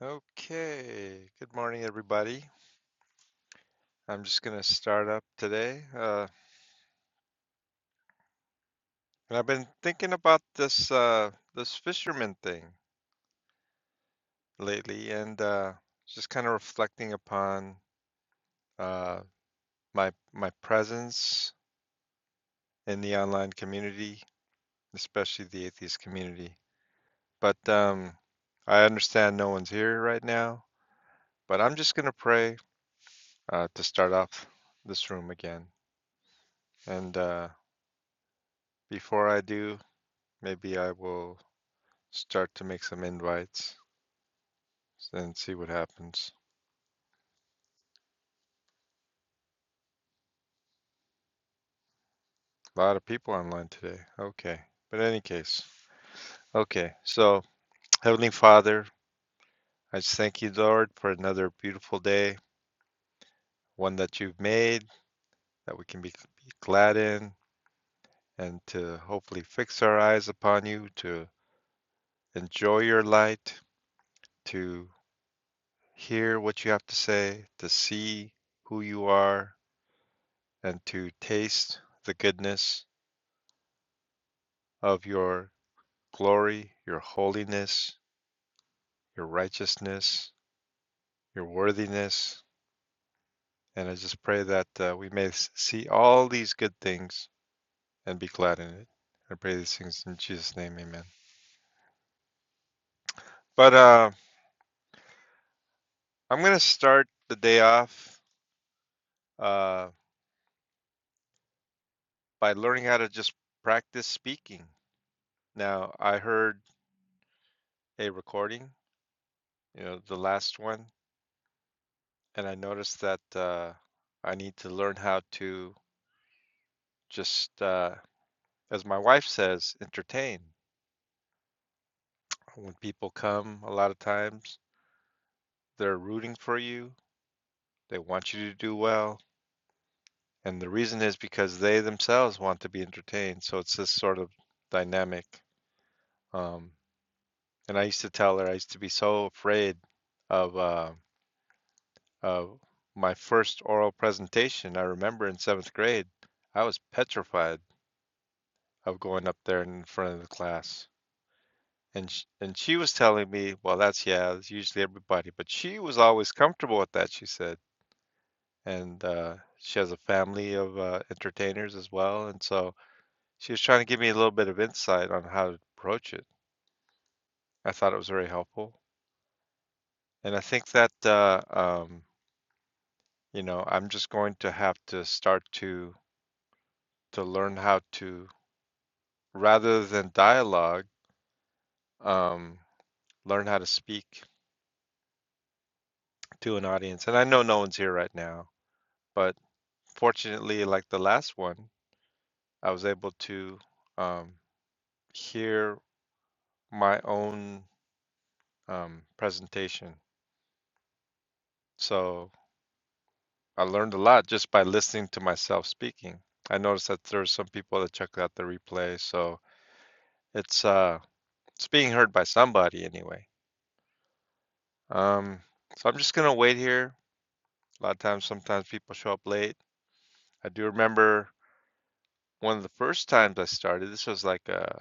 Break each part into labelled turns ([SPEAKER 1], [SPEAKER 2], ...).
[SPEAKER 1] Okay, good morning, everybody. I'm just going to start up today. Uh, and I've been thinking about this uh, this fisherman thing lately, and uh, just kind of reflecting upon uh, my my presence in the online community, especially the atheist community. But um, I understand no one's here right now. But I'm just going to pray uh, to start off this room again. And uh, before I do, maybe I will start to make some invites and see what happens. A lot of people online today. Okay. But in any case, okay. So, Heavenly Father, I just thank you, Lord, for another beautiful day, one that you've made that we can be, be glad in and to hopefully fix our eyes upon you, to enjoy your light, to hear what you have to say, to see who you are, and to taste the goodness of your glory, your holiness, your righteousness, your worthiness. And I just pray that uh, we may see all these good things and be glad in it. I pray these things in Jesus' name, amen. But uh, I'm going to start the day off uh, by learning how to just practice speaking. Now, I heard a recording, you know, the last one, and I noticed that uh, I need to learn how to just, uh, as my wife says, entertain When people come, a lot of times they're rooting for you, they want you to do well, and the reason is because they themselves want to be entertained. So it's this sort of dynamic. Um, and I used to tell her I used to be so afraid of uh, of my first oral presentation. I remember in seventh grade, I was petrified of going up there in front of the class. And sh- and she was telling me, well, that's yeah, it's usually everybody, but she was always comfortable with that. She said, and uh, she has a family of uh, entertainers as well. And so she was trying to give me a little bit of insight on how to approach it. I thought it was very helpful, and I think that uh, um, you know I'm just going to have to start to to learn how to rather than dialogue, um, learn how to speak to an audience. And I know no one's here right now, but fortunately, like the last one, I was able to um, hear my own um, presentation So I learned a lot just by listening to myself speaking. I noticed that there are some people that check out the replay, so it's uh it's being heard by somebody anyway. Um, so I'm just gonna wait here. A lot of times, sometimes people show up late. I do remember one of the first times I started. This was like uh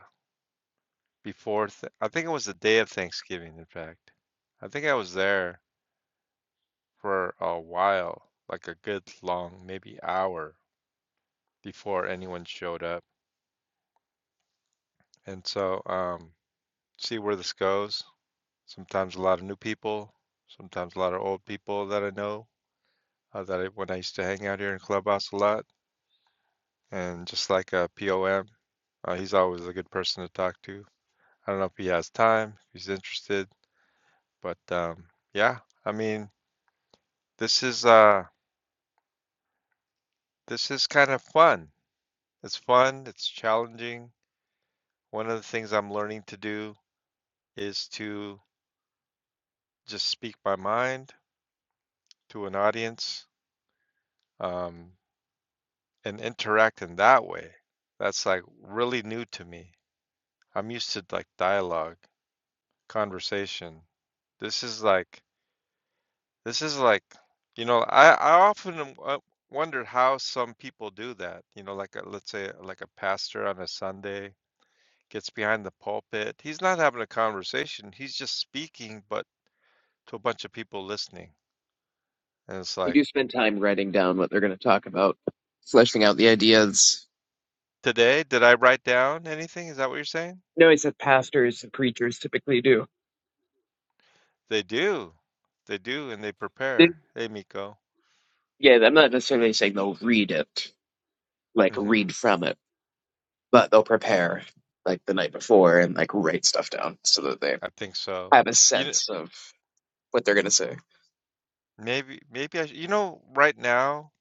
[SPEAKER 1] before th- I think it was the day of Thanksgiving. In fact, I think I was there for a while, like a good long maybe hour before anyone showed up. And so um see where this goes. Sometimes a lot of new people, sometimes a lot of old people that I know uh, that I, when I used to hang out here in Clubhouse a lot. And just like uh, POM, uh, he's always a good person to talk to. I don't know if he has time, if he's interested, but um, yeah, I mean, this is uh, this is kind of fun. It's fun. It's challenging. One of the things I'm learning to do is to just speak my mind to an audience. Um, and interact in that way. That's like really new to me. I'm used to like dialogue, conversation. This is like this is like you know I I often am- uh, wonder how some people do that. You know, like a, let's say uh, like a pastor on a Sunday gets behind the pulpit. He's not having a conversation. He's just speaking, but to a bunch of people listening. And it's
[SPEAKER 2] They
[SPEAKER 1] like
[SPEAKER 2] do spend time writing down what they're going to talk about, fleshing out the ideas.
[SPEAKER 1] today, did I write down anything? Is that what you're saying?
[SPEAKER 2] No, I said pastors and preachers typically do.
[SPEAKER 1] They do. They do, and they
[SPEAKER 2] They,
[SPEAKER 1] prepare. Hey, Miko.
[SPEAKER 2] yeah, I'm not necessarily saying they'll read it, like
[SPEAKER 1] Mhm.
[SPEAKER 2] read from it, but they'll prepare like the night before and like write stuff down so that they
[SPEAKER 1] I think so.
[SPEAKER 2] have a
[SPEAKER 1] You kn
[SPEAKER 2] sense of what they're going to say.
[SPEAKER 1] maybe maybe I sh you know, right now,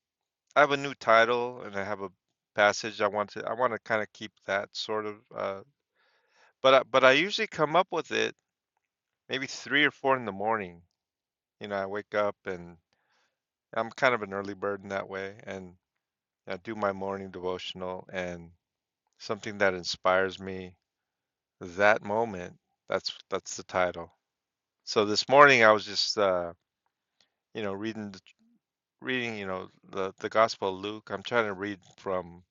[SPEAKER 1] I have a new title and I have a passage I want to I wanna kinda keep that sort of, uh but I but I usually come up with it maybe 3 or 4 in the morning. You know, I wake up and I'm kind of an early bird in that way, and I do my morning devotional and something that inspires me that moment, that's that's the title. So this morning, I was just, uh, you know, reading reading, you know, the the Gospel of Luke. I'm trying to read from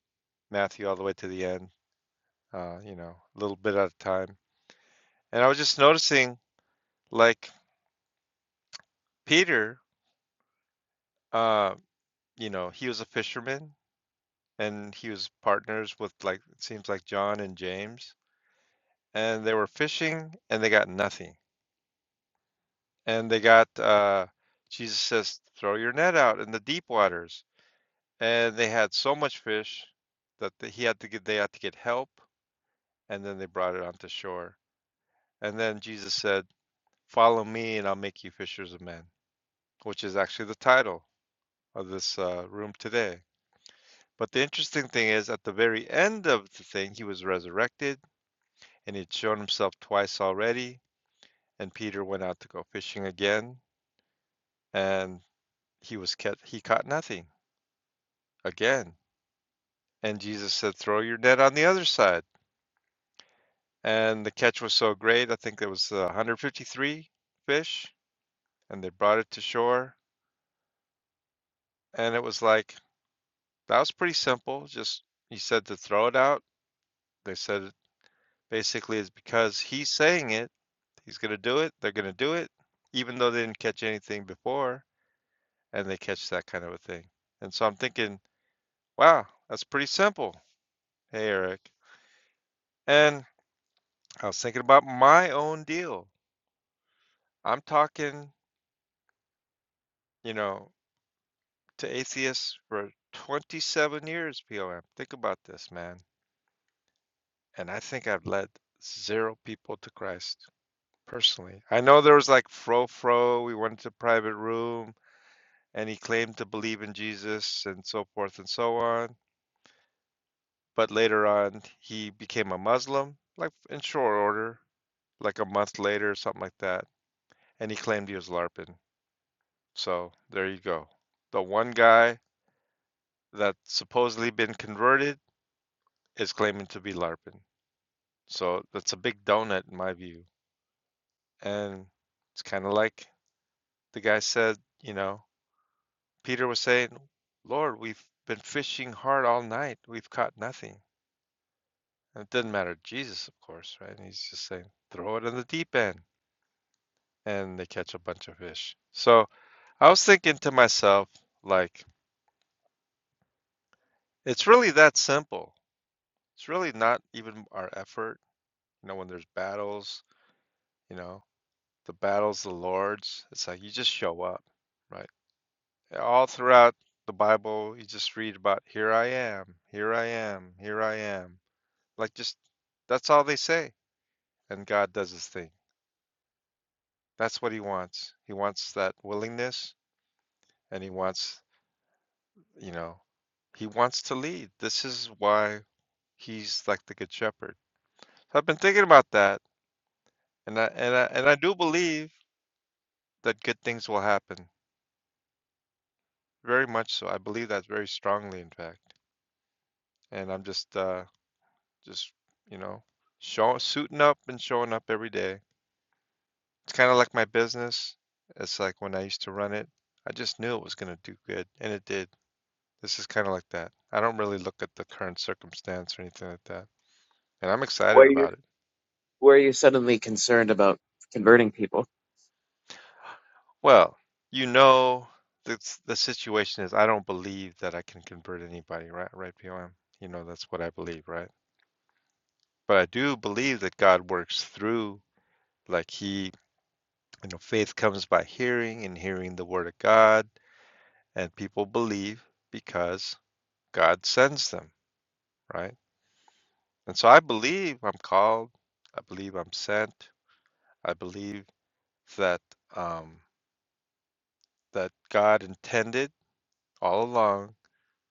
[SPEAKER 1] Matthew all the way to the end, uh, you know, a little bit at a time. And I was just noticing, like Peter, uh, you know, he was a fisherman, and he was partners with like it seems like John and James, and they were fishing, and they got nothing. And they got uh, Jesus says, "Throw your net out in the deep waters," and they had so much fish that they, he had to get they had to get help, and then they brought it onto shore And then Jesus said, Follow me, and I'll make you fishers of men, which is actually the title of this uh, room today. But the interesting thing is, at the very end of the thing, he was resurrected and he'd shown himself twice already. And Peter went out to go fishing again, and he was kept, he caught nothing again. And Jesus said, Throw your net on the other side. And the catch was so great, I think there was uh, 153 fish, and they brought it to shore. And it was like, That was pretty simple, just he said to throw it out. They said basically it's because he's saying it, he's gonna do it, they're gonna do it, even though they didn't catch anything before, and they catch that kind of a thing. And so I'm thinking, wow, that's pretty simple. Hey, Eric. And I was thinking about my own deal. I'm talking, you know, to atheists for 27 years, POM. Think about this, man. And I think I've led zero people to Christ. personally. I know there was like Fro Fro, we went to private room and he claimed to believe in Jesus and so forth and so on. But later on, he became a Muslim, like in short order, like a month later or something like that. And he claimed he was LARPing. So there you go. The one guy that supposedly been converted is claiming to be LARPing. So that's a big donut in my view. And it's kind of like the guy said, you know, Peter was saying, Lord, we've been fishing hard all night. We've caught nothing. And it didn't matter to Jesus, of course, right? And he's just saying, throw it in the deep end. And they catch a bunch of fish. So I was thinking to myself, like, it's really that simple. It's really not even our effort. You know, when there's battles, you know, the battles, the Lord's, it's like you just show up, right? All throughout the Bible, you just read about here I am, here I am, here I am Like just that's all they say. And God does his thing. That's what he wants. He wants that willingness and he wants, you know, he wants to lead. This is why he's like the good shepherd. So I've been thinking about that and I and I and I do believe that good things will happen. Very much so. I believe that very strongly in fact. And I'm just uh just, you know, showing suiting up and showing up every day It's kind of like my business. It's like when I used to run it, I just knew it was going to do good, and it did. This is kind of like that. I don't really look at the current circumstance or anything like that, and I'm
[SPEAKER 2] Why are
[SPEAKER 1] excited
[SPEAKER 2] you
[SPEAKER 1] about it.
[SPEAKER 2] why are you suddenly concerned about converting people?
[SPEAKER 1] Well, you know, the the situation is I don't believe that I can convert anybody, right? Right, POM. You know, that's what I believe, right? But I do believe that God works through, like He, you know, faith comes by hearing, and hearing the Word of God, and people believe because God sends them, right? And so I believe I'm called. I believe I'm sent. I believe that um, that God intended all along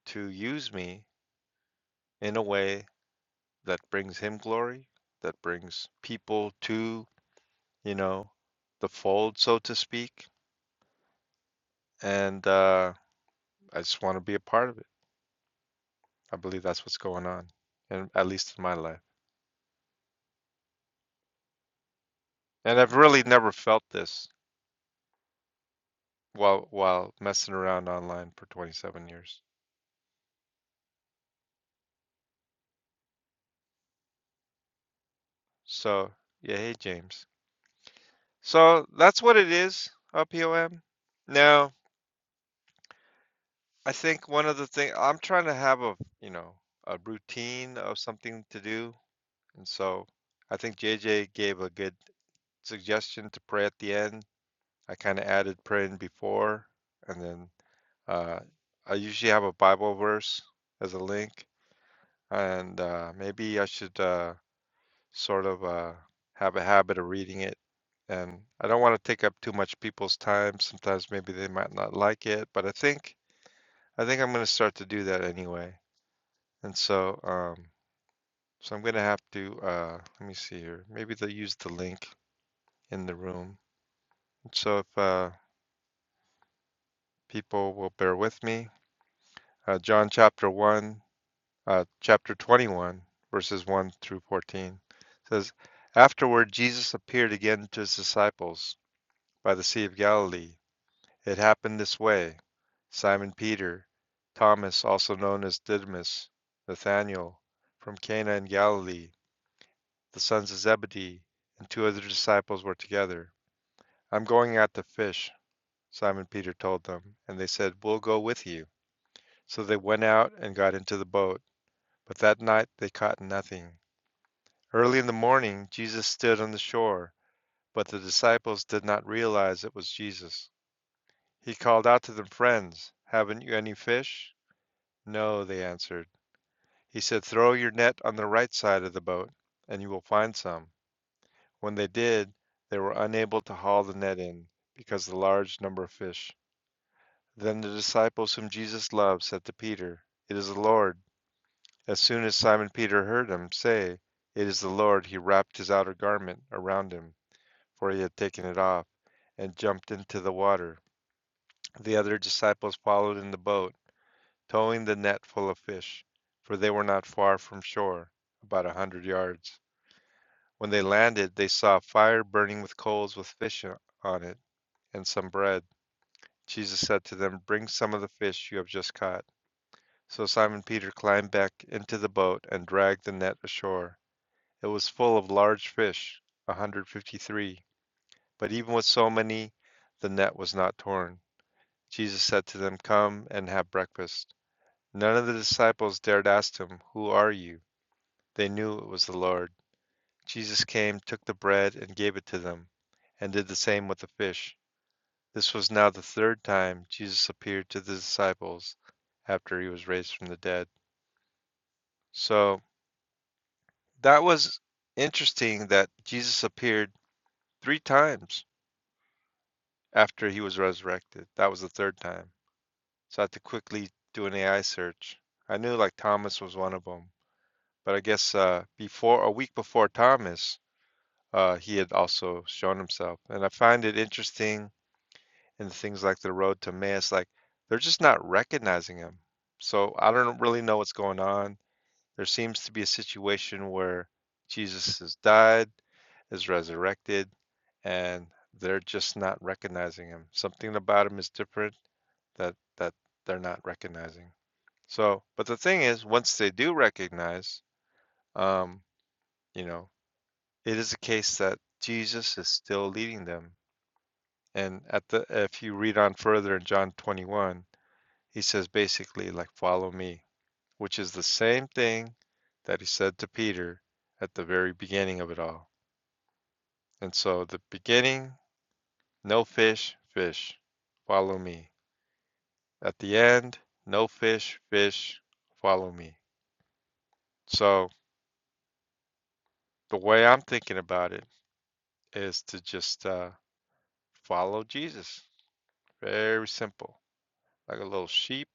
[SPEAKER 1] to use me in a way that brings Him glory, that brings people to you know the fold, so to speak. And uh, I just want to be a part of it. I believe that's what's going on, and at least in my life. And I've really never felt this while while messing around online for 27 years. So yeah, hey James. So that's what it is, uh, POM. Now, I think one of the things I'm trying to have a, you know, a routine of something to do. And so I think JJ gave a good suggestion to pray at the end. I kind of added praying before, and then uh, I usually have a Bible verse as a link, and uh, maybe I should. Uh, sort of uh, have a habit of reading it. And I don't want to take up too much people's time. Sometimes maybe they might not like it, but I think I think I'm going to start to do that anyway. And so um, so I'm going to have to uh, let me see here. Maybe they'll use the link in the room. So if uh, people will bear with me, uh, John chapter one, uh, chapter 21, verses one through 14 says, Afterward, Jesus appeared again to his disciples by the Sea of Galilee It happened this way: Simon Peter, Thomas also known as Didymus, Nathanael, from Cana in Galilee, the sons of Zebedee, and two other disciples were together. "I'm going out to fish," Simon Peter told them, and they said, "We'll go with you." So they went out and got into the boat, but that night they caught nothing. Early in the morning Jesus stood on the shore, but the disciples did not realize it was Jesus. He called out to them, "Friends, haven't you any fish?" "No," they answered. He said, "Throw your net on the right side of the boat, and you will find some." When they did, they were unable to haul the net in, because of the large number of fish. Then the disciples whom Jesus loved said to Peter, "It is the Lord." As soon as Simon Peter heard him say, "It is the Lord," he wrapped his outer garment around him, for he had taken it off, and jumped into the water. The other disciples followed in the boat. towing the net full of fish, for they were not far from shore, about a hundred yards. When they landed, they saw a fire burning with coals with fish on it and some bread. Jesus said to them, Bring some of the fish you have just caught. So Simon Peter climbed back into the boat and dragged the net ashore. It was full of large fish, a 153. But even with so many, the net was not torn. Jesus said to them, Come and have breakfast. None of the disciples dared ask him, Who are you? They knew it was the Lord. Jesus came, took the bread, and gave it to them, and did the same with the fish. This was now the third time Jesus appeared to the disciples after he was raised from the dead. So that was interesting that Jesus appeared three times after he was resurrected. That was the third time. So I had to quickly do an AI search. I knew like Thomas was one of them, but I guess uh, before a week before Thomas, uh, he had also shown himself. And I find it interesting in things like the road to Emmaus, like they're just not recognizing him. So I don't really know what's going on. There seems to be a situation where Jesus has died, is resurrected, and they're just not recognizing him. Something about him is different that that they're not recognizing. So, but the thing is, once they do recognize, um, you know, it is a case that Jesus is still leading them And at the if you read on further in John 21, he says basically like follow me, which is the same thing that he said to Peter at the very beginning of it all. And so the beginning, no fish, fish, follow me. At the end, no fish, fish, follow me. So the way I'm thinking about it is to just uh, follow Jesus. Very simple, like a little sheep.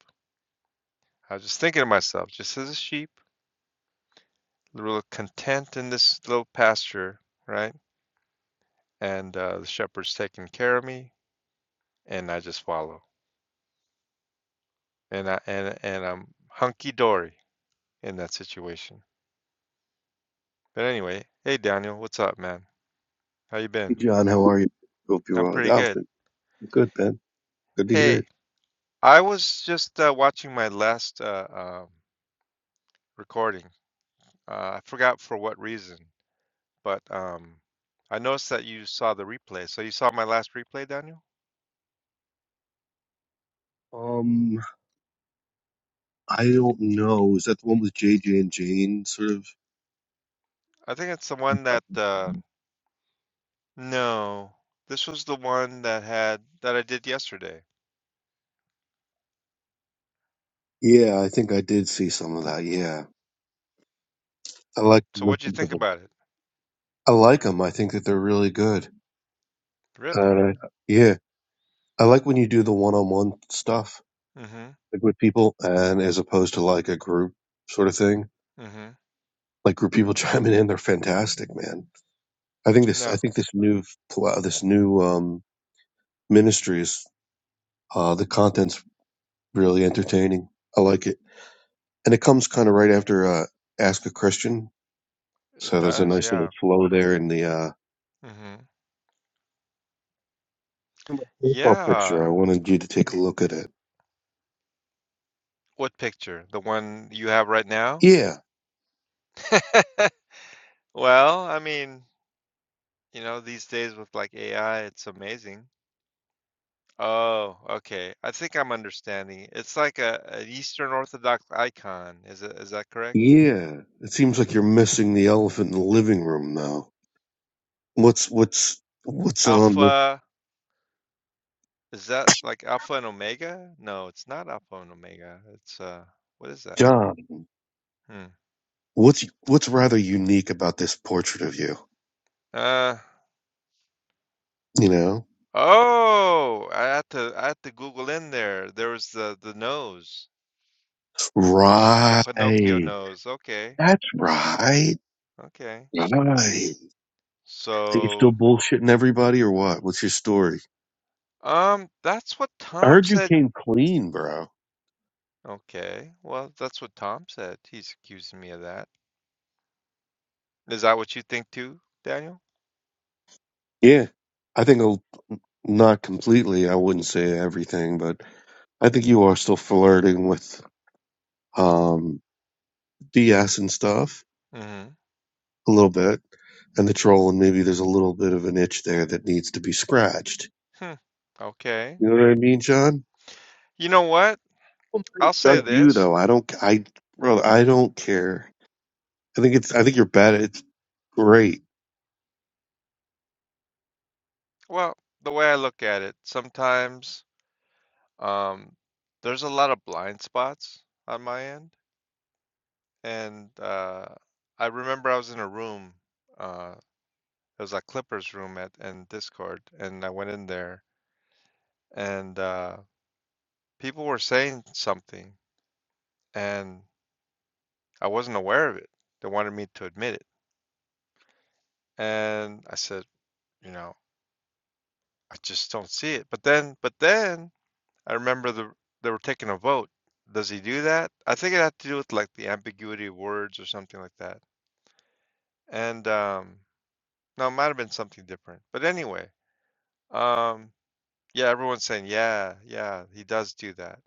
[SPEAKER 1] I was just thinking to myself, just as a sheep They're real content in this little pasture, right? And uh, the shepherd's taking care of me, and I just follow. And I and and I'm hunky dory in that situation. But anyway, hey Daniel, what's up, man? How you
[SPEAKER 3] Hey
[SPEAKER 1] been?
[SPEAKER 3] John, how are you? Hope you're
[SPEAKER 1] I'm
[SPEAKER 3] well.
[SPEAKER 1] pretty
[SPEAKER 3] Yeah, I've
[SPEAKER 1] good.
[SPEAKER 3] been good, Ben. Good to hear
[SPEAKER 1] Hey,
[SPEAKER 3] it.
[SPEAKER 1] I was just uh, watching my last uh, um, recording. Uh, I forgot for what reason, but um, I noticed that you saw the replay. So you saw my last replay, Daniel?
[SPEAKER 3] Um, I don't know. Is that the one with JJ and Jane? Sort of.
[SPEAKER 1] I think it's the one that uh, No, this was the one that had that I did yesterday.
[SPEAKER 3] Yeah, I think I did see some of that. Yeah, I like to
[SPEAKER 1] So what'd you
[SPEAKER 3] listen to
[SPEAKER 1] think
[SPEAKER 3] them.
[SPEAKER 1] about it?
[SPEAKER 3] I like them. I think that they're really good.
[SPEAKER 1] Really?
[SPEAKER 3] And I, yeah, I like when you do the one-on-one stuff
[SPEAKER 1] Mm-hmm.
[SPEAKER 3] like with people, and as opposed to like a group sort of thing.
[SPEAKER 1] Mm-hmm.
[SPEAKER 3] Like group people chiming in, they're fantastic, man. I think this. I
[SPEAKER 1] No,
[SPEAKER 3] think this new pl- this new um ministry is uh, the content's really entertaining. I like it, and it comes kind of right after uh, "Ask a Christian,"
[SPEAKER 1] it
[SPEAKER 3] so there's a
[SPEAKER 1] does.
[SPEAKER 3] nice little
[SPEAKER 1] Yeah.
[SPEAKER 3] flow there in the uh,
[SPEAKER 1] Mm-hmm.
[SPEAKER 3] in my profile picture. I
[SPEAKER 1] Yeah.
[SPEAKER 3] wanted you to take a look at it.
[SPEAKER 1] What picture? The one you have right now?
[SPEAKER 3] Yeah,
[SPEAKER 1] Well, I mean, you know, these days with like AI, it's amazing. Oh, okay. I think I'm understanding. It's like a an Eastern Orthodox icon. Is it, is that correct?
[SPEAKER 3] yeah. It seems like you're missing the elephant in the living room, now. What's what's what's on the
[SPEAKER 1] Alpha. Is that like Alpha and Omega? No, it's not Alpha and Omega. It's uh, what is that?
[SPEAKER 3] job?
[SPEAKER 1] Hmm.
[SPEAKER 3] What's what's rather unique about this portrait of you?
[SPEAKER 1] Uh,
[SPEAKER 3] You know,
[SPEAKER 1] oh, I had to I had to Google in there. There was the the nose, the, the
[SPEAKER 3] right?
[SPEAKER 1] Pinocchio nose. Okay,
[SPEAKER 3] That's right.
[SPEAKER 1] okay.
[SPEAKER 3] Right. Are you still
[SPEAKER 1] So,
[SPEAKER 3] bullshitting everybody, or what? What's your story?
[SPEAKER 1] um, that's what
[SPEAKER 3] I
[SPEAKER 1] Tom
[SPEAKER 3] heard you
[SPEAKER 1] said.
[SPEAKER 3] came clean, bro.
[SPEAKER 1] Okay, well, that's what Tom said. He's accusing me of that. Is that what you think too, Daniel?
[SPEAKER 3] Yeah, I think I'll, not completely. I wouldn't say everything, but I think you are still flirting with um DS and stuff
[SPEAKER 1] Mm-hmm.
[SPEAKER 3] a little bit, and the troll, and maybe there's a little bit of an itch there that needs to be scratched.
[SPEAKER 1] Hmm. Okay.
[SPEAKER 3] You know what I mean, John?
[SPEAKER 1] You know what?
[SPEAKER 3] Oh my
[SPEAKER 1] I'll say
[SPEAKER 3] Not you
[SPEAKER 1] this.
[SPEAKER 3] though. I don't. I bro. I don't care. I think it's. I think you're bad. It's great.
[SPEAKER 1] Well, the way I look at it, sometimes um, there's a lot of blind spots on my end, and uh, I remember I was in a room. Uh, it was a Clippers room at in Discord, and I went in there, and uh, people were saying something, and I wasn't aware of it. They wanted me to admit it, and I said, you know, I just don't see it. But then, but then I remember the, they were taking a vote. Does he do that? I think it had to do with like the ambiguity of words or something like that. And um, no, it might have been something different. But anyway, um, yeah, everyone's saying, yeah, yeah, he does do that.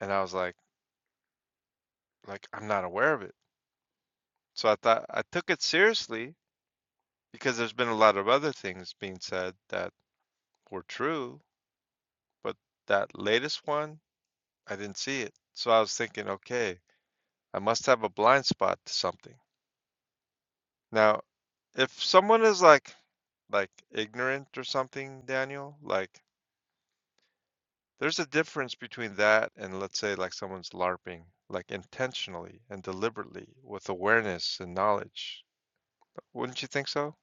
[SPEAKER 1] And I was like, like I'm not aware of it. So I thought I took it seriously because there's been a lot of other things being said that were true, but that latest one, I didn't see it. So I was thinking, okay, I must have a blind spot to something. Now, if someone is like like ignorant or something, Daniel, like there's a difference between that and let's say like someone's LARPing, like intentionally and deliberately with awareness and knowledge. Wouldn't you think so?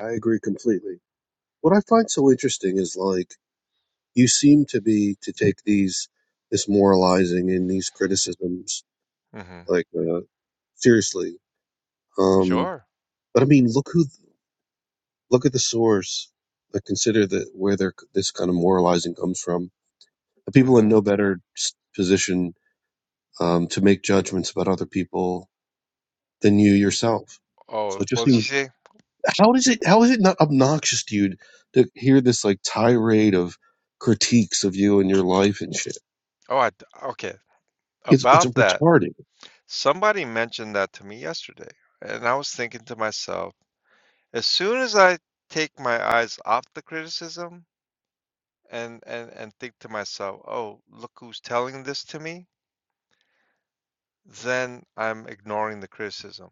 [SPEAKER 3] I agree completely. What I find so interesting is like. you seem to be to take these this moralizing and these criticisms
[SPEAKER 1] Mm-hmm.
[SPEAKER 3] like uh, seriously. Um,
[SPEAKER 1] Sure.
[SPEAKER 3] but I mean, look who look at the source. Like consider that where their this kind of moralizing comes from. The people in
[SPEAKER 1] Mm-hmm.
[SPEAKER 3] no better s- position um, to make judgments about other people than you yourself. So
[SPEAKER 1] Oh,
[SPEAKER 3] it just
[SPEAKER 1] well, you
[SPEAKER 3] seems
[SPEAKER 1] see,
[SPEAKER 3] how is it how is it not obnoxious to you to hear this like tirade of critiques of you and your life and shit?
[SPEAKER 1] oh, I, d- okay.
[SPEAKER 3] It's it's
[SPEAKER 1] About that,
[SPEAKER 3] retarded.
[SPEAKER 1] somebody mentioned that to me yesterday, and I was thinking to myself, as soon as I take my eyes off the criticism and and and think to myself, "Oh, look who's telling this to me," then I'm ignoring the criticism.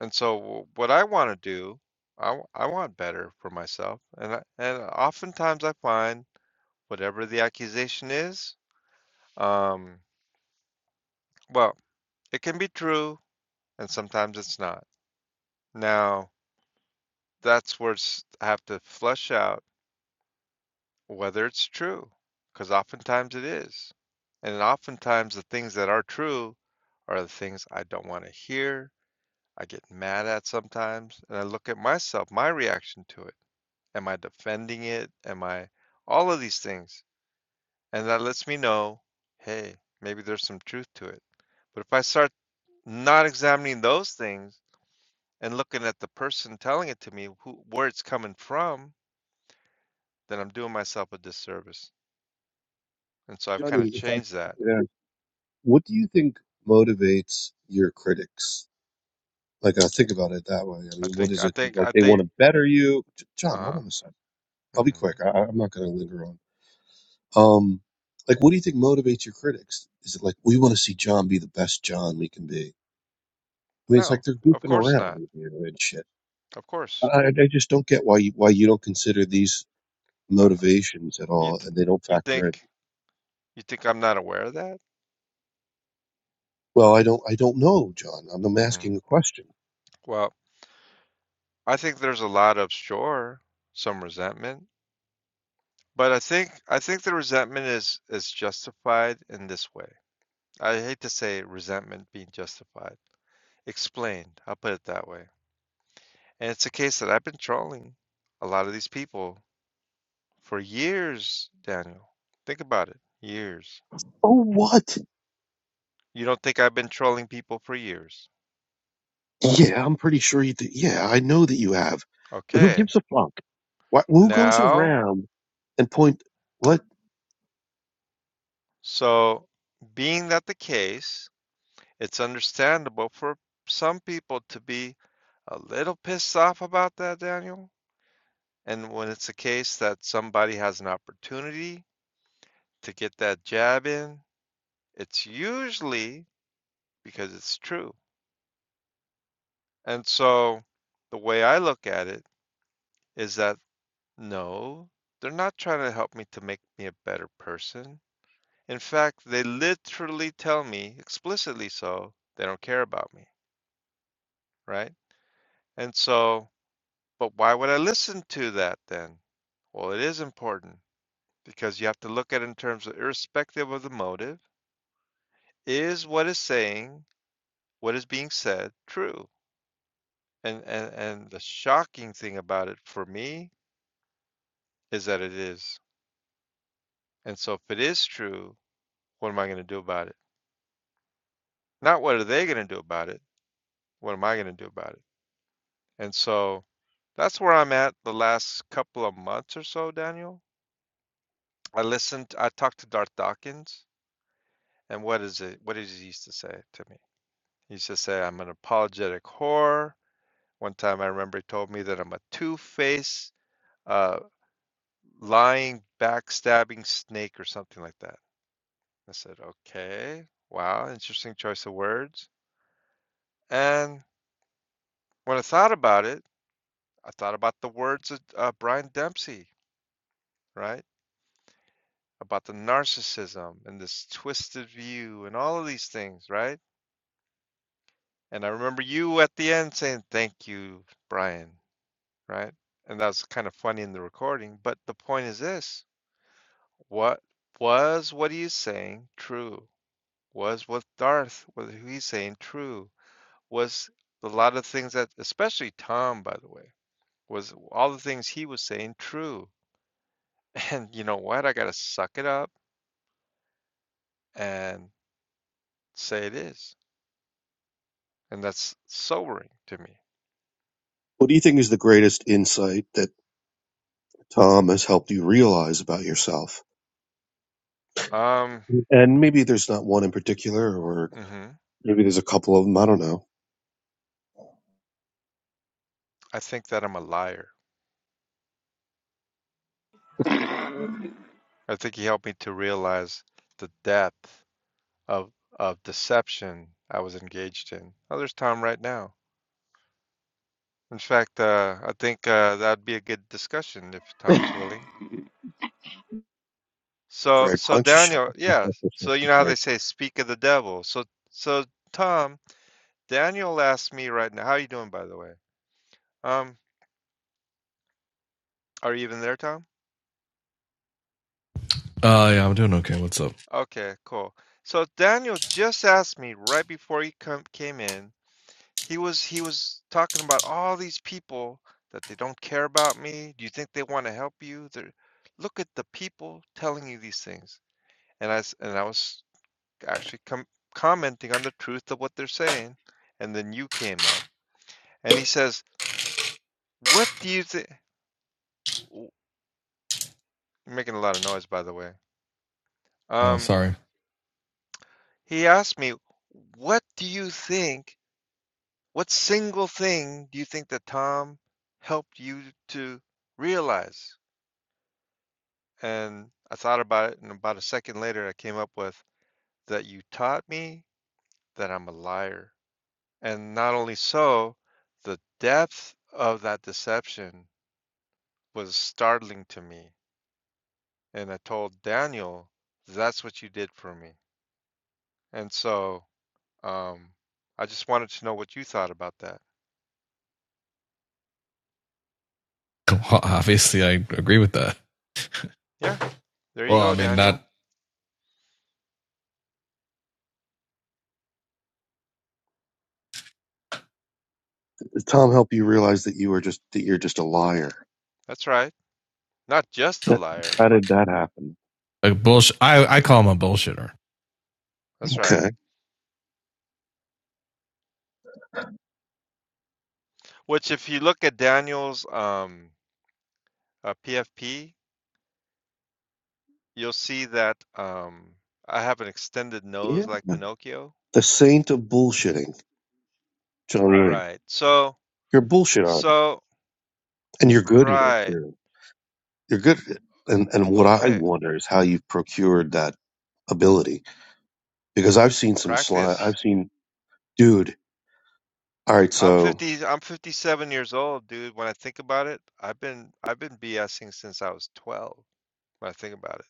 [SPEAKER 1] And so what I want to do, I w- I want better for myself. And I, and oftentimes I find whatever the accusation is, um, well, it can be true and sometimes it's not. Now, that's where s- I have to flesh out whether it's true, because oftentimes it is. And oftentimes the things that are true are the things I don't want to hear. I get mad at sometimes. And I look at myself, my reaction to it. Am I defending it? Am I all of these things? And that lets me know hey, maybe there's some truth to it. But if I start not examining those things and looking at the person telling it to me, who, where it's coming from, then I'm doing myself a disservice. And so I've kind
[SPEAKER 3] Johnny,
[SPEAKER 1] of
[SPEAKER 3] if I
[SPEAKER 1] changed that
[SPEAKER 3] yeah. What do you think motivates your critics? Like, I think about it that way. I
[SPEAKER 1] I
[SPEAKER 3] mean, what
[SPEAKER 1] think
[SPEAKER 3] is
[SPEAKER 1] I
[SPEAKER 3] it that,
[SPEAKER 1] think
[SPEAKER 3] like,
[SPEAKER 1] I
[SPEAKER 3] they
[SPEAKER 1] think
[SPEAKER 3] want to better you? J- John, hold
[SPEAKER 1] uh
[SPEAKER 3] on a second.
[SPEAKER 1] hmm
[SPEAKER 3] I'll be quick. I, I- I'm not going to linger on. Um, like, what do you think motivates your critics? Is it like, we want to see John be the best John we can be? I mean, it's like
[SPEAKER 1] No,
[SPEAKER 3] they're
[SPEAKER 1] of
[SPEAKER 3] goofing
[SPEAKER 1] course
[SPEAKER 3] around
[SPEAKER 1] not.
[SPEAKER 3] with you and shit.
[SPEAKER 1] Of
[SPEAKER 3] I,
[SPEAKER 1] course.
[SPEAKER 3] I I just don't get why you, why you don't consider these
[SPEAKER 1] Uh,
[SPEAKER 3] motivations at
[SPEAKER 1] you
[SPEAKER 3] all
[SPEAKER 1] th
[SPEAKER 3] and they don't
[SPEAKER 1] you think
[SPEAKER 3] factor in.
[SPEAKER 1] you think I'm not aware of that?
[SPEAKER 3] Well, I don't, I don't know, John. I'm, I'm
[SPEAKER 1] hmm
[SPEAKER 3] asking a question.
[SPEAKER 1] Well, I think there's a lot of sure some resentment, but I think I think the resentment is is justified in this way. I hate to say resentment being justified. Explained. I'll put it that way. And it's a case that I've been trolling a lot of these people for years, Daniel. Think about it. Years.
[SPEAKER 3] Oh, what?
[SPEAKER 1] You don't think I've been trolling people for years?
[SPEAKER 3] Yeah, I'm pretty sure you did. Yeah, I know that you have. But who
[SPEAKER 1] Okay.
[SPEAKER 3] gives a fuck? Why, who goes
[SPEAKER 1] Now,
[SPEAKER 3] around and point what
[SPEAKER 1] so being that the case, it's understandable for some people to be a little pissed off about that, Daniel. And when it's a case that somebody has an opportunity to get that jab in, it's usually because it's true. And so the way I look at it is that no, they're not trying to help me to make me a better person In fact, they literally tell me explicitly so they don't care about me, right? And so, but why would I listen to that then? Well, it is important because you have to look at it in terms of irrespective of the motive, is what is saying, what is being said true? And and and the shocking thing about it for me is that it is. And so if it is true, what am I going to do about it? Not what are they going to do about it? What am I going to do about it? And so That's where I'm at the last couple of months or so, Daniel. I listened, I talked to Darth Dawkins, and what is it? What did he used to say to me? He used to say, I'm an apologetic whore. One time I remember he told me that I'm a two-faced, uh, lying, backstabbing snake or something like that. I said, okay, wow, interesting choice of words. And when I thought about it, I thought about the words of uh, Brian Dempsey, right? about the narcissism and this twisted view and all of these things, right? And I remember you at the end saying, Thank you, Brian, right? And that was kind of funny in the recording. But the point is this what was what he's saying true? Was what Darth, what he's saying true? Was a lot of things that, especially Tom, by the way, was all the things he was saying true? And you know what? I got to suck it up and say it is and that's sobering to me.
[SPEAKER 3] What do you think is the greatest insight that Tom has helped you realize about yourself?
[SPEAKER 1] Um,
[SPEAKER 3] And maybe there's not one in particular, or
[SPEAKER 1] hmm
[SPEAKER 3] maybe there's a couple of them. I don't know.
[SPEAKER 1] I think that I'm a liar. I think he helped me to realize the depth of of deception I was engaged in. Oh, there's Tom right now. In fact, uh, I think uh, that'd be a good discussion if Tom's willing. So,
[SPEAKER 3] Greg, why
[SPEAKER 1] so
[SPEAKER 3] don't you shut
[SPEAKER 1] Daniel,
[SPEAKER 3] the fuck
[SPEAKER 1] yeah.
[SPEAKER 3] up for a
[SPEAKER 1] So you
[SPEAKER 3] second,
[SPEAKER 1] know how
[SPEAKER 3] Greg?
[SPEAKER 1] they say, "Speak of the devil." So, so Tom, Daniel asked me right now, "How are you doing, by the way?" Um, are you even there, Tom?
[SPEAKER 4] Uh, yeah, I'm doing okay. What's up?
[SPEAKER 1] Okay, cool. So Daniel just asked me right before he come, came in. He was he was talking about all these people that they don't care about me. Do you think they want to help you? They're, look at the people telling you these things. And I s- and I was actually com commenting on the truth of what they're saying. And then you came up, and he says, "What do you think?" Making a lot of noise, by the way.
[SPEAKER 4] Oh,
[SPEAKER 1] Um,
[SPEAKER 4] sorry.
[SPEAKER 1] he asked me, "What do you think?" What single thing do you think that Tom helped you to realize? And I thought about it, and about a second later, I came up with that you taught me that I'm a liar. And not only so, the depth of that deception was startling to me. And I told Daniel, that's what you did for me. And so um, I just wanted to know what you thought about that.
[SPEAKER 4] Well, Obviously, I agree with that.
[SPEAKER 1] Yeah, there you
[SPEAKER 4] Well, I
[SPEAKER 1] go,
[SPEAKER 4] mean, not
[SPEAKER 1] Daniel.
[SPEAKER 3] Did Tom help you realize that you were just that you're just a liar?
[SPEAKER 1] That's right. Not just a
[SPEAKER 3] that
[SPEAKER 1] liar.
[SPEAKER 3] how did that happen?
[SPEAKER 4] a bullshit. I I call him a bullshitter.
[SPEAKER 1] That's right.
[SPEAKER 3] Okay.
[SPEAKER 1] Which if you look at Daniel's um uh, PFP, you'll see that um I have an extended
[SPEAKER 3] Yeah.
[SPEAKER 1] nose like Pinocchio.
[SPEAKER 3] The saint of bullshitting, John Ryan.
[SPEAKER 1] Right. So
[SPEAKER 3] You're a bullshitter.
[SPEAKER 1] so
[SPEAKER 3] And you're good at it.
[SPEAKER 1] right.
[SPEAKER 3] Too. You're good at it. And and what I
[SPEAKER 1] Okay.
[SPEAKER 3] wonder is how you've procured that ability because I've seen some slime. I've
[SPEAKER 1] Practice.
[SPEAKER 3] seen, dude. All right,
[SPEAKER 1] I'm
[SPEAKER 3] so
[SPEAKER 1] 50 I'm 57 years old, dude. When I think about it, I've been I've been BSing since I was 12 when I think about it.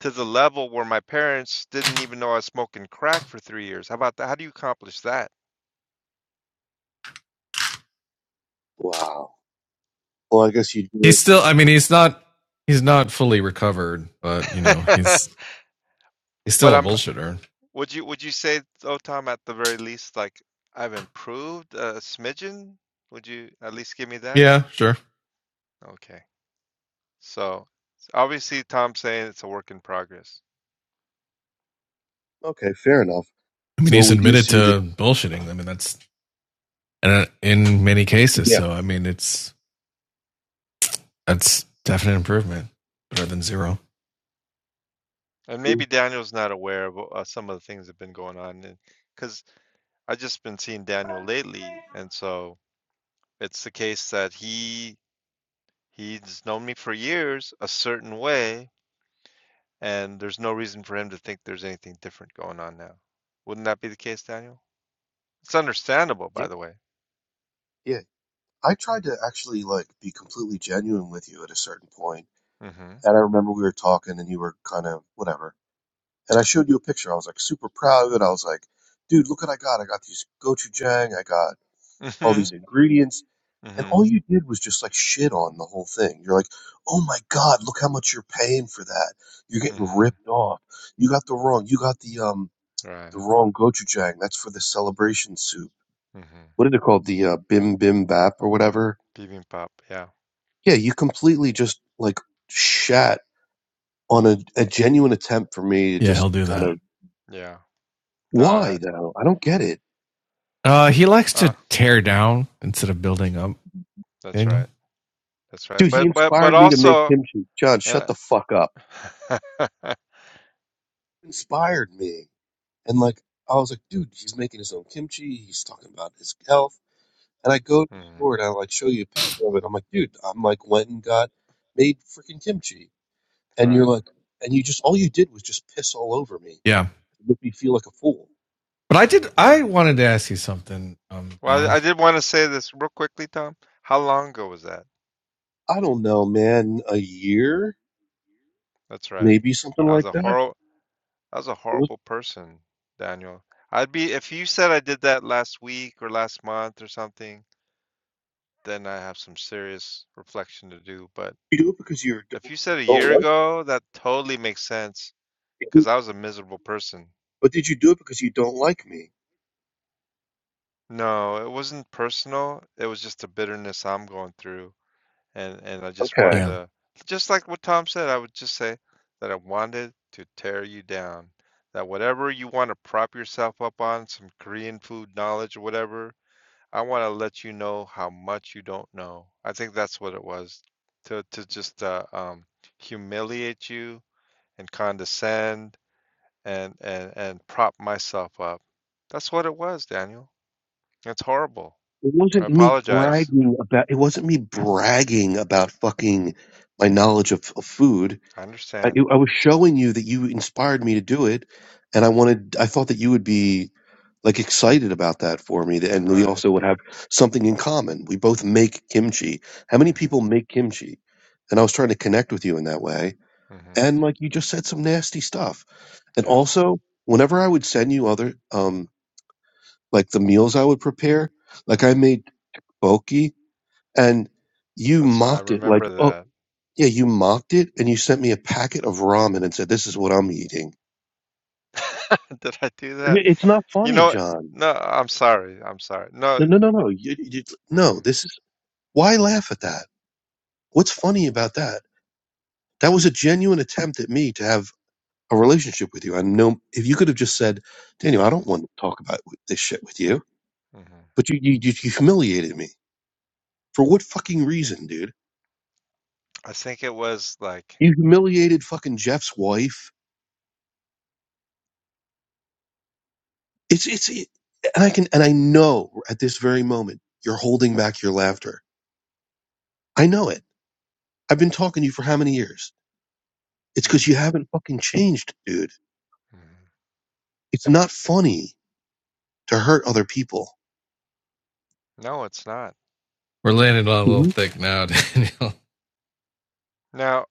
[SPEAKER 1] To the level where my parents didn't even know I was smoking crack for 3 years. How about that? How do you accomplish that?
[SPEAKER 3] wow. Well, I guess you do.
[SPEAKER 4] He's
[SPEAKER 3] it.
[SPEAKER 4] still. I mean, he's not. He's not fully recovered, but you know, he's he's
[SPEAKER 1] But
[SPEAKER 4] still a
[SPEAKER 1] I'm
[SPEAKER 4] bullshitter.
[SPEAKER 1] Would you would you say though, Tom, at the very least, like I've improved a smidgen? Would you at least give me that?
[SPEAKER 4] Yeah, sure.
[SPEAKER 1] Okay. So obviously Tom's saying it's a work in progress.
[SPEAKER 3] Okay, fair enough.
[SPEAKER 4] I mean,
[SPEAKER 3] So
[SPEAKER 4] he's
[SPEAKER 3] we do
[SPEAKER 4] admitted
[SPEAKER 3] see that.
[SPEAKER 4] to bullshitting. I mean, that's and uh, in many cases.
[SPEAKER 3] Yeah.
[SPEAKER 4] So, I mean, it's that's definite improvement. Better than zero.
[SPEAKER 1] And maybe
[SPEAKER 3] Yeah.
[SPEAKER 1] Daniel's not aware of uh, some of the things that have been going on and because I've just been seeing Daniel lately, and so it's the case that he he's known me for years a certain way, and there's no reason for him to think there's anything different going on now. Wouldn't that be the case, Daniel? It's understandable, by the way.
[SPEAKER 3] Yeah. I tried to actually like be completely genuine with you at a certain point,
[SPEAKER 1] Mhm.
[SPEAKER 3] and I remember we were talking, and you were kind of whatever. And I showed you a picture. I was like super proud of it. I was like, dude, look what I got. I got these gochujang. I got all these
[SPEAKER 1] Mhm.
[SPEAKER 3] ingredients And
[SPEAKER 1] Mhm.
[SPEAKER 3] all you did was just like shit on the whole thing. You're like, oh my God, look how much you're paying for that. You're
[SPEAKER 1] Mhm.
[SPEAKER 3] getting ripped off. You got the wrong, you got the, um, the
[SPEAKER 1] Right.
[SPEAKER 3] wrong gochujang. That's for the celebration soup.
[SPEAKER 1] Mhm.
[SPEAKER 3] What is it called? The, uh, bim bim bap or whatever.
[SPEAKER 1] Bibimbap. Yeah.
[SPEAKER 3] Yeah. You completely just like shat on a, a genuine attempt for me to
[SPEAKER 4] Yeah,
[SPEAKER 3] just
[SPEAKER 4] he'll do
[SPEAKER 3] kind
[SPEAKER 4] that.
[SPEAKER 3] of,
[SPEAKER 1] Yeah. No.
[SPEAKER 3] why
[SPEAKER 1] That,
[SPEAKER 3] though? I don't get it.
[SPEAKER 4] Uh, he likes to
[SPEAKER 1] uh,
[SPEAKER 4] tear down instead of building up.
[SPEAKER 1] that's
[SPEAKER 4] Daniel.
[SPEAKER 1] right. That's right.
[SPEAKER 3] Dude, he
[SPEAKER 1] But but but
[SPEAKER 3] inspired me to make
[SPEAKER 1] also
[SPEAKER 3] kimchi. John,
[SPEAKER 1] and
[SPEAKER 3] shut
[SPEAKER 1] I,
[SPEAKER 3] the fuck up. Inspired me. And like I was like, dude, he's making his own kimchi. He's talking about his health. And I go to the
[SPEAKER 1] Mhm.
[SPEAKER 3] store and I like show you a picture of it. I'm like, dude, I'm like went and got made freaking kimchi. And you're
[SPEAKER 1] right.
[SPEAKER 3] like, and you just all you did was just piss all over me. It
[SPEAKER 4] Yeah,
[SPEAKER 3] made me feel like a fool.
[SPEAKER 4] But I did.
[SPEAKER 1] Yeah.
[SPEAKER 4] I wanted to ask you something, um,
[SPEAKER 1] Well, I,
[SPEAKER 4] John.
[SPEAKER 1] I did want to say this real quickly, Tom. How long ago was that?
[SPEAKER 3] I don't know, man. A year,
[SPEAKER 1] That's right.
[SPEAKER 3] maybe something
[SPEAKER 1] I was
[SPEAKER 3] like
[SPEAKER 1] a
[SPEAKER 3] that.
[SPEAKER 1] horrible. I was a
[SPEAKER 3] What
[SPEAKER 1] horrible person, Daniel. I'd be if you said I did that last week or last month or something. Then I have some serious reflection to do. But
[SPEAKER 3] you do it because you
[SPEAKER 1] If
[SPEAKER 3] don't,
[SPEAKER 1] you said a
[SPEAKER 3] don't
[SPEAKER 1] year
[SPEAKER 3] like
[SPEAKER 1] ago, that totally makes sense
[SPEAKER 3] me?
[SPEAKER 1] because I was a miserable person.
[SPEAKER 3] But did you do it because you don't like me?
[SPEAKER 1] No, it wasn't personal. It was just the bitterness I'm going through, and and I just
[SPEAKER 3] Okay.
[SPEAKER 1] wanted
[SPEAKER 4] Yeah.
[SPEAKER 1] to, just like what Tom said, I would just say that I wanted to tear you down. That whatever you want to prop yourself up on, some Korean food knowledge or whatever, I want to let you know how much you don't know. I think that's what it was, to to just uh, um, humiliate you and condescend and and and prop myself up. That's what it was, Daniel. It's horrible.
[SPEAKER 3] It
[SPEAKER 1] I
[SPEAKER 3] wasn't me
[SPEAKER 1] apologize.
[SPEAKER 3] bragging about. It wasn't me bragging about fucking my knowledge of, of food.
[SPEAKER 1] I
[SPEAKER 3] I,
[SPEAKER 1] understand.
[SPEAKER 3] I was showing you that you inspired me to do it, and I wanted. I thought that you would be like excited about that for me, and we
[SPEAKER 1] Right.
[SPEAKER 3] also would have something in common. We both make kimchi. How many
[SPEAKER 1] Mhm.
[SPEAKER 3] people make kimchi? And I was trying to connect with you in that way,
[SPEAKER 1] Mhm.
[SPEAKER 3] and like you just said some nasty stuff. And
[SPEAKER 1] Yeah.
[SPEAKER 3] also, whenever I would send you other um like the meals I would prepare, like I
[SPEAKER 1] Mhm.
[SPEAKER 3] made boki and you
[SPEAKER 1] That's I
[SPEAKER 3] mocked it like,
[SPEAKER 1] remember
[SPEAKER 3] oh,
[SPEAKER 1] that.
[SPEAKER 3] yeah, you mocked it, and you sent me a packet of ramen and said, this is what I'm eating.
[SPEAKER 1] Did I do that?
[SPEAKER 3] It- It's not
[SPEAKER 1] You
[SPEAKER 3] funny,
[SPEAKER 1] know, what?
[SPEAKER 3] John.
[SPEAKER 1] no, I'm sorry. I'm sorry.
[SPEAKER 3] No,
[SPEAKER 1] No.
[SPEAKER 3] no, no, no. You, you, no,
[SPEAKER 1] Mm,
[SPEAKER 3] this is why laugh at that? What's funny about that? That was a genuine attempt at me to have a relationship with you. I know if you could have just said, Daniel, I don't
[SPEAKER 1] mhm.
[SPEAKER 3] want to talk about this shit with you,
[SPEAKER 1] Mhm.
[SPEAKER 3] but you, you, you humiliated me. For what fucking reason, dude?
[SPEAKER 1] I think it was like
[SPEAKER 3] You humiliated fucking Jeff's wife It's it's it, and I can and I know at this very moment you're holding back your laughter. I know it. I've been talking to you for how many years? It's because you
[SPEAKER 1] Mhm.
[SPEAKER 3] haven't fucking changed, dude.
[SPEAKER 1] Mhm.
[SPEAKER 3] It's not funny to hurt other people.
[SPEAKER 1] No, it's not.
[SPEAKER 4] We're landing on a little
[SPEAKER 3] Mm-hmm.
[SPEAKER 4] thick now, Daniel.
[SPEAKER 1] Now,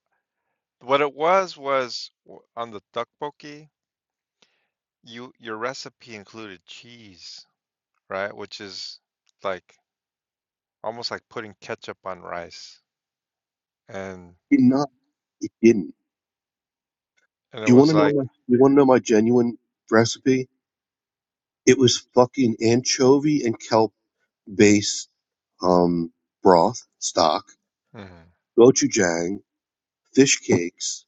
[SPEAKER 1] what it was was w- on the tteokbokki, you your recipe included cheese. right? Which is like almost like putting ketchup on rice. And
[SPEAKER 3] It not. It didn't.
[SPEAKER 1] and it
[SPEAKER 3] You want
[SPEAKER 1] was
[SPEAKER 3] to know
[SPEAKER 1] like,
[SPEAKER 3] my? You want to know my genuine recipe? It was fucking anchovy and kelp base um, broth stock,
[SPEAKER 1] mm,
[SPEAKER 3] gochujang, fish cakes,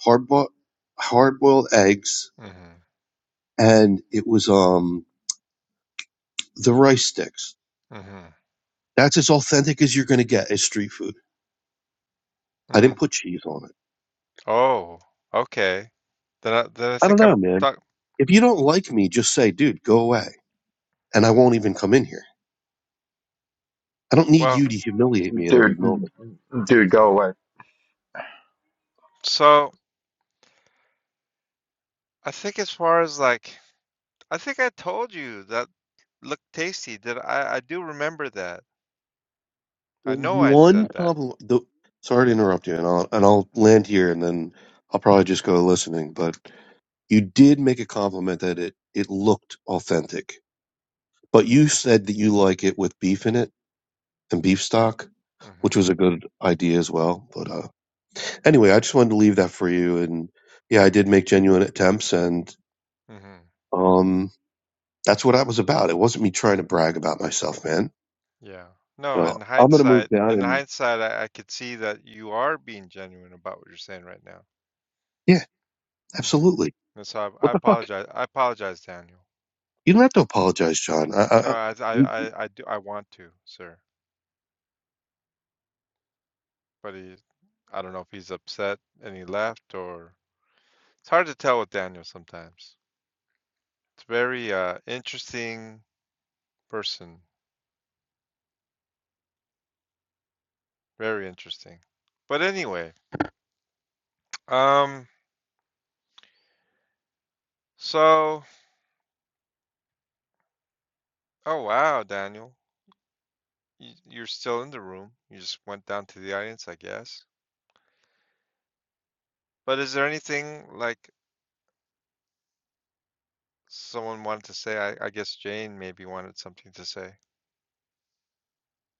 [SPEAKER 3] hard bo- hard boiled eggs,
[SPEAKER 1] mm,
[SPEAKER 3] and it was um the rice sticks.
[SPEAKER 1] mm,
[SPEAKER 3] That's as authentic as you're going to get as street food. I didn't
[SPEAKER 1] mm.
[SPEAKER 3] put cheese on it.
[SPEAKER 1] Oh, okay. Then I, then I
[SPEAKER 3] I don't
[SPEAKER 1] think
[SPEAKER 3] know,
[SPEAKER 1] I'm
[SPEAKER 3] man.
[SPEAKER 1] talk.
[SPEAKER 3] If you don't like me, just say, dude, go away. And I won't even come in here. I don't need
[SPEAKER 1] Well,
[SPEAKER 3] you to humiliate me at every
[SPEAKER 5] Dude,
[SPEAKER 3] moment.
[SPEAKER 5] dude, go
[SPEAKER 1] hmm
[SPEAKER 5] away.
[SPEAKER 1] so I think as far as like, I think I told you that looked tasty. That I I do remember that.
[SPEAKER 3] The
[SPEAKER 1] I know I said
[SPEAKER 3] one
[SPEAKER 1] that.
[SPEAKER 3] compliment, the, sorry to interrupt you, and I'll, and I'll land here and then I'll probably just go listening, but you did make a compliment that it, it looked authentic. But you said that you like it with beef in it and beef stock,
[SPEAKER 1] hmm
[SPEAKER 3] which was a good idea as well. But uh, anyway, I just wanted to leave that for you. And yeah, I did make genuine attempts, and
[SPEAKER 1] hmm
[SPEAKER 3] um, that's what I was about. It wasn't me trying to brag about myself, man.
[SPEAKER 1] Yeah. No,
[SPEAKER 3] So
[SPEAKER 1] in
[SPEAKER 3] I'm gonna move
[SPEAKER 1] hindsight,
[SPEAKER 3] down,
[SPEAKER 1] in
[SPEAKER 3] and
[SPEAKER 1] hindsight, I, I could see that you are being genuine about what you're saying right now.
[SPEAKER 3] yeah,
[SPEAKER 1] Mm-hmm.
[SPEAKER 3] absolutely.
[SPEAKER 1] And so I, I
[SPEAKER 3] What the fuck?
[SPEAKER 1] apologize. I apologize, Daniel.
[SPEAKER 3] You don't have to apologize, John. I, I,
[SPEAKER 1] No,
[SPEAKER 3] I
[SPEAKER 1] I, I,
[SPEAKER 3] we-
[SPEAKER 1] I, I do. I want to, sir. But he, I don't know if he's upset and he left or it's hard to tell with Daniel sometimes. It's very uh, interesting person. Very interesting. But anyway, um, so oh wow, Daniel. Y- You're still in the room. You just went down to the audience, I guess. But is there anything like someone wanted to say? I, I guess Jane maybe wanted something to say.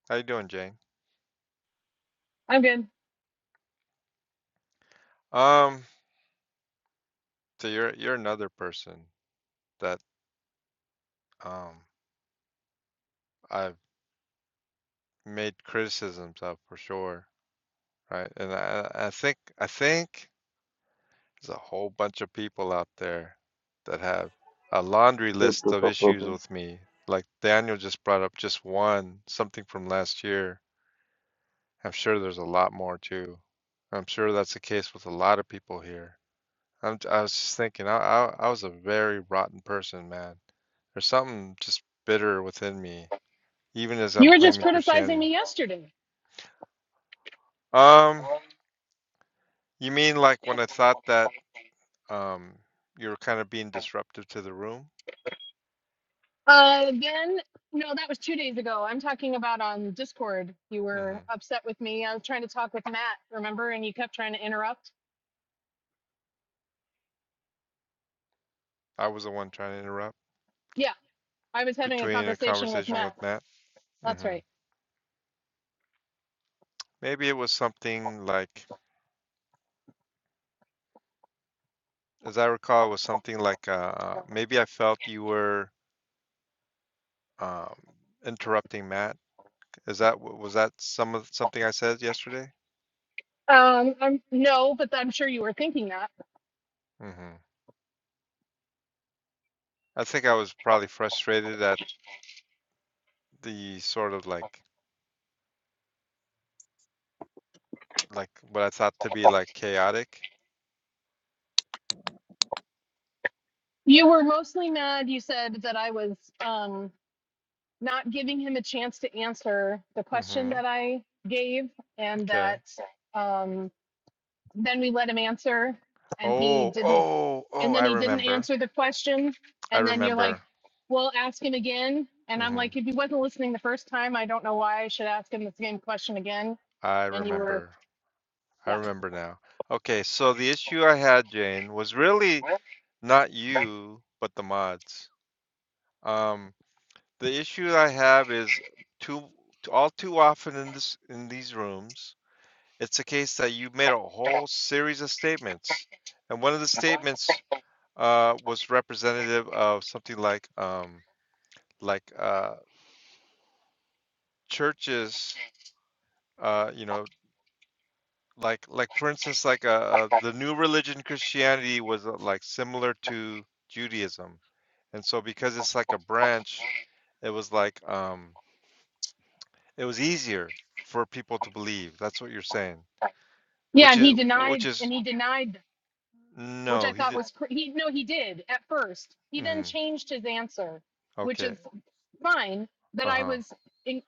[SPEAKER 1] How you doing, Jane?
[SPEAKER 6] I'm good.
[SPEAKER 1] Um, so you're you're another person that um I've made criticisms of for sure, right? And I I I think I think there's a whole bunch of people out there that have a laundry list of issues with me. Like Daniel just brought up just one, something from last year I'm sure there's a lot more too. I'm sure that's the case with a lot of people here. I'm, j- i am i was just thinking, I, I, I was a very rotten person, man. There's something just bitter within me, even as
[SPEAKER 6] You
[SPEAKER 1] I'm
[SPEAKER 6] were just
[SPEAKER 1] claiming
[SPEAKER 6] criticizing
[SPEAKER 1] Christianity.
[SPEAKER 6] me yesterday.
[SPEAKER 1] Um, you mean like when I thought that um you were kind of being disruptive to the room?
[SPEAKER 6] Uh, again, no, that was two days ago. I'm talking about on Discord. You were
[SPEAKER 1] hmm
[SPEAKER 6] upset with me. I was trying to talk with Matt, remember? And you kept trying to interrupt.
[SPEAKER 1] I was the one trying to interrupt
[SPEAKER 6] Yeah, I was having a
[SPEAKER 1] between a
[SPEAKER 6] conversation with
[SPEAKER 1] conversation with
[SPEAKER 6] Matt.
[SPEAKER 1] Matt.
[SPEAKER 6] That's
[SPEAKER 1] hmm
[SPEAKER 6] right.
[SPEAKER 1] Maybe it was something like, as I recall, it was something like uh, maybe I felt you were um, interrupting Matt. Is that was that some of something I said yesterday?
[SPEAKER 6] Um, I'm no, but I'm sure you were thinking that.
[SPEAKER 1] hmm I think I was probably frustrated at the sort of like like what I thought to be like chaotic.
[SPEAKER 6] You were mostly mad. You said that I was um not giving him a chance to answer the question
[SPEAKER 1] hmm
[SPEAKER 6] that I gave, and
[SPEAKER 1] Okay.
[SPEAKER 6] that um then we let him answer and he
[SPEAKER 1] Oh,
[SPEAKER 6] didn't
[SPEAKER 1] oh,
[SPEAKER 6] and
[SPEAKER 1] oh!
[SPEAKER 6] then
[SPEAKER 1] I
[SPEAKER 6] he didn't
[SPEAKER 1] remember.
[SPEAKER 6] answer the question
[SPEAKER 1] I
[SPEAKER 6] and then you're
[SPEAKER 1] remember.
[SPEAKER 6] like well ask him again and i'm
[SPEAKER 1] hmm
[SPEAKER 6] like if you wasn't listening the first time i don't know why i should ask him the same question again
[SPEAKER 1] I
[SPEAKER 6] and you were
[SPEAKER 1] remember. I
[SPEAKER 6] yeah
[SPEAKER 1] remember now. Okay, so the issue I had, Jane, was really not you, but the mods. Um, The issue I have is too all too often in this in these rooms, it's a case that you made a whole series of statements, and one of the statements uh, was representative of something like um, like uh, churches, uh, you know, like like for instance, like uh, uh, the new religion Christianity was uh, like similar to Judaism, and so because it's like a branch, it was like um, it was easier for people to believe. That's what you're saying.
[SPEAKER 6] yeah
[SPEAKER 1] Which
[SPEAKER 6] and
[SPEAKER 1] is
[SPEAKER 6] he
[SPEAKER 1] which
[SPEAKER 6] denied and
[SPEAKER 1] is
[SPEAKER 6] he denied which I
[SPEAKER 1] no, he
[SPEAKER 6] thought
[SPEAKER 1] did.
[SPEAKER 6] was cr- he. No, he did at first. He then
[SPEAKER 1] mhm,
[SPEAKER 6] changed his answer, which
[SPEAKER 1] Okay.
[SPEAKER 6] is fine. That I
[SPEAKER 1] Uh-huh.
[SPEAKER 6] was in,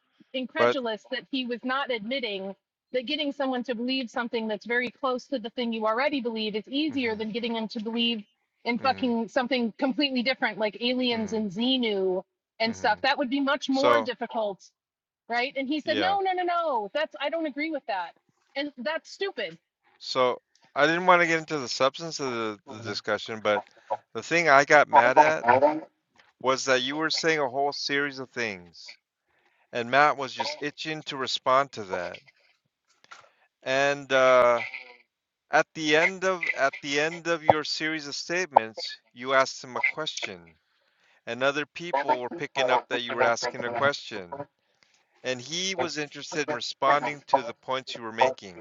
[SPEAKER 1] But
[SPEAKER 6] incredulous that he was not admitting that getting someone to believe something that's very close to the thing you already believe is easier
[SPEAKER 1] hmm
[SPEAKER 6] than getting them to believe in
[SPEAKER 1] hmm
[SPEAKER 6] fucking something completely different, like aliens
[SPEAKER 1] hmm
[SPEAKER 6] and Xenu and
[SPEAKER 1] hmm
[SPEAKER 6] stuff. That would be much more
[SPEAKER 1] So
[SPEAKER 6] difficult, right? And he said,
[SPEAKER 1] yeah.
[SPEAKER 6] no, no, no, no. That's I don't agree with that, and that's stupid
[SPEAKER 1] So I didn't want to get into the substance of the, the discussion, but the thing I got mad at was that you were saying a whole series of things, and Matt was just itching to respond to that. And uh, at the end of at the end of your series of statements, you asked him a question. and other people were picking up that you were asking a question. And he was interested in responding to the points you were making.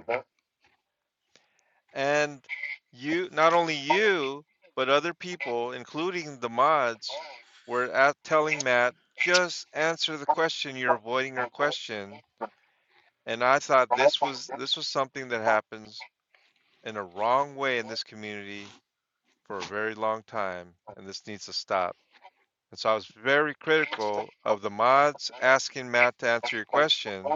[SPEAKER 1] And you, not only you, but other people, including the mods, were at telling Matt, just answer the question. You're avoiding her question. And I thought this was this was something that happens in a wrong way in this community for a very long time, and this needs to stop. And so I was very critical of the mods asking Matt to answer your question.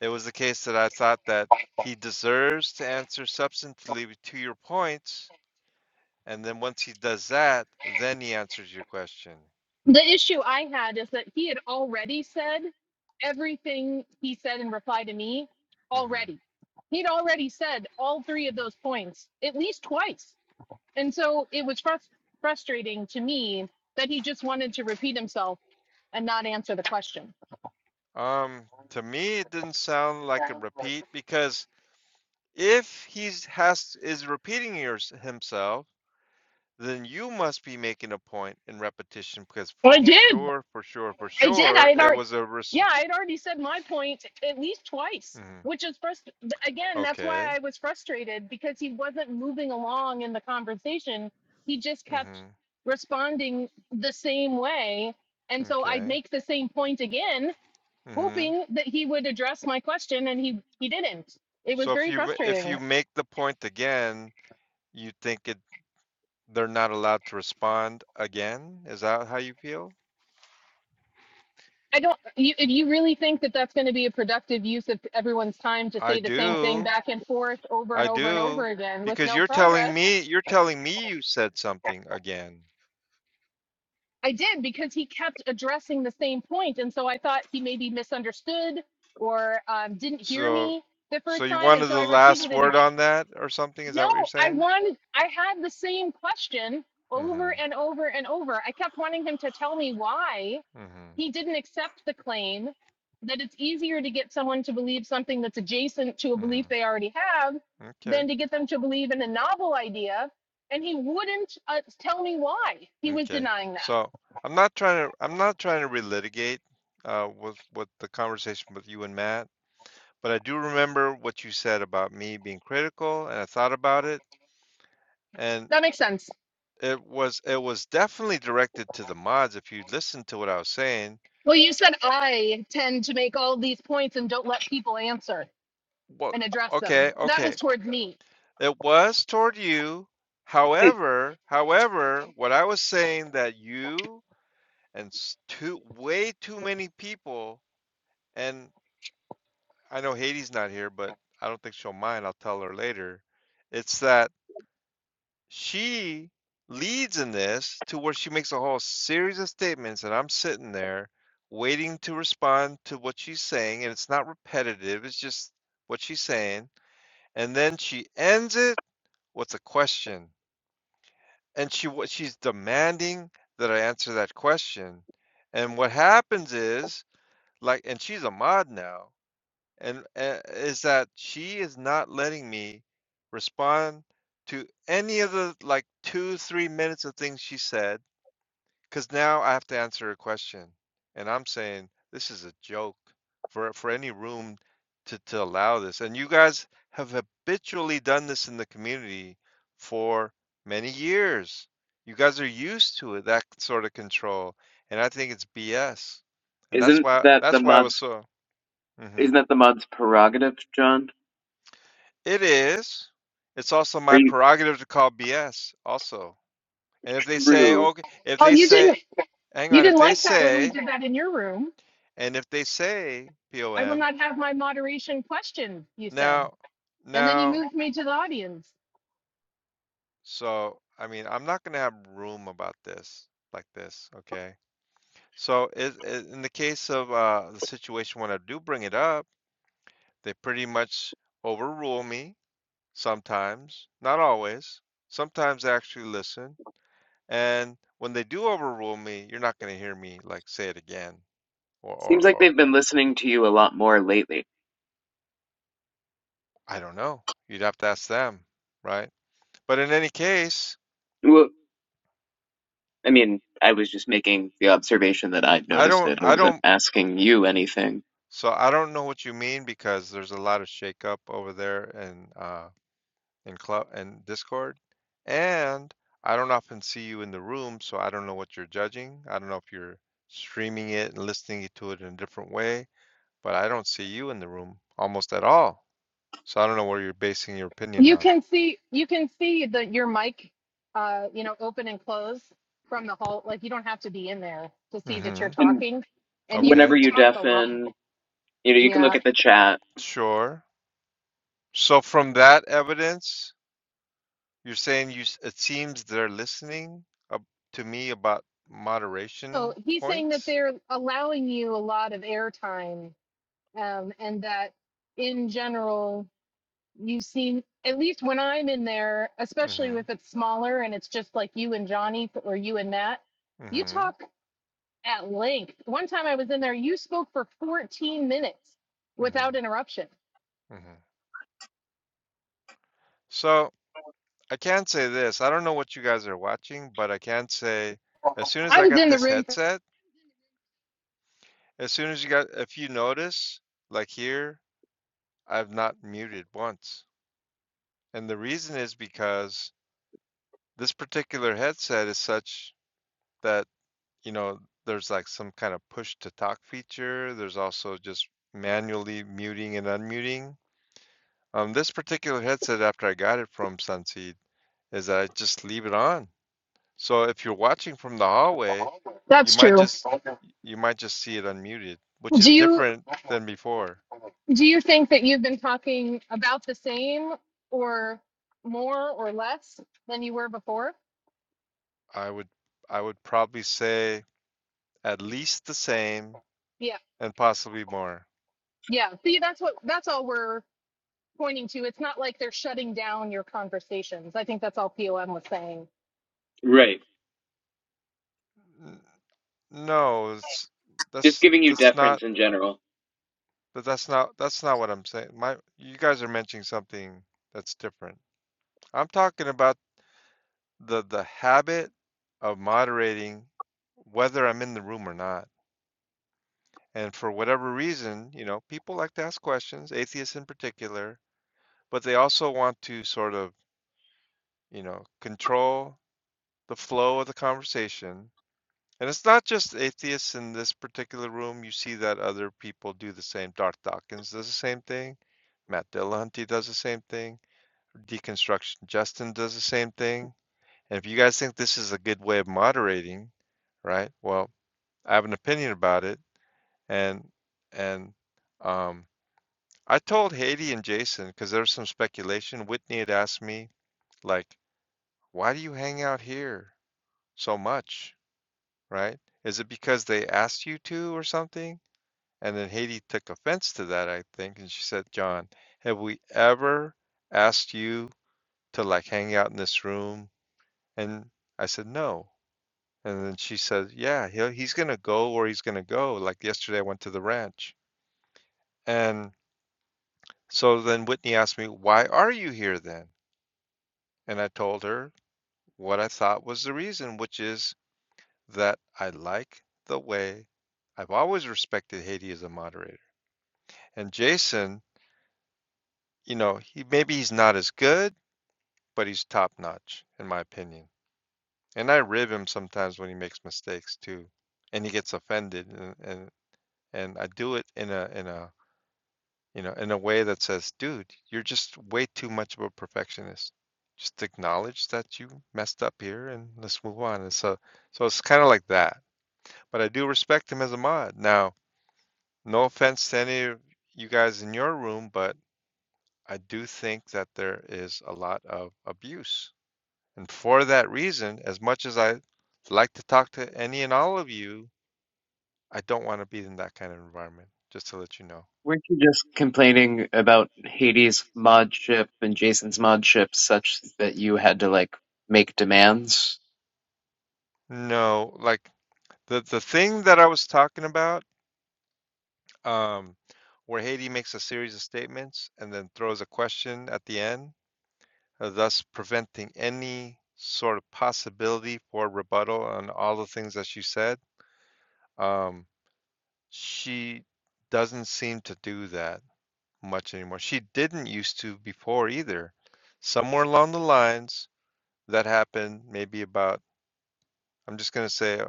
[SPEAKER 1] It was the case that I thought that he deserves to answer substantively to your points, and then once he does that, then he answers your question.
[SPEAKER 6] The issue I had is that he had already said everything he said in reply to me
[SPEAKER 1] hmm
[SPEAKER 6] already. He'd already said all three of those points at least twice. And so it was frus- frustrating to me that he just wanted to repeat himself and not answer the question.
[SPEAKER 1] Um, to me, it didn't sound like a repeat because if he has is repeating yours himself, then you must be making a point in repetition because
[SPEAKER 6] Well,
[SPEAKER 1] for
[SPEAKER 6] I did.
[SPEAKER 1] sure, for sure, for
[SPEAKER 6] I did. I
[SPEAKER 1] sure,
[SPEAKER 6] had
[SPEAKER 1] it
[SPEAKER 6] already,
[SPEAKER 1] was a res-
[SPEAKER 6] yeah, I had already said my point at least twice,
[SPEAKER 1] Mhm.
[SPEAKER 6] which is first again. That's
[SPEAKER 1] okay.
[SPEAKER 6] why I was frustrated because he wasn't moving along in the conversation. He just kept
[SPEAKER 1] Mm-hmm.
[SPEAKER 6] responding the same way, and so I'd
[SPEAKER 1] Okay.
[SPEAKER 6] make the same point again,
[SPEAKER 1] Mm-hmm.
[SPEAKER 6] hoping that he would address my question, and he he didn't. It was
[SPEAKER 1] So if
[SPEAKER 6] very
[SPEAKER 1] you re- if
[SPEAKER 6] frustrating.
[SPEAKER 1] you make the point again, you think it they're not allowed to respond again? Is that how you feel?
[SPEAKER 6] I don't. You, if you really think that that's going to be a productive use of everyone's time to
[SPEAKER 1] I
[SPEAKER 6] say the same thing
[SPEAKER 1] do.
[SPEAKER 6] back and forth over and
[SPEAKER 1] I
[SPEAKER 6] over and
[SPEAKER 1] do.
[SPEAKER 6] over again with
[SPEAKER 1] Because
[SPEAKER 6] no
[SPEAKER 1] you're telling
[SPEAKER 6] progress,
[SPEAKER 1] me you're telling me you said something again.
[SPEAKER 6] I did because he kept addressing the same point, and so I thought he maybe misunderstood or um, didn't hear
[SPEAKER 1] So
[SPEAKER 6] me the
[SPEAKER 1] so
[SPEAKER 6] first
[SPEAKER 1] you
[SPEAKER 6] time, and
[SPEAKER 1] wanted
[SPEAKER 6] so I
[SPEAKER 1] the last
[SPEAKER 6] repeated it
[SPEAKER 1] word
[SPEAKER 6] again.
[SPEAKER 1] on that or something? Is that
[SPEAKER 6] No,
[SPEAKER 1] what you're
[SPEAKER 6] I
[SPEAKER 1] saying?
[SPEAKER 6] wanted. I had the same question over
[SPEAKER 1] Mm-hmm.
[SPEAKER 6] and over and over. I kept wanting him to tell me why
[SPEAKER 1] Mm-hmm.
[SPEAKER 6] he didn't accept the claim that it's easier to get someone to believe something that's adjacent to a belief
[SPEAKER 1] Mm-hmm.
[SPEAKER 6] they already have
[SPEAKER 1] Okay.
[SPEAKER 6] than to get them to believe in a novel idea. And he wouldn't uh, tell me why he was
[SPEAKER 1] Okay.
[SPEAKER 6] denying that.
[SPEAKER 1] So I'm not trying to I'm not trying to relitigate uh with with the conversation with you and Matt, but I do remember what you said about me being critical and I thought about it and
[SPEAKER 6] That makes sense.
[SPEAKER 1] it was it was definitely directed to the mods if you listened to what I was saying.
[SPEAKER 6] Well, you said I tend to make all these points and don't let people answer
[SPEAKER 1] Well,
[SPEAKER 6] and address them.
[SPEAKER 1] okay,
[SPEAKER 6] That was
[SPEAKER 1] okay.
[SPEAKER 6] towards me.
[SPEAKER 1] It was toward you. However, however, what I was saying that you and s- too way too many people and I know Hades not here, but I don't think she'll mind. I'll tell her later. It's that she leads in this to where she makes a whole series of statements, and I'm sitting there waiting to respond to what she's saying, and it's not repetitive, it's just what she's saying. And then she ends it with a question, and she what she's demanding that I answer that question. And what happens is, like, and she's a mod now. and uh, is that she is not letting me respond to any of the like two, three minutes of things she said, because now I have to answer a question. And I'm saying this is a joke for for any room to, to allow this. And you guys have habitually done this in the community for many years. You guys are used to it, that sort of control. And I think it's BS. And that's
[SPEAKER 2] Isn't
[SPEAKER 1] why
[SPEAKER 2] that the
[SPEAKER 1] that's why I was
[SPEAKER 2] mod's
[SPEAKER 1] so. hmm
[SPEAKER 2] isn't that the mod's prerogative, John?
[SPEAKER 1] It is. It's also
[SPEAKER 2] Are
[SPEAKER 1] my
[SPEAKER 2] you
[SPEAKER 1] prerogative to call BS also. And if they say,
[SPEAKER 2] true?
[SPEAKER 1] okay, if
[SPEAKER 6] Oh,
[SPEAKER 1] they
[SPEAKER 6] you
[SPEAKER 1] say,
[SPEAKER 6] didn't
[SPEAKER 1] hang
[SPEAKER 6] you
[SPEAKER 1] on, if
[SPEAKER 6] didn't
[SPEAKER 1] they
[SPEAKER 6] like that when we
[SPEAKER 1] say,
[SPEAKER 6] did that in your room.
[SPEAKER 1] and if they say
[SPEAKER 6] I will
[SPEAKER 1] POM,
[SPEAKER 6] not have my moderation questioned, you said.
[SPEAKER 1] now,
[SPEAKER 6] And then you
[SPEAKER 1] now,
[SPEAKER 6] moved me to the audience.
[SPEAKER 1] so, I mean, I'm not going to have room about this like this, okay? So it, it, in the case of uh, the situation when I do bring it up, they pretty much overrule me sometimes, not always. Sometimes they actually listen. And when they do overrule me, you're not going to hear me like say it again, or, or,
[SPEAKER 2] Seems like
[SPEAKER 1] or
[SPEAKER 2] they've been listening to you a lot more lately.
[SPEAKER 1] I don't know. You'd have to ask them, right? But in any case,
[SPEAKER 2] Well, I mean, I was just making the observation that I'd
[SPEAKER 1] I
[SPEAKER 2] noticed
[SPEAKER 1] don't,
[SPEAKER 2] it. I
[SPEAKER 1] I
[SPEAKER 2] wasn't
[SPEAKER 1] don't,
[SPEAKER 2] asking you anything.
[SPEAKER 1] so I don't know what you mean because there's a lot of shakeup over there in, uh, in club and Discord, and I don't often see you in the room, so I don't know what you're judging. I don't know if you're streaming it and listening to it in a different way, but I don't see you in the room almost at all. So I don't know what you're basing your opinion
[SPEAKER 6] You
[SPEAKER 1] on.
[SPEAKER 6] can see you can see the your mic uh, you know, open and close from the hall. Like you don't have to be in there to see that you're
[SPEAKER 1] Mm-hmm.
[SPEAKER 2] And
[SPEAKER 6] talking. And you
[SPEAKER 2] whenever
[SPEAKER 1] Okay.
[SPEAKER 2] you
[SPEAKER 6] talk a lot.
[SPEAKER 2] deafen, you know, you can
[SPEAKER 6] Yeah.
[SPEAKER 2] look at the chat.
[SPEAKER 1] Sure. So from that evidence, you're saying you s- it seems they're listening up to me about
[SPEAKER 6] So
[SPEAKER 1] moderation
[SPEAKER 6] he's saying that
[SPEAKER 1] points?
[SPEAKER 6] they're allowing you a lot of airtime um, and that in general you seem at least when i'm in there especially
[SPEAKER 1] Mm-hmm.
[SPEAKER 6] if it's smaller and it's just like you and johnny or you and matt you
[SPEAKER 1] Mm-hmm.
[SPEAKER 6] talk at length one time i was in there you spoke for 14 minutes without
[SPEAKER 1] Mm-hmm.
[SPEAKER 6] interruption
[SPEAKER 1] Mm-hmm. So I can say this. I don't know what you guys are watching, but I can say as soon as
[SPEAKER 6] i
[SPEAKER 1] I
[SPEAKER 6] was
[SPEAKER 1] got
[SPEAKER 6] in the
[SPEAKER 1] this
[SPEAKER 6] room for,
[SPEAKER 1] headset, as soon as you got, if you notice, like here, I've not muted once. And the reason is because this particular headset is such that you know, there's like some kind of push to talk feature. There's also just manually muting and unmuting. Um, this particular headset, after I got it from Sunseed, is that I just leave it on. So if you're watching from the hallway, you
[SPEAKER 6] that's
[SPEAKER 1] might
[SPEAKER 6] true
[SPEAKER 1] just you might just see it unmuted, which
[SPEAKER 6] do
[SPEAKER 1] is
[SPEAKER 6] you
[SPEAKER 1] different than before.
[SPEAKER 6] do you think that you've been talking about the same or more or less than you were before
[SPEAKER 1] I would I would probably say at least the same
[SPEAKER 6] yeah
[SPEAKER 1] and possibly more.
[SPEAKER 6] yeah see that's what that's all we're pointing to it's not like they're shutting down your conversations i think that's all pom was saying
[SPEAKER 2] Right.
[SPEAKER 1] No, it's,
[SPEAKER 2] Just
[SPEAKER 1] that's
[SPEAKER 2] giving you
[SPEAKER 1] that's not
[SPEAKER 2] deference in general.
[SPEAKER 1] But that's not that's not what I'm saying. My you guys are mentioning something that's different. I'm talking about the the habit of moderating whether I'm in the room or not. And for whatever reason, you know, people like to ask questions, atheists in particular, but they also want to sort of, you know, control the flow of the conversation. And it's not just atheists in this particular room. You see that other people do the same. Darth Dawkins does the same thing. Matt Dillahunty does the same thing. deconstruction. Justin does the same thing. And if you guys think this is a good way of moderating, right? Well, I have an opinion about it, and and um, I told Haiti and Jason because there was some speculation. Whitney had asked me like, "Why do you hang out here so much?" Right? Is it because they asked you to or something? And then Haiti took offense to that, I think, and she said, "John, have we ever asked you to like hang out in this room And I said, no. And then she said, yeah, he'll, he's going to go where he's going to go. Like yesterday, I went to the ranch. And so then Whitney asked me, why are you here then? And I told her what I thought was the reason, which is that I like the way I've always respected Haiti as a moderator. And Jason, you know, he maybe he's not as good, but he's top notch, in my opinion. And I rib him sometimes when he makes mistakes too. And he gets offended and, and and I do it in a in a you know in a way that says, dude, you're just way too much of a perfectionist. Just acknowledge that you messed up here and let's move on. And so so it's kind of like that. But I do respect him as a mod. Now, no offense to any of you guys in your room, but I do think that there is a lot of abuse. And for that reason, as much as I like to talk to any and all of you, I don't want to be in that kind of environment, just to let you know.
[SPEAKER 2] Weren't you just complaining about Hades' mod ship and Jason's mod ship such that you had to like make demands?
[SPEAKER 1] No, like The the thing that I was talking about, um, where Haiti makes a series of statements and then throws a question at the end, uh, thus preventing any sort of possibility for rebuttal on all the things that she said. Um, she doesn't seem to do that much anymore. She didn't used to before either. Somewhere along the lines, that happened maybe about, I'm just going to say uh,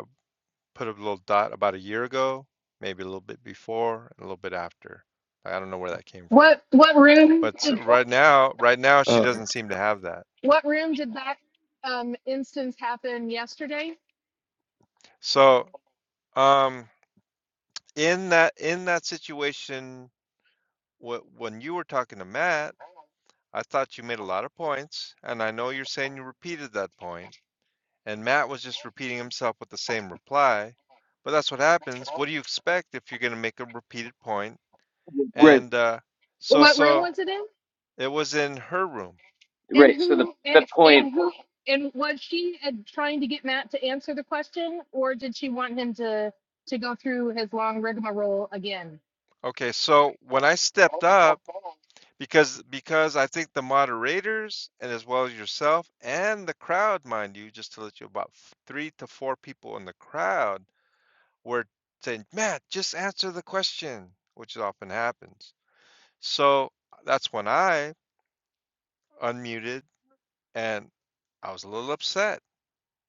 [SPEAKER 1] put a little dot about a year ago, maybe a little bit before, and a little bit after. I don't know where that came from.
[SPEAKER 6] what what room
[SPEAKER 1] But
[SPEAKER 6] did
[SPEAKER 1] right now, right now she
[SPEAKER 5] Uh,
[SPEAKER 1] doesn't seem to have that.
[SPEAKER 6] what room did that um instance happen yesterday
[SPEAKER 1] So, um in that in that situation wh- when you were talking to Matt, I thought you made a lot of points, and I know you're saying you repeated that point, and Matt was just repeating himself with the same reply. But that's what happens. What do you expect if you're going to make a repeated point?
[SPEAKER 2] Right.
[SPEAKER 1] And uh so
[SPEAKER 6] what room
[SPEAKER 1] so
[SPEAKER 6] was it in
[SPEAKER 1] it was in her room
[SPEAKER 6] and
[SPEAKER 2] Right. So the
[SPEAKER 6] who and
[SPEAKER 2] the point
[SPEAKER 6] and who and was she uh, trying to get matt to answer the question or did she want him to to go through his long rigmarole again
[SPEAKER 1] Okay, so when I stepped up, because because I think the moderators and as well as yourself and the crowd, mind you, just to let you about f- three to four people in the crowd were saying, Matt, just answer the question, which often happens. So that's when I unmuted and I was a little upset.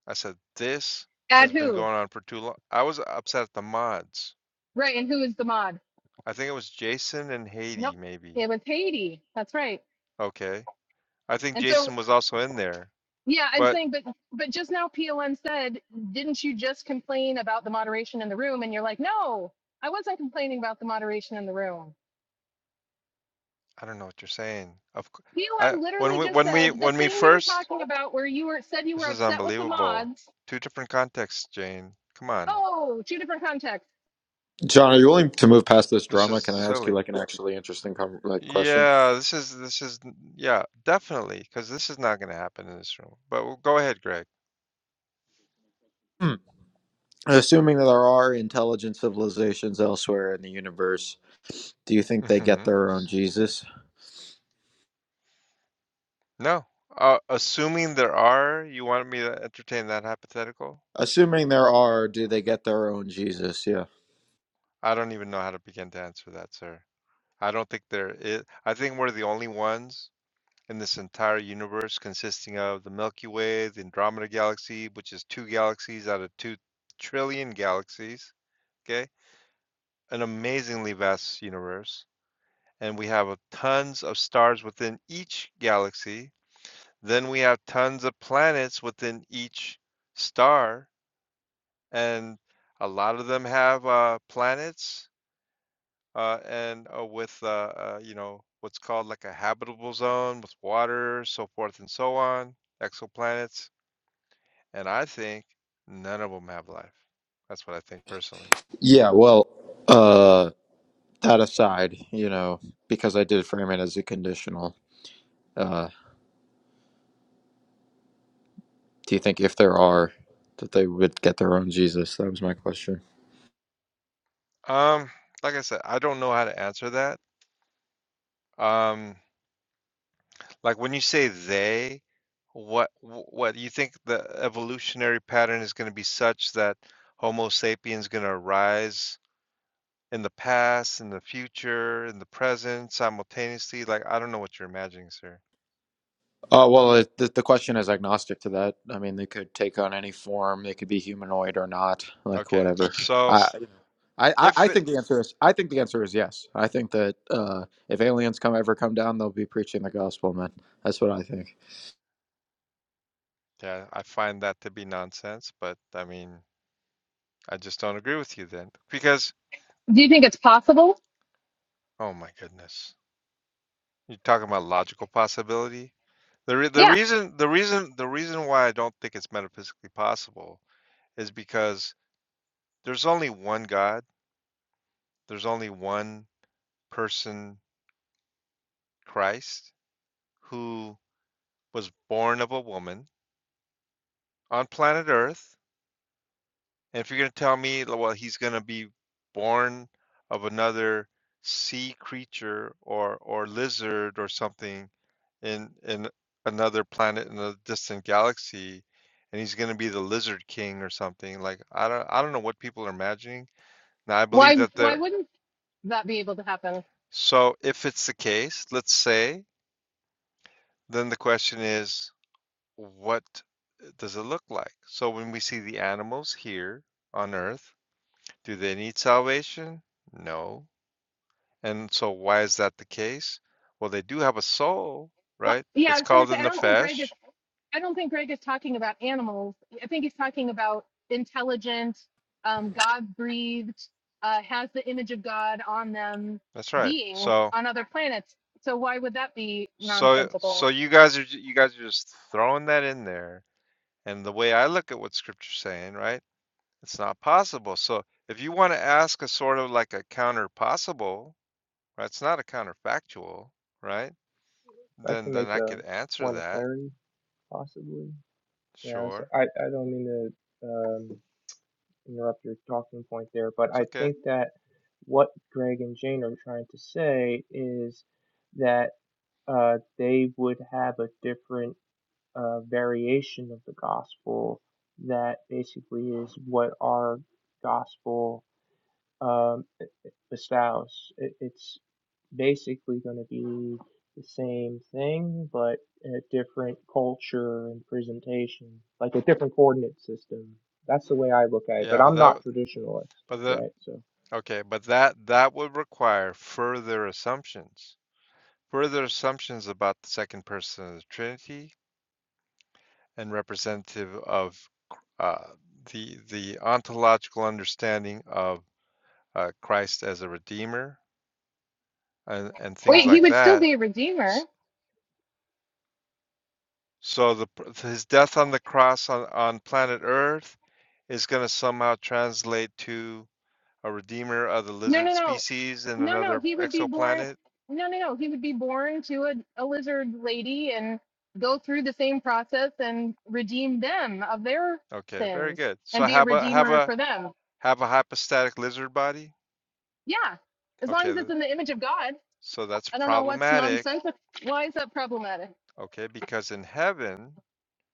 [SPEAKER 1] I said, This has
[SPEAKER 6] Add
[SPEAKER 1] been
[SPEAKER 6] who
[SPEAKER 1] going on for too long. I was upset at the mods.
[SPEAKER 6] right and who is the mod
[SPEAKER 1] I think it was Jason and Haiti,
[SPEAKER 6] nope
[SPEAKER 1] maybe.
[SPEAKER 6] it was haiti that's right
[SPEAKER 1] Okay. I think
[SPEAKER 6] and so
[SPEAKER 1] Jason was also in there,
[SPEAKER 6] Yeah, I'm
[SPEAKER 1] but
[SPEAKER 6] saying, but but just now PLN said, didn't you just complain about the moderation in the room? And you're like, no, I wasn't complaining about the moderation in the room.
[SPEAKER 1] I don't know what you're saying. Of, cou- I
[SPEAKER 6] PLN
[SPEAKER 1] when
[SPEAKER 6] literally
[SPEAKER 1] we
[SPEAKER 6] just
[SPEAKER 1] when we
[SPEAKER 6] said the
[SPEAKER 1] when we
[SPEAKER 6] thing we were
[SPEAKER 1] first,
[SPEAKER 6] talking about where you were said you were
[SPEAKER 1] this is
[SPEAKER 6] upset with the
[SPEAKER 1] unbelievable.
[SPEAKER 6] mods.
[SPEAKER 1] Two different contexts, Jane. Come on,
[SPEAKER 6] Oh, two different contexts.
[SPEAKER 5] John, are you willing to move past this
[SPEAKER 1] this
[SPEAKER 5] drama?
[SPEAKER 1] is
[SPEAKER 5] Can I ask you
[SPEAKER 1] silly.
[SPEAKER 5] like an actually interesting com- like question?
[SPEAKER 1] Yeah, this is this is yeah, definitely, because this is not going to happen in this room. But w- go ahead, Greg.
[SPEAKER 5] Hmm. Assuming that there are intelligent civilizations elsewhere in the universe, do you think they get
[SPEAKER 1] hmm
[SPEAKER 5] their own Jesus?
[SPEAKER 1] No, uh, assuming there are, you wanted me to entertain that hypothetical?
[SPEAKER 5] Assuming there are, do they get their own Jesus? Yeah.
[SPEAKER 1] I don't even know how to begin to answer that, sir. I don't think there is. I think we're the only ones. in this entire universe consisting of the Milky Way, the Andromeda Galaxy, which is two galaxies out of two trillion galaxies. Okay. An amazingly vast universe. And we have a tons of stars within each galaxy. Then we have tons of planets within each star. And a lot of them have uh, planets uh, and uh, with, uh, uh, you know, what's called like a habitable zone with water, so forth and so on, exoplanets And I think none of them have life. That's what I think personally.
[SPEAKER 5] Yeah. Well, uh, that aside, you know, because I did frame it as a conditional. Uh, do you think if there are, that they would get their own Jesus? That was my question.
[SPEAKER 1] Um, like I said, I don't know how to answer that. Um, like when you say they, what wh- what you think the evolutionary pattern is going to be such that Homo sapiens going to arise in the past, in the future, in the present, simultaneously? Like I don't know what you're imagining, sir.
[SPEAKER 5] Uh, well, it, the, the question is agnostic to that. I mean, they could take on any form. They could be humanoid or not, like
[SPEAKER 1] Okay,
[SPEAKER 5] whatever.
[SPEAKER 1] so
[SPEAKER 5] I, I, I
[SPEAKER 1] if
[SPEAKER 5] I
[SPEAKER 1] it,
[SPEAKER 5] think the answer is I think the answer is yes. I think that uh, if aliens come ever come down, they'll be preaching the gospel, man. That's what I think.
[SPEAKER 1] yeah, I find that to be nonsense, but I mean, I just don't agree with you then because
[SPEAKER 6] Do you think it's possible?
[SPEAKER 1] Oh my goodness. You're talking about logical possibility? The re- the
[SPEAKER 6] Yeah.
[SPEAKER 1] reason the reason the reason why I don't think it's metaphysically possible is because there's only one God. There's only one person, Christ, who was born of a woman on planet Earth. And if you're going to tell me, l- well, he's going to be born of another sea creature or or lizard or something in in another planet in a distant galaxy and he's going to be the lizard king or something like i don't i don't know what people are imagining now i believe
[SPEAKER 6] Why
[SPEAKER 1] that
[SPEAKER 6] why
[SPEAKER 1] the
[SPEAKER 6] wouldn't that be able to happen?
[SPEAKER 1] so if it's the case let's say then the question is what does it look like so when we see the animals here on earth do they need salvation no and so why is that the case well they do have a soul
[SPEAKER 6] Well,
[SPEAKER 1] right
[SPEAKER 6] yeah, I
[SPEAKER 1] it's
[SPEAKER 6] was going to
[SPEAKER 1] called
[SPEAKER 6] say
[SPEAKER 1] the
[SPEAKER 6] I don't think Greg is
[SPEAKER 1] nefesh
[SPEAKER 6] I don't think Greg is talking about animals. I think he's talking about intelligent, um, God breathed, uh, has the image of God on them
[SPEAKER 1] that's right
[SPEAKER 6] beings
[SPEAKER 1] so
[SPEAKER 6] on other planets. So why would that be
[SPEAKER 1] So,
[SPEAKER 6] nonsensical?
[SPEAKER 1] so you guys are you guys are just throwing that in there. And the way I look at what scripture's saying, right? It's not possible. So, if you want to ask a sort of like a counter possible, right? It's not a counterfactual, right?
[SPEAKER 7] I
[SPEAKER 1] Then
[SPEAKER 7] can
[SPEAKER 1] then
[SPEAKER 7] make
[SPEAKER 1] I
[SPEAKER 7] a
[SPEAKER 1] could answer
[SPEAKER 7] point of
[SPEAKER 1] that.
[SPEAKER 7] clarity, possibly. Yeah, so
[SPEAKER 1] Sure.
[SPEAKER 7] I, I don't mean to um, interrupt your talking point there, but
[SPEAKER 1] It's
[SPEAKER 7] I
[SPEAKER 1] okay.
[SPEAKER 7] think that what Greg and Jane are trying to say is that uh, they would have a different uh, variation of the gospel that basically is what our gospel um, e, e, the spouse. It, it's basically going to be the same thing, but a different culture and presentation, like a different coordinate system. That's the way I look at it.
[SPEAKER 1] Yeah,
[SPEAKER 7] But
[SPEAKER 1] but
[SPEAKER 7] I'm
[SPEAKER 1] that
[SPEAKER 7] not traditionalist,
[SPEAKER 1] but the
[SPEAKER 7] right? So
[SPEAKER 1] okay, but that that would require further assumptions. Further assumptions about the second person of the Trinity, and representative of uh, the the ontological understanding of uh, Christ as a redeemer and, and things
[SPEAKER 6] Wait, he
[SPEAKER 1] like
[SPEAKER 6] would still
[SPEAKER 1] that.
[SPEAKER 6] be a redeemer.
[SPEAKER 1] So the his death on the cross on, on planet Earth is going to somehow translate to a redeemer of the
[SPEAKER 6] No,
[SPEAKER 1] lizard
[SPEAKER 6] no, no.
[SPEAKER 1] species in
[SPEAKER 6] No, no,
[SPEAKER 1] another
[SPEAKER 6] he would be born.
[SPEAKER 1] exoplanet.
[SPEAKER 6] No, no, no. He would be born to a, a lizard lady and go through the same process and redeem them of their
[SPEAKER 1] Okay, very
[SPEAKER 6] sins
[SPEAKER 1] good. So
[SPEAKER 6] and be a
[SPEAKER 1] have a have
[SPEAKER 6] redeemer
[SPEAKER 1] a
[SPEAKER 6] for them.
[SPEAKER 1] have a hypostatic lizard body.
[SPEAKER 6] Yeah, as long
[SPEAKER 1] Okay,
[SPEAKER 6] as it's in the image of God.
[SPEAKER 1] so that's
[SPEAKER 6] I don't know what's
[SPEAKER 1] problematic.
[SPEAKER 6] nonsensical. Why is that problematic?
[SPEAKER 1] Okay, because in heaven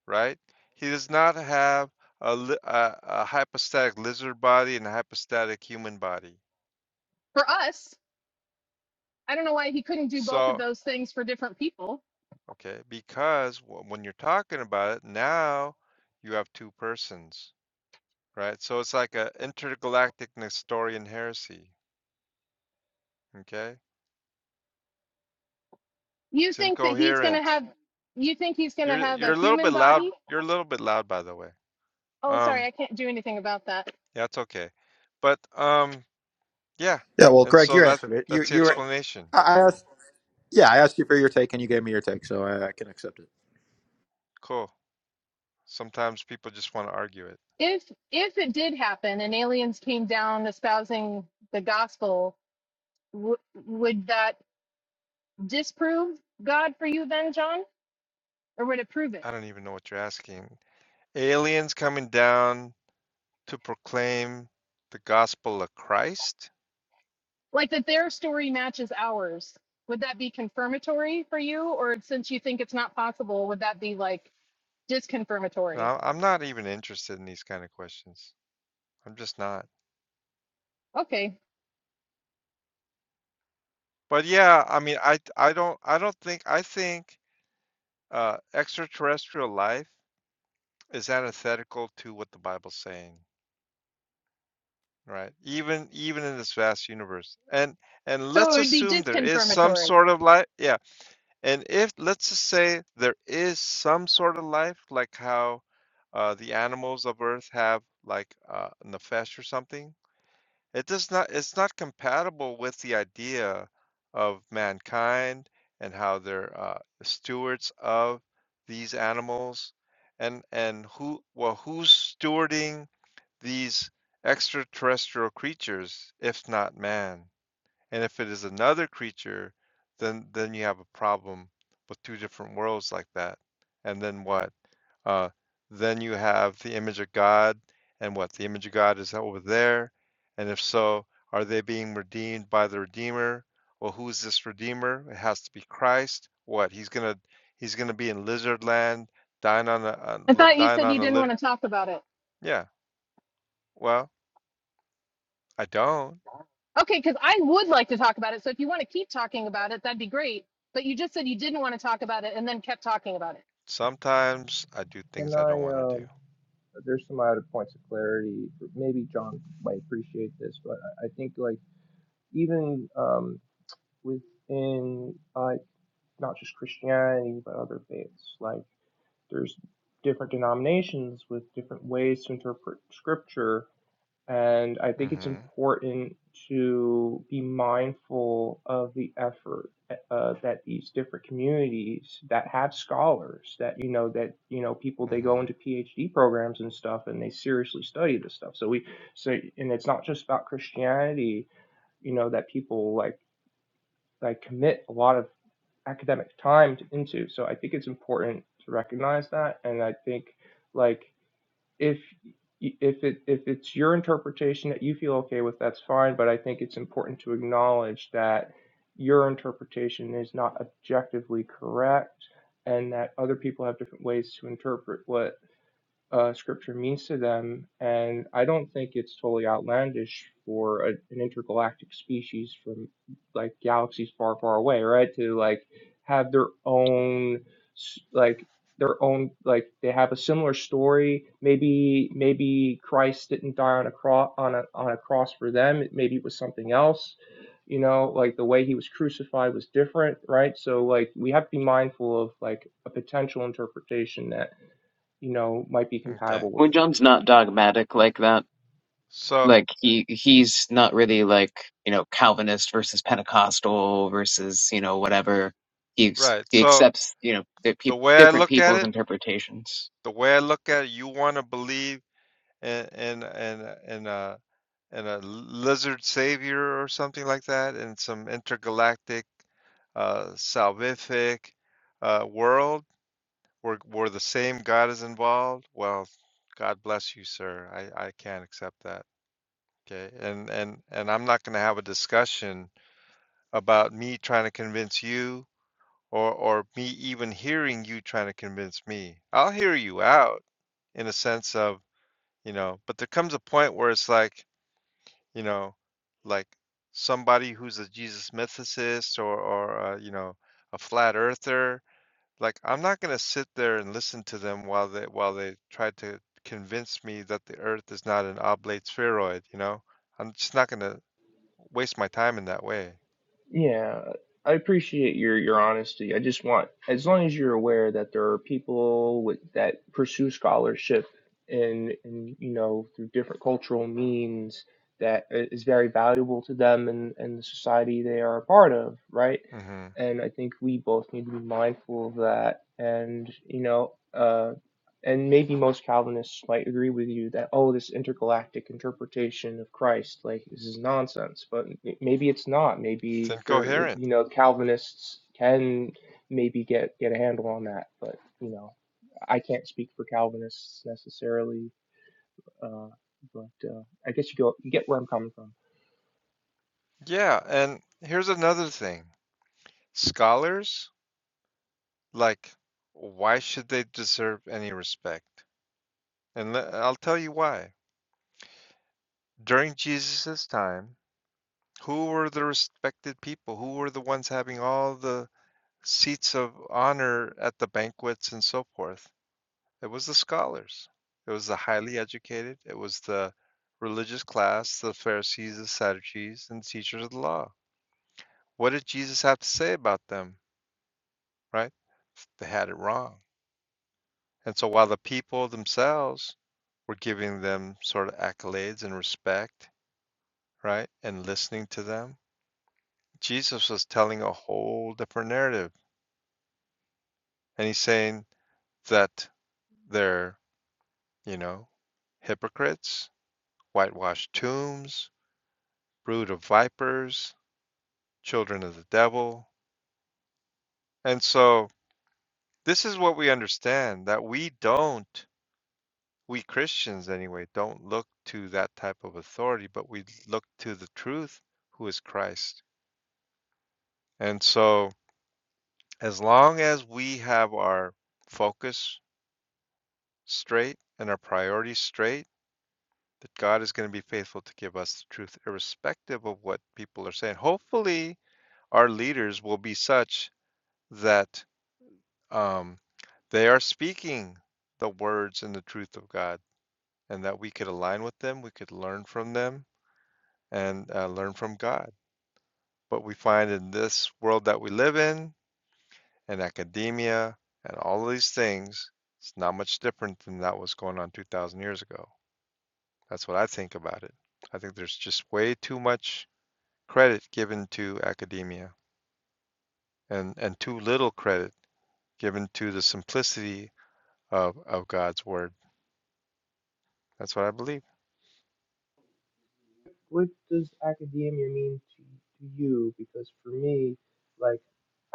[SPEAKER 1] right? He does not have a, a, a hypostatic lizard body and a hypostatic human body.
[SPEAKER 6] For us, I don't know why he couldn't do both of
[SPEAKER 1] So,
[SPEAKER 6] those things for different people.
[SPEAKER 1] okay, because when you're talking about it, now you have two persons, right? So it's like an intergalactic Nestorian heresy, okay?
[SPEAKER 6] You
[SPEAKER 1] It's
[SPEAKER 6] think that he's going to
[SPEAKER 1] incoherent.
[SPEAKER 6] have you think he's going to
[SPEAKER 1] You're
[SPEAKER 6] have a
[SPEAKER 1] you're a little
[SPEAKER 6] human
[SPEAKER 1] bit loud.
[SPEAKER 6] body?
[SPEAKER 1] You're a little bit loud, by the way.
[SPEAKER 6] Oh, sorry,
[SPEAKER 1] Um,
[SPEAKER 6] I can't do anything about that.
[SPEAKER 1] yeah, it's okay. But um, yeah,
[SPEAKER 5] Yeah. Well,
[SPEAKER 1] and
[SPEAKER 5] Greg,
[SPEAKER 1] so
[SPEAKER 5] you
[SPEAKER 1] that
[SPEAKER 5] answered it. You
[SPEAKER 1] that's the
[SPEAKER 5] you. were-
[SPEAKER 1] explanation.
[SPEAKER 5] I I asked. Yeah, I asked you for your take, and you gave me your take, so I, I can accept
[SPEAKER 1] Cool. Sometimes people just want to argue it.
[SPEAKER 6] If if it did happen and aliens came down espousing the gospel, w- would that disprove God for you then, John? Or would it prove it?
[SPEAKER 1] I don't even know what you're asking. Aliens coming down to proclaim the gospel of Christ?
[SPEAKER 6] like that their story matches ours would that be confirmatory for you or since you think it's not possible would that be like disconfirmatory
[SPEAKER 1] No, I'm not even interested in these kind of questions. I'm just not.
[SPEAKER 6] okay
[SPEAKER 1] But yeah, I mean, I I don't I don't think I think uh, extraterrestrial life is antithetical to what the Bible's saying, right? Even even in this vast universe, and and
[SPEAKER 6] so
[SPEAKER 1] let's
[SPEAKER 6] it would be
[SPEAKER 1] assume there is some
[SPEAKER 6] disconfirmatory
[SPEAKER 1] sort of life. Yeah, And if, let's just say, there is some sort of life, like how uh, the animals of Earth have, like uh, nefesh or something, it does not, it's not compatible with the idea of mankind and how they're uh, stewards of these animals, and and who, well, who's stewarding these extraterrestrial creatures if not man? And if it is another creature, then then you have a problem with two different worlds like that. And then what? Uh, then you have the image of God, and what? The image of God is over there. And if so, are they being redeemed by the Redeemer? Well, who's this Redeemer? It has to be Christ. What? He's gonna he's gonna be in lizard land, dying on a, on
[SPEAKER 6] i thought you
[SPEAKER 1] dying
[SPEAKER 6] said
[SPEAKER 1] on
[SPEAKER 6] you
[SPEAKER 1] a
[SPEAKER 6] didn't want
[SPEAKER 1] lizard.
[SPEAKER 6] to talk about it
[SPEAKER 1] yeah. Well, I don't.
[SPEAKER 6] okay because i would like to talk about it so if you want to keep talking about it that'd be great but you just said you didn't want to talk about it and then kept talking about it
[SPEAKER 1] Sometimes I do
[SPEAKER 7] can
[SPEAKER 1] things I don't
[SPEAKER 7] I?
[SPEAKER 1] want to do.
[SPEAKER 7] Um, there's some other points of clarity. Maybe John might appreciate this, but I think like even um, within like not just Christianity but other faiths, like there's different denominations with different ways to interpret scripture and i think it's
[SPEAKER 1] hmm
[SPEAKER 7] important to be mindful of the effort uh, that these different communities that have scholars that you know that you know people they go
[SPEAKER 1] hmm
[SPEAKER 7] into phd programs and stuff and they seriously study this stuff so we so and it's not just about christianity you know that people like that I commit a lot of academic time to, into. So I think it's important to recognize that, and I think like if if it if it's your interpretation that you feel okay with, that's fine. But I think it's important to acknowledge that your interpretation is not objectively correct, and that other people have different ways to interpret what uh, scripture means to them. And I don't think it's totally outlandish for a, an intergalactic species from like galaxies far, far away, right? To like have their own, s- like, their own, like, they have a similar story. Maybe, maybe Christ didn't die on a cross, on a, on a cross for them. Maybe it was something else. You know, like the way he was crucified was different, right? So, like, we have to be mindful of like a potential interpretation that you know, might be
[SPEAKER 1] Okay.
[SPEAKER 7] compatible with
[SPEAKER 2] when
[SPEAKER 7] this.
[SPEAKER 2] John's not dogmatic like that.
[SPEAKER 1] So,
[SPEAKER 2] like he he's not really like you know Calvinist versus Pentecostal versus you know whatever. He's
[SPEAKER 1] right.
[SPEAKER 2] he
[SPEAKER 1] So
[SPEAKER 2] accepts you know the
[SPEAKER 1] the
[SPEAKER 2] peop
[SPEAKER 1] way I
[SPEAKER 2] different
[SPEAKER 1] look at
[SPEAKER 2] people's
[SPEAKER 1] it,
[SPEAKER 2] interpretations.
[SPEAKER 1] the way I look at it, you want to believe in in in in a in a lizard savior or something like that, in some intergalactic, uh, salvific, uh, world where where the same God is involved. Well, God bless you, sir. I I can't accept that. Okay. And and and I'm not going to have a discussion about me trying to convince you. or or me even hearing you trying to convince me. I'll hear you out in a sense of, you know, but there comes a point where it's like, you know, like somebody who's a Jesus mythicist or or uh, you know, a flat earther, like I'm not going to sit there and listen to them while they while they try to convince me that the earth is not an oblate spheroid, you know? I'm just not going to waste my time in that way.
[SPEAKER 7] Yeah, I appreciate your your honesty. I just want, as long as you're aware that there are people with that pursue scholarship and and you know through different cultural means that i- is very valuable to them and and the society they are a part of, right?
[SPEAKER 1] Mhm.
[SPEAKER 7] And I think we both need to be mindful of that. And you know, uh, and maybe most Calvinists might agree with you that oh, this intergalactic interpretation of Christ, like this is nonsense. But maybe it's not.
[SPEAKER 1] It's
[SPEAKER 7] Maybe there, it,
[SPEAKER 1] incoherent.
[SPEAKER 7] you know, Calvinists can maybe get get a handle on that. But you know, I can't speak for Calvinists necessarily. Uh, but uh, I guess you go, you get where I'm coming from.
[SPEAKER 1] Yeah, and here's another thing. scholars, like, why should they deserve any respect? And le- I'll tell you why. During Jesus' time, who were the respected people? Who were the ones having all the seats of honor at the banquets and so forth? It was the scholars, it was the highly educated, it was the religious class, the Pharisees, the Sadducees, and the teachers of the law. What did Jesus have to say about them, right? They had it wrong And so while the people themselves were giving them sort of accolades and respect, right, and listening to them, Jesus was telling a whole different narrative. And he's saying that they're, you know, hypocrites, whitewashed tombs, brood of vipers, children of the devil. And so this is what we understand that we don't, we Christians anyway, don't look to that type of authority, but we look to the truth who is Christ. And so, as long as we have our focus straight and our priorities straight, that God is going to be faithful to give us the truth, irrespective of what people are saying. Hopefully, our leaders will be such that um, they are speaking the words and the truth of God, and that we could align with them, we could learn from them, and uh, learn from God. But we find in this world that we live in, and academia and all of these things, it's not much different than that was going on 2,000 years ago. That's what I think about it. I think there's just way too much credit given to academia and, and too little credit given to the simplicity of, of God's word. That's what I believe.
[SPEAKER 7] what does academia mean to, to you? Because for me, like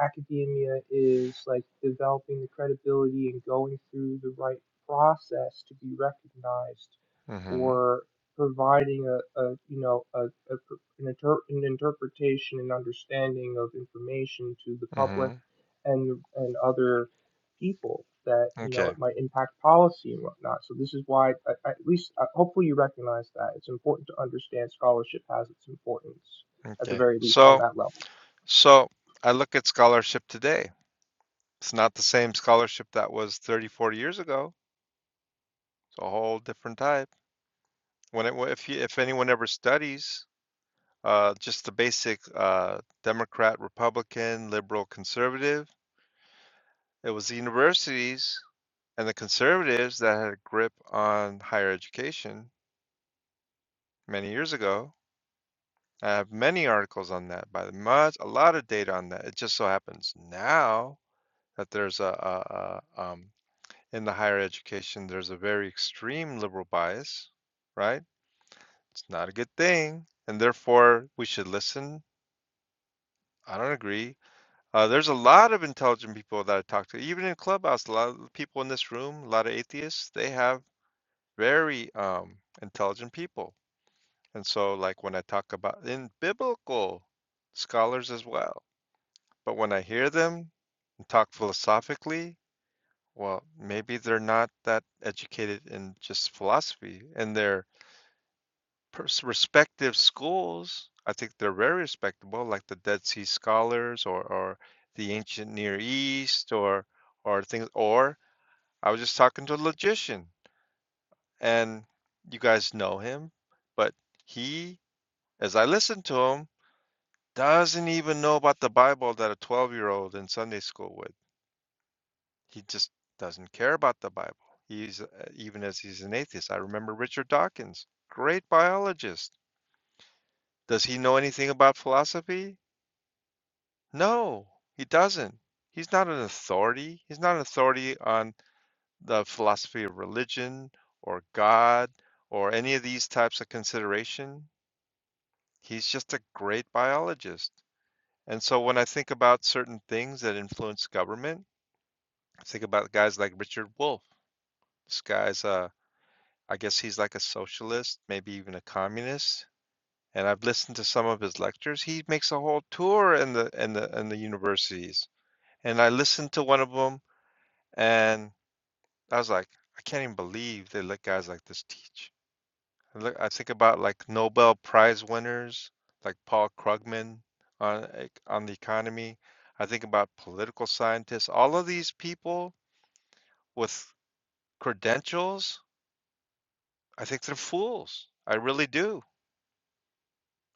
[SPEAKER 7] academia is like developing the credibility and going through the right process to be recognized
[SPEAKER 1] mm hmm
[SPEAKER 7] for providing a, a you know a, a per- an, inter- an interpretation and understanding of information to the
[SPEAKER 1] mm
[SPEAKER 7] public
[SPEAKER 1] hmm
[SPEAKER 7] and and other people that you know
[SPEAKER 1] Okay.
[SPEAKER 7] it might impact policy and whatnot. So this is why, I- at least, uh, hopefully, you recognize that it's important to understand scholarship has its importance at the
[SPEAKER 1] Okay.
[SPEAKER 7] very least on
[SPEAKER 1] So,
[SPEAKER 7] that level.
[SPEAKER 1] so I look at scholarship today. It's not the same scholarship that was 30, 40 years ago. It's a whole different type. When it, if you, if anyone ever studies, uh, just the basic, uh, Democrat, Republican, liberal, conservative, it was the universities and the conservatives that had a grip on higher education many years ago. I have many articles on that, by the much, a lot of data on that. It just so happens now that there's a, a, a um, in the higher education, there's a very extreme liberal bias, right? It's not a good thing, and therefore we should listen. I don't agree Uh, there's a lot of intelligent people that I talk to, even in Clubhouse. A lot of people in this room, a lot of atheists, they have very um, intelligent people. And so, like when I talk about in biblical scholars as well, but when I hear them and talk philosophically, well, maybe they're not that educated in just philosophy, and they're Pers respective schools, I think they're very respectable, like the Dead Sea Scholars or or the Ancient Near East or or things or I was just talking to a logician and you guys know him, but he, as I listened to him, doesn't even know about the Bible that a 12-year-old in Sunday school would. He just doesn't care about the Bible. He's uh, even as he's an atheist. I remember Richard Dawkins, great biologist. Does he know anything about philosophy? No, he doesn't. He's not an authority. He's not an authority on the philosophy of religion or God or any of these types of consideration. He's just a great biologist. And so when I think about certain things that influence government, I think about guys like Richard Wolff. This guy's a, I guess he's like a socialist, maybe even a communist. And I've listened to some of his lectures. He makes a whole tour in the in the in the universities. And I listened to one of them and. I was like, I can't even believe they let guys like this teach. I Look, I think about like Nobel Prize winners like Paul Krugman on ec- on the economy. I think about political scientists. All of these people with credentials, I think they're fools. I really do.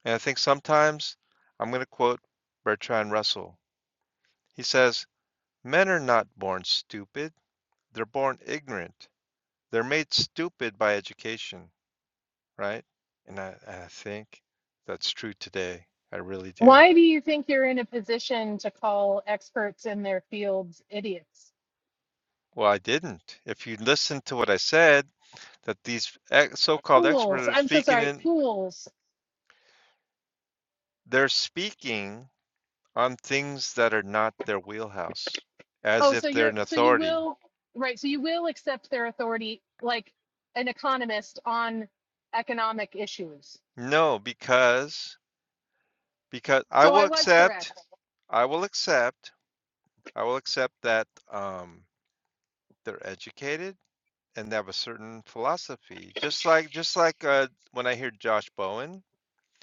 [SPEAKER 1] And I think sometimes I'm going to quote Bertrand Russell. He says, "Men are not born stupid. They're born ignorant. They're made stupid by education. right? And I, I think that's true today. I really do.
[SPEAKER 6] why do you think you're in a position to call experts in their fields idiots
[SPEAKER 1] Well, I didn't. If you listen to what I said, that these ex- so-called
[SPEAKER 6] fools
[SPEAKER 1] experts are
[SPEAKER 6] i'm so
[SPEAKER 1] speaking
[SPEAKER 6] sorry
[SPEAKER 1] in,
[SPEAKER 6] fools
[SPEAKER 1] they're speaking on things that are not their wheelhouse, as
[SPEAKER 6] Oh, so
[SPEAKER 1] if they're
[SPEAKER 6] you're
[SPEAKER 1] an
[SPEAKER 6] so you
[SPEAKER 1] authority.
[SPEAKER 6] will right, so you will accept their authority like an economist on economic issues.
[SPEAKER 1] No, because because I
[SPEAKER 6] So
[SPEAKER 1] will
[SPEAKER 6] I was
[SPEAKER 1] accept,
[SPEAKER 6] correct.
[SPEAKER 1] I will accept, I will accept that um, they're educated and they have a certain philosophy. Just like just like uh, when I hear Josh Bowen,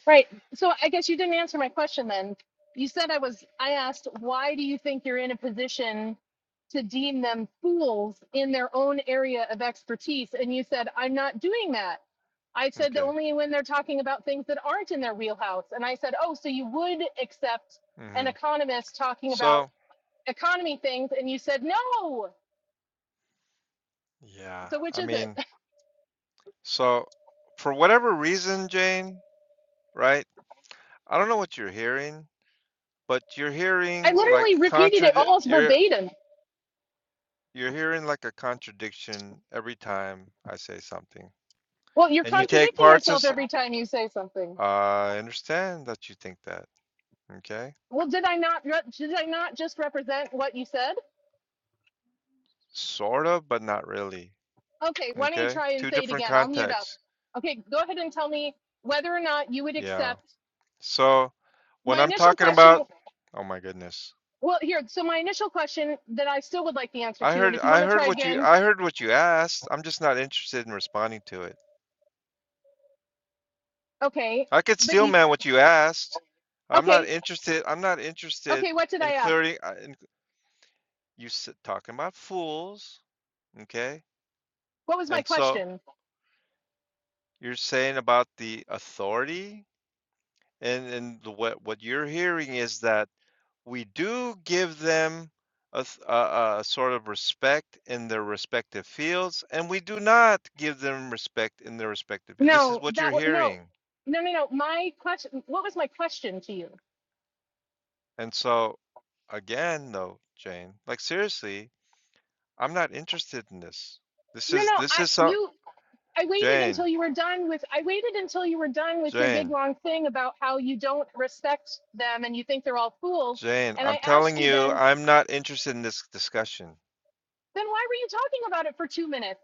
[SPEAKER 6] Right. So I guess you didn't answer my question then. You said I was I asked why do you think you're in a position to deem them fools in their own area of expertise and you said I'm not doing that. I said that
[SPEAKER 1] okay.
[SPEAKER 6] only when they're talking about things that aren't in their wheelhouse and I said, "Oh, so you would accept an
[SPEAKER 1] hmm
[SPEAKER 6] economist talking about
[SPEAKER 1] So,
[SPEAKER 6] economy things and you said no
[SPEAKER 1] yeah,
[SPEAKER 6] so which
[SPEAKER 1] I
[SPEAKER 6] is it
[SPEAKER 1] mean, so for whatever reason, Jane, right? I don't know what you're hearing, but you're
[SPEAKER 6] i
[SPEAKER 1] hearing like
[SPEAKER 6] literally repeated it
[SPEAKER 1] contrad
[SPEAKER 6] almost
[SPEAKER 1] you're
[SPEAKER 6] verbatim
[SPEAKER 1] you're hearing like a contradiction every time I say something.
[SPEAKER 6] well you're
[SPEAKER 1] And you
[SPEAKER 7] Uh,
[SPEAKER 1] take
[SPEAKER 6] contradicting
[SPEAKER 1] parts
[SPEAKER 6] yourself
[SPEAKER 1] as
[SPEAKER 6] every time you say something
[SPEAKER 1] I understand that you think that, okay?
[SPEAKER 6] well did i not did i not just represent what you said
[SPEAKER 1] Sort of, but not really.
[SPEAKER 6] okay why don't you
[SPEAKER 1] Okay?
[SPEAKER 6] try and
[SPEAKER 1] Two
[SPEAKER 6] say it
[SPEAKER 1] different
[SPEAKER 6] again i'll mute up
[SPEAKER 1] contexts.
[SPEAKER 6] okay go ahead and tell me whether or not you would
[SPEAKER 1] Yeah.
[SPEAKER 6] accept
[SPEAKER 1] So, when
[SPEAKER 6] my
[SPEAKER 1] I'm
[SPEAKER 6] initial
[SPEAKER 1] talking
[SPEAKER 6] question
[SPEAKER 1] about, oh my goodness.
[SPEAKER 6] well here so my initial question that i still would like the answer
[SPEAKER 1] I
[SPEAKER 6] to and
[SPEAKER 1] heard
[SPEAKER 6] if you
[SPEAKER 1] I
[SPEAKER 6] want to
[SPEAKER 1] heard
[SPEAKER 6] try
[SPEAKER 1] what you
[SPEAKER 6] again
[SPEAKER 1] I heard what you asked. I'm just not interested in responding to it.
[SPEAKER 6] okay
[SPEAKER 1] I could
[SPEAKER 6] but
[SPEAKER 1] steel
[SPEAKER 6] you
[SPEAKER 1] man what you asked. I'm not
[SPEAKER 6] okay
[SPEAKER 1] interested. I'm not interested
[SPEAKER 6] okay what did i
[SPEAKER 1] in
[SPEAKER 6] ask
[SPEAKER 1] clearing uh, in, you s- talking about fools, okay?
[SPEAKER 6] what was my
[SPEAKER 1] And so
[SPEAKER 6] question
[SPEAKER 1] you're saying about the authority and and the, what what you're hearing is that we do give them a, th- a, a sort of respect in their respective fields, and we do not give them respect in their respective. fields. This is
[SPEAKER 6] No,
[SPEAKER 1] what
[SPEAKER 6] that
[SPEAKER 1] you're
[SPEAKER 6] was no,
[SPEAKER 1] hearing.
[SPEAKER 6] no, no, no. My question. What was my question to you?
[SPEAKER 1] And so, again, though, Jane, like seriously, I'm not interested in this. This
[SPEAKER 6] No, no.
[SPEAKER 1] is this
[SPEAKER 6] I
[SPEAKER 1] is so
[SPEAKER 6] you. I waited
[SPEAKER 1] Jane,
[SPEAKER 6] until you were done with. I waited until you were done with your big
[SPEAKER 1] Jane,
[SPEAKER 6] long thing about how you don't respect them and you think they're all fools.
[SPEAKER 1] Jane.
[SPEAKER 6] And
[SPEAKER 1] I'm
[SPEAKER 6] I
[SPEAKER 1] telling
[SPEAKER 6] asked you
[SPEAKER 1] you,
[SPEAKER 6] then.
[SPEAKER 1] I'm not interested in this discussion.
[SPEAKER 6] Then why were you talking about it for two minutes?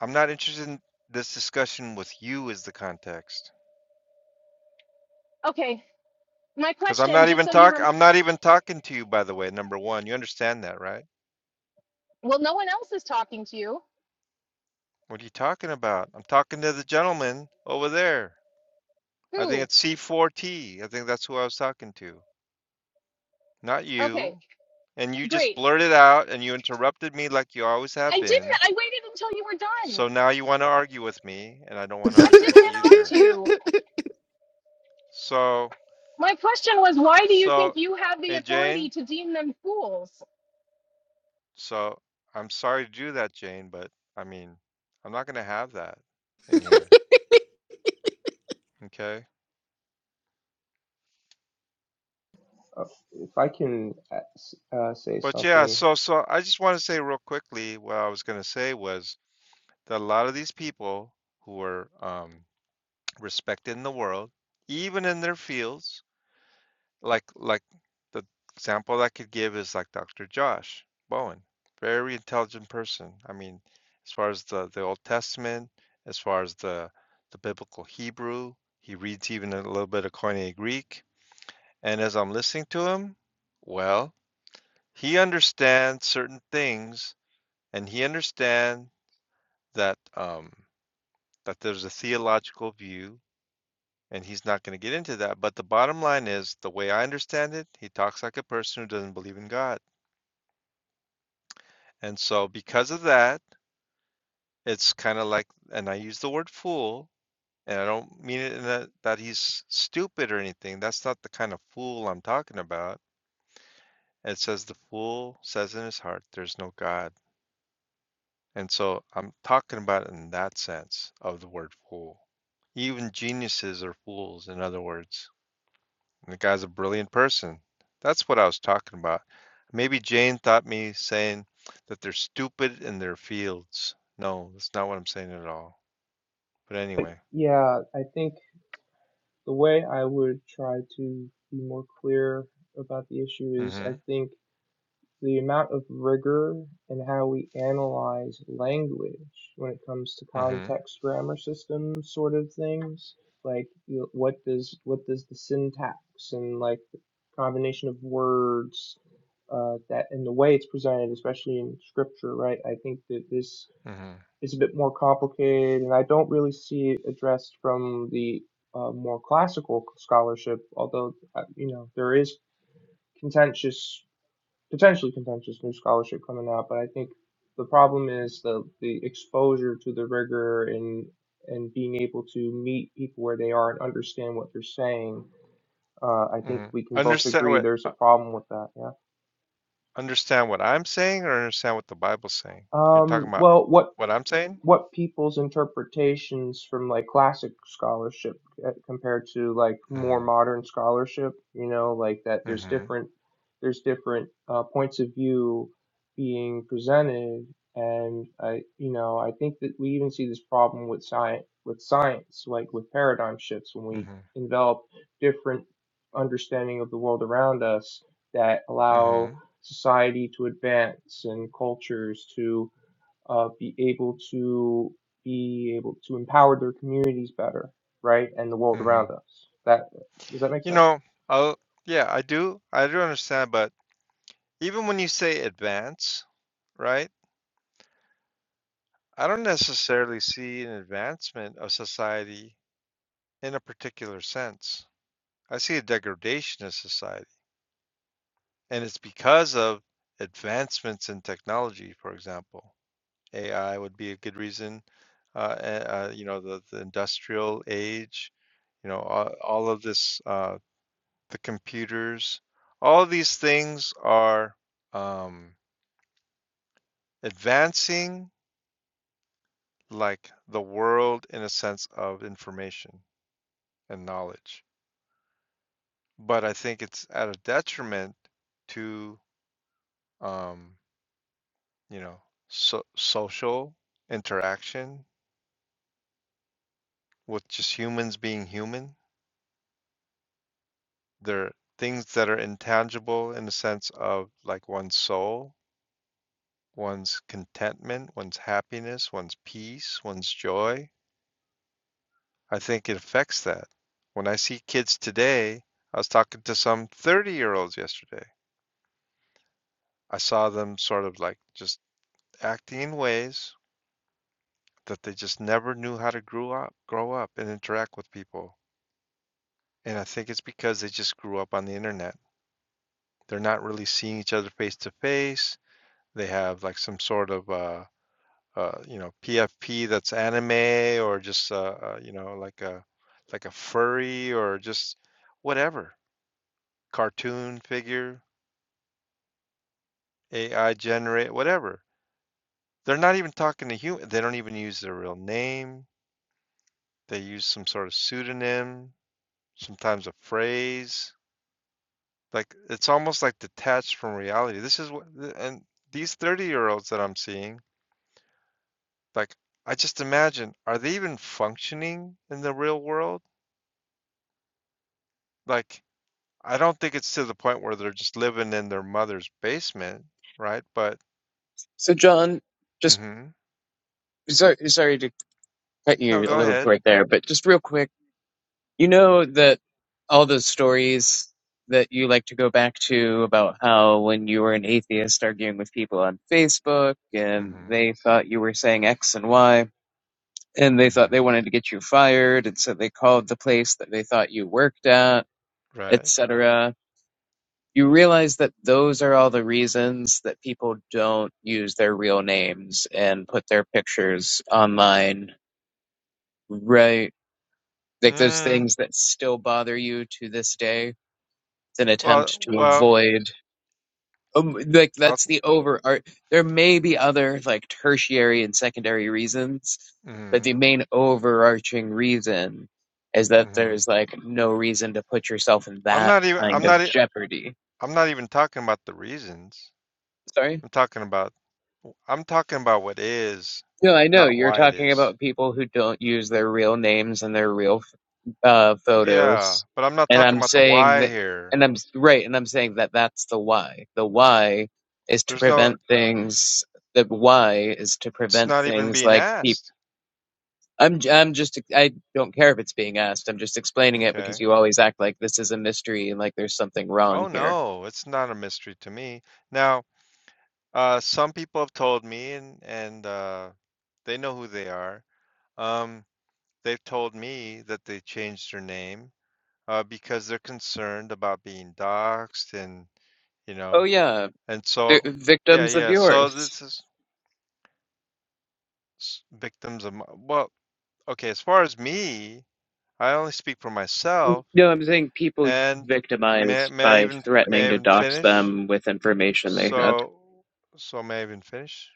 [SPEAKER 1] I'm not interested in this discussion with you as the context.
[SPEAKER 6] Okay. My
[SPEAKER 1] Because I'm
[SPEAKER 6] question,
[SPEAKER 1] not
[SPEAKER 6] just
[SPEAKER 1] even
[SPEAKER 6] so you
[SPEAKER 1] talk.
[SPEAKER 6] rem.
[SPEAKER 1] I'm not even talking to you, by the way. Number one, you understand that, right?
[SPEAKER 6] Well, no one else is talking to you.
[SPEAKER 1] What are you talking about? I'm talking to the gentleman over there. I think
[SPEAKER 6] Who?
[SPEAKER 1] it's C4T. I think that's who I was talking to, not
[SPEAKER 6] Okay.
[SPEAKER 1] you. and you just
[SPEAKER 6] Great.
[SPEAKER 1] blurted out and you interrupted me like you always
[SPEAKER 6] I
[SPEAKER 1] have been.
[SPEAKER 6] didn't. I waited until you were done.
[SPEAKER 1] So now you want to argue with me, and I don't want to
[SPEAKER 6] I
[SPEAKER 5] it.
[SPEAKER 1] argue
[SPEAKER 6] didn't
[SPEAKER 1] with you
[SPEAKER 6] interrupt
[SPEAKER 1] either.
[SPEAKER 6] you.
[SPEAKER 1] So,
[SPEAKER 6] My question was, why do you think
[SPEAKER 1] so,
[SPEAKER 6] you have the
[SPEAKER 1] hey,
[SPEAKER 6] authority
[SPEAKER 1] Jane,
[SPEAKER 6] to deem them fools?
[SPEAKER 1] so I'm sorry to do that, Jane, but I mean, I'm not going to have that in here. Okay.
[SPEAKER 7] uh, if I can uh, uh, say
[SPEAKER 1] But yeah,
[SPEAKER 7] something,
[SPEAKER 1] so, so I just want to say real quickly what I was going to say was that a lot of these people who are um, respected in the world, even in their fields, like like the example I could give is like Dr. Josh Bowen, very intelligent person. I mean, as far as the the Old Testament, as far as the the biblical Hebrew, he reads even a little bit of Koine Greek. And as I'm listening to him, well, he understands certain things, and he understands that um, that there's a theological view, and he's not going to get into that. But the bottom line is, the way I understand it, he talks like a person who doesn't believe in God And so because of that, it's kind of like and I use the word fool, and I don't mean it in that that he's stupid or anything. That's not the kind of fool I'm talking about. It says the fool says in his heart, there's no God. And so I'm talking about it in that sense of the word fool. Even geniuses are fools, in other words. And the guy's a brilliant person. That's what I was talking about. Maybe Jane thought me saying that they're stupid in their fields. No, that's not what I'm saying at all. But anyway,
[SPEAKER 7] yeah, I think the way I would try to be more clear about the issue is I
[SPEAKER 1] mhm,
[SPEAKER 7] think the amount of rigor in how we analyze language when it comes to
[SPEAKER 1] mhm,
[SPEAKER 7] context grammar system sort of things like you know, what does what does the syntax and like the combination of words uh, that and the way it's presented especially in scripture right i think that this
[SPEAKER 1] mhm,
[SPEAKER 7] is a bit more complicated and i don't really see it addressed from the uh, more classical scholarship although uh, you know there is contentious potentially contentious new scholarship coming out, but I think the problem is the the exposure to the rigor and and being able to meet people where they are and understand what they're saying. Uh, I think
[SPEAKER 1] mhm.
[SPEAKER 7] we can both
[SPEAKER 1] Understand
[SPEAKER 7] agree
[SPEAKER 1] what
[SPEAKER 7] there's a
[SPEAKER 1] uh,
[SPEAKER 7] problem with that. Yeah.
[SPEAKER 1] understand what I'm saying, or understand what the Bible's saying? You're talking
[SPEAKER 7] Um,
[SPEAKER 1] about
[SPEAKER 7] well, what
[SPEAKER 1] what I'm saying?
[SPEAKER 7] what people's interpretations from like classic scholarship uh, compared to like more
[SPEAKER 1] Mhm,
[SPEAKER 7] modern scholarship you know like that there's
[SPEAKER 1] mhm,
[SPEAKER 7] different there's different uh, points of view being presented and i you know i think that we even see this problem with science with science like with paradigm shifts when we
[SPEAKER 1] mhm,
[SPEAKER 7] envelop different understanding of the world around us that allow
[SPEAKER 1] mhm,
[SPEAKER 7] society to advance and cultures to uh, be able to be able to empower their communities better, right, and the world around
[SPEAKER 1] mhm.
[SPEAKER 7] us. That does that make
[SPEAKER 1] You
[SPEAKER 7] sense?
[SPEAKER 1] know, I'll, yeah, I do, I do understand. But even when you say advance, right? I don't necessarily see an advancement of society in a particular sense. I see a degradation of society And it's because of advancements in technology, for example. AI would be a good reason. Uh, eh, uh, you know, the, the industrial age, you know, all, all of this, uh, the computers, all of these things are um, advancing like the world in a sense of information and knowledge. But I think it's at a detriment to, um, you know, so, social interaction with just humans being human. They're things that are intangible in the sense of like one's soul, one's contentment, one's happiness, one's peace, one's joy. I think it affects that. When I see kids today, I was talking to some 30 year olds yesterday. I saw them sort of like just acting in ways that they just never knew how to grow up, grow up and interact with people. And I think it's because they just grew up on the internet. They're not really seeing each other face to face they have like some sort of uh, uh, you know PFP that's anime or just uh, uh, you know like a like a furry or just whatever cartoon figure AI generate whatever. They're not even talking to human. They don't even use their real name. They use some sort of pseudonym, sometimes a phrase. Like it's almost like detached from reality. This is what and these 30 year olds that I'm seeing Like, I just imagine, are they even functioning in the real world? Like, I don't think it's to the point where they're just living in their mother's basement, right? But,
[SPEAKER 2] So John, just
[SPEAKER 1] hmm
[SPEAKER 2] sorry sorry to cut
[SPEAKER 1] No,
[SPEAKER 2] you a
[SPEAKER 1] go
[SPEAKER 2] little
[SPEAKER 1] ahead.
[SPEAKER 2] short there, but just real quick, you know that all those stories that you like to go back to about how when you were an atheist arguing with people on Facebook
[SPEAKER 1] hmm
[SPEAKER 2] and they thought you were saying X and Y and they thought
[SPEAKER 1] hmm
[SPEAKER 2] they wanted to get you fired, and so they called the place that they thought you worked at,
[SPEAKER 1] Right.
[SPEAKER 2] etc. You realize that those are all the reasons that people don't use their real names and put their pictures online, right? Like those
[SPEAKER 1] Mm,
[SPEAKER 2] things that still bother you to this day. It's an
[SPEAKER 1] well,
[SPEAKER 2] attempt to
[SPEAKER 1] well,
[SPEAKER 2] avoid um, like
[SPEAKER 1] I'll,
[SPEAKER 2] that's the over art. There may be other like tertiary and secondary reasons, but
[SPEAKER 1] hmm
[SPEAKER 2] the main overarching reason is that
[SPEAKER 1] hmm
[SPEAKER 2] there's like no reason to put yourself in
[SPEAKER 1] I'm
[SPEAKER 2] that
[SPEAKER 1] not even,
[SPEAKER 2] kind
[SPEAKER 1] I'm
[SPEAKER 2] of
[SPEAKER 1] not, e-
[SPEAKER 2] jeopardy.
[SPEAKER 1] I'm not even talking about the reasons.
[SPEAKER 2] Sorry?
[SPEAKER 1] I'm talking about, I'm talking about what is,
[SPEAKER 2] No, I know
[SPEAKER 1] not
[SPEAKER 2] you're
[SPEAKER 1] why it
[SPEAKER 2] talking
[SPEAKER 1] is.
[SPEAKER 2] about people who don't use their real names and their real uh,
[SPEAKER 1] Yeah,
[SPEAKER 2] photos,
[SPEAKER 1] but I'm not
[SPEAKER 2] and
[SPEAKER 1] talking
[SPEAKER 2] I'm
[SPEAKER 1] about the
[SPEAKER 2] saying
[SPEAKER 1] why
[SPEAKER 2] that,
[SPEAKER 1] here.
[SPEAKER 2] and I'm s- right, and I'm saying that that's the why. The why is to
[SPEAKER 1] There's no
[SPEAKER 2] prevent things. The why is to
[SPEAKER 1] It's
[SPEAKER 2] prevent
[SPEAKER 1] not even
[SPEAKER 2] things
[SPEAKER 1] being
[SPEAKER 2] like people.
[SPEAKER 1] asked.
[SPEAKER 2] I'm j- I'm just I don't care if it's being asked. I'm just explaining it because
[SPEAKER 1] Okay.
[SPEAKER 2] you always act like this is a mystery and like there's something
[SPEAKER 1] Oh,
[SPEAKER 2] wrong here.
[SPEAKER 1] no, it's not a mystery to me. Now, uh, some people have told me and, and, uh, they know who they are. Um, they've told me that they changed their name, uh, because they're concerned about being doxxed and, you
[SPEAKER 2] Oh
[SPEAKER 1] know,
[SPEAKER 2] yeah,
[SPEAKER 1] and
[SPEAKER 2] vi-
[SPEAKER 1] so, yeah,
[SPEAKER 2] victims of
[SPEAKER 1] yeah. So
[SPEAKER 2] yours.
[SPEAKER 1] this is s- victims of, mi- well, okay, as far as me, I only speak for myself
[SPEAKER 2] No, I'm saying people
[SPEAKER 1] and may,
[SPEAKER 2] victimize
[SPEAKER 1] may I
[SPEAKER 2] by
[SPEAKER 1] even, may
[SPEAKER 2] threatening
[SPEAKER 1] I
[SPEAKER 2] to
[SPEAKER 1] even
[SPEAKER 2] dox
[SPEAKER 1] finish?
[SPEAKER 2] them with information they have.
[SPEAKER 1] So, so may I even finish,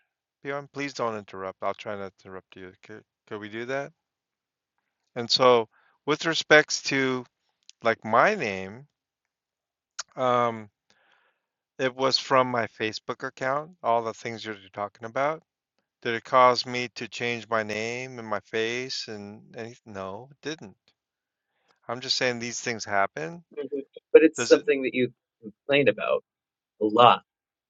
[SPEAKER 1] Bjorn? Please don't interrupt. I'll try not to interrupt you. Could, could we do that? And so, with respects to like my name, um, it was from my Facebook account, all the things you're talking about. Did it cause me to change my name and my face and any? No, it didn't. I'm just saying these things happen.
[SPEAKER 2] Mhm. But it's
[SPEAKER 1] Does it?
[SPEAKER 2] something that you complain about. a lot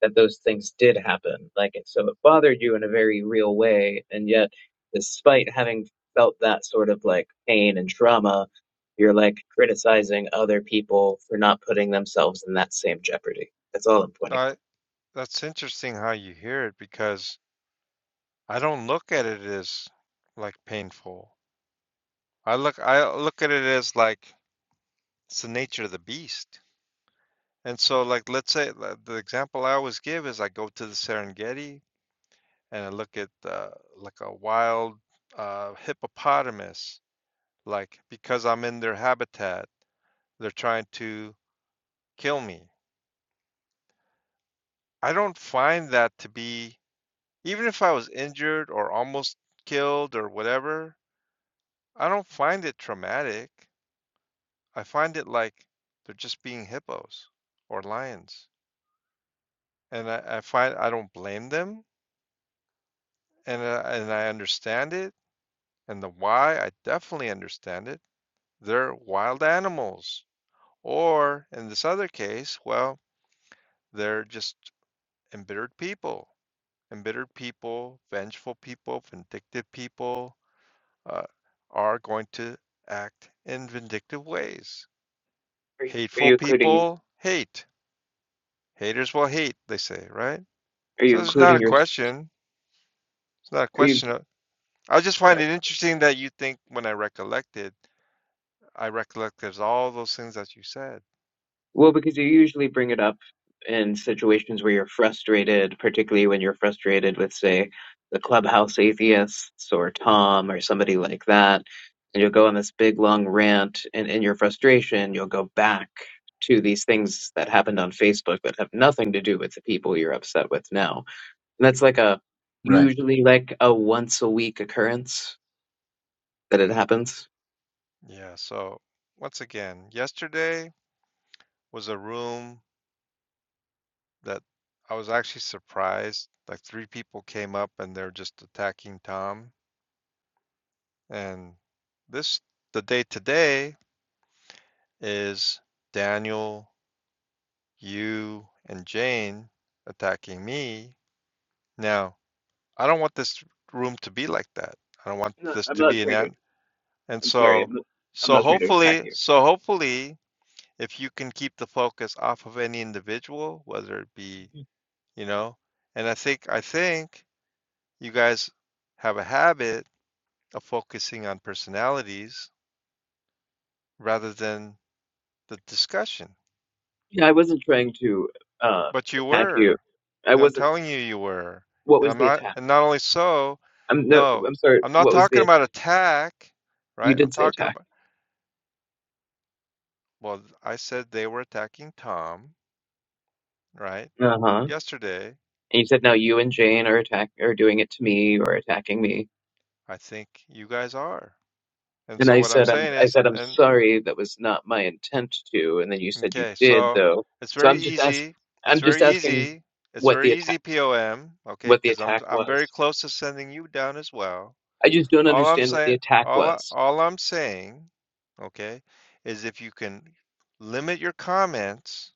[SPEAKER 2] that those things did happen. Like, it- so it bothered you in a very real way. And yet, despite having felt that sort of like pain and trauma, you're like criticizing other people for not putting themselves in that same jeopardy. That's all I'm pointing
[SPEAKER 1] I,
[SPEAKER 2] out.
[SPEAKER 1] that's interesting how you hear it because I don't look at it as like painful. I look I look at it as like it's the nature of the beast. And so like let's say the the example I always give is I go to the Serengeti and I look at uh, like a wild uh, hippopotamus like because I'm in their habitat they're trying to kill me. I don't find that to be even if I was injured or almost killed or whatever, I don't find it traumatic. I find it like they're just being hippos or lions. and I, I find I don't blame them, and uh, and I understand it, and the why I definitely understand it. They're wild animals, or in this other case, well, they're just embittered people. Embittered people, vengeful people, vindictive people uh, are going to act in vindictive ways.
[SPEAKER 2] Are you, are
[SPEAKER 1] Hateful
[SPEAKER 2] you including,
[SPEAKER 1] people hate. Haters will hate, they say, right?
[SPEAKER 2] are you
[SPEAKER 1] So there's not
[SPEAKER 2] including
[SPEAKER 1] a
[SPEAKER 2] your,
[SPEAKER 1] question. It's not a
[SPEAKER 2] are you,
[SPEAKER 1] question I just find it interesting that you think when I recollected, I recollected all those things that you said.
[SPEAKER 2] Well, because you usually bring it up in situations where you're frustrated, particularly when you're frustrated with, say, the clubhouse atheists or Tom or somebody like that. And you'll go on this big long rant, and in your frustration, you'll go back to these things that happened on Facebook that have nothing to do with the people you're upset with now. And that's like a
[SPEAKER 8] Right.
[SPEAKER 2] usually like a once a week occurrence that it happens.
[SPEAKER 1] Yeah. So once again, yesterday was a room that I was actually surprised. Like three people came up and they're just attacking Tom. And this, the day today is Daniel, you, and Jane attacking me. Now, I don't want this room to be like that. I don't want
[SPEAKER 2] No,
[SPEAKER 1] this
[SPEAKER 2] I'm
[SPEAKER 1] to
[SPEAKER 2] not
[SPEAKER 1] be an
[SPEAKER 2] trying to.
[SPEAKER 1] And
[SPEAKER 2] I'm sorry.
[SPEAKER 1] so,
[SPEAKER 2] I'm not, I'm
[SPEAKER 1] so
[SPEAKER 2] not trying to attack
[SPEAKER 1] hopefully,
[SPEAKER 2] you.
[SPEAKER 1] so hopefully, if you can keep the focus off of any individual, whether it be, you know, and I think, I think you guys have a habit of focusing on personalities rather than the discussion.
[SPEAKER 2] Yeah, I wasn't trying to uh,
[SPEAKER 1] But you
[SPEAKER 2] attack you.
[SPEAKER 1] were,
[SPEAKER 2] I
[SPEAKER 1] and I'm
[SPEAKER 2] wasn't.
[SPEAKER 1] telling you, you were.
[SPEAKER 2] What
[SPEAKER 1] And
[SPEAKER 2] was
[SPEAKER 1] I'm
[SPEAKER 2] the
[SPEAKER 1] not,
[SPEAKER 2] attack?
[SPEAKER 1] and not only so,
[SPEAKER 2] I'm no.
[SPEAKER 1] no,
[SPEAKER 2] I'm sorry.
[SPEAKER 1] I'm not
[SPEAKER 2] What was
[SPEAKER 1] talking
[SPEAKER 2] the?
[SPEAKER 1] about attack,
[SPEAKER 2] You
[SPEAKER 1] right? I'm
[SPEAKER 2] did say
[SPEAKER 1] talking
[SPEAKER 2] attack.
[SPEAKER 1] about, well, I said they were attacking Tom, right?
[SPEAKER 2] Uh huh.
[SPEAKER 1] Yesterday
[SPEAKER 2] And you said now you and Jane are attack are doing it to me or attacking me.
[SPEAKER 1] I think you guys are. And
[SPEAKER 2] And
[SPEAKER 1] so
[SPEAKER 2] I
[SPEAKER 1] what I'm
[SPEAKER 2] said I'm.
[SPEAKER 1] saying
[SPEAKER 2] I
[SPEAKER 1] is,
[SPEAKER 2] said I'm
[SPEAKER 1] and
[SPEAKER 2] sorry. That was not my intent to. And then you said you
[SPEAKER 1] okay,
[SPEAKER 2] did
[SPEAKER 1] so
[SPEAKER 2] though.
[SPEAKER 1] it's
[SPEAKER 2] So
[SPEAKER 1] very
[SPEAKER 2] I'm just ask.
[SPEAKER 1] easy.
[SPEAKER 2] I'm
[SPEAKER 1] It's
[SPEAKER 2] just
[SPEAKER 1] very
[SPEAKER 2] asking
[SPEAKER 1] easy. It's
[SPEAKER 2] what the
[SPEAKER 1] very
[SPEAKER 2] attack.
[SPEAKER 1] easy POM, okay?
[SPEAKER 2] What the
[SPEAKER 1] Because I'm
[SPEAKER 2] attack
[SPEAKER 1] I'm very
[SPEAKER 2] was.
[SPEAKER 1] close to sending you down as well.
[SPEAKER 2] I just don't
[SPEAKER 1] All I'm
[SPEAKER 2] understand what the
[SPEAKER 1] saying,
[SPEAKER 2] attack
[SPEAKER 1] all I-
[SPEAKER 2] was.
[SPEAKER 1] all I'm saying, okay, is if you can limit your comments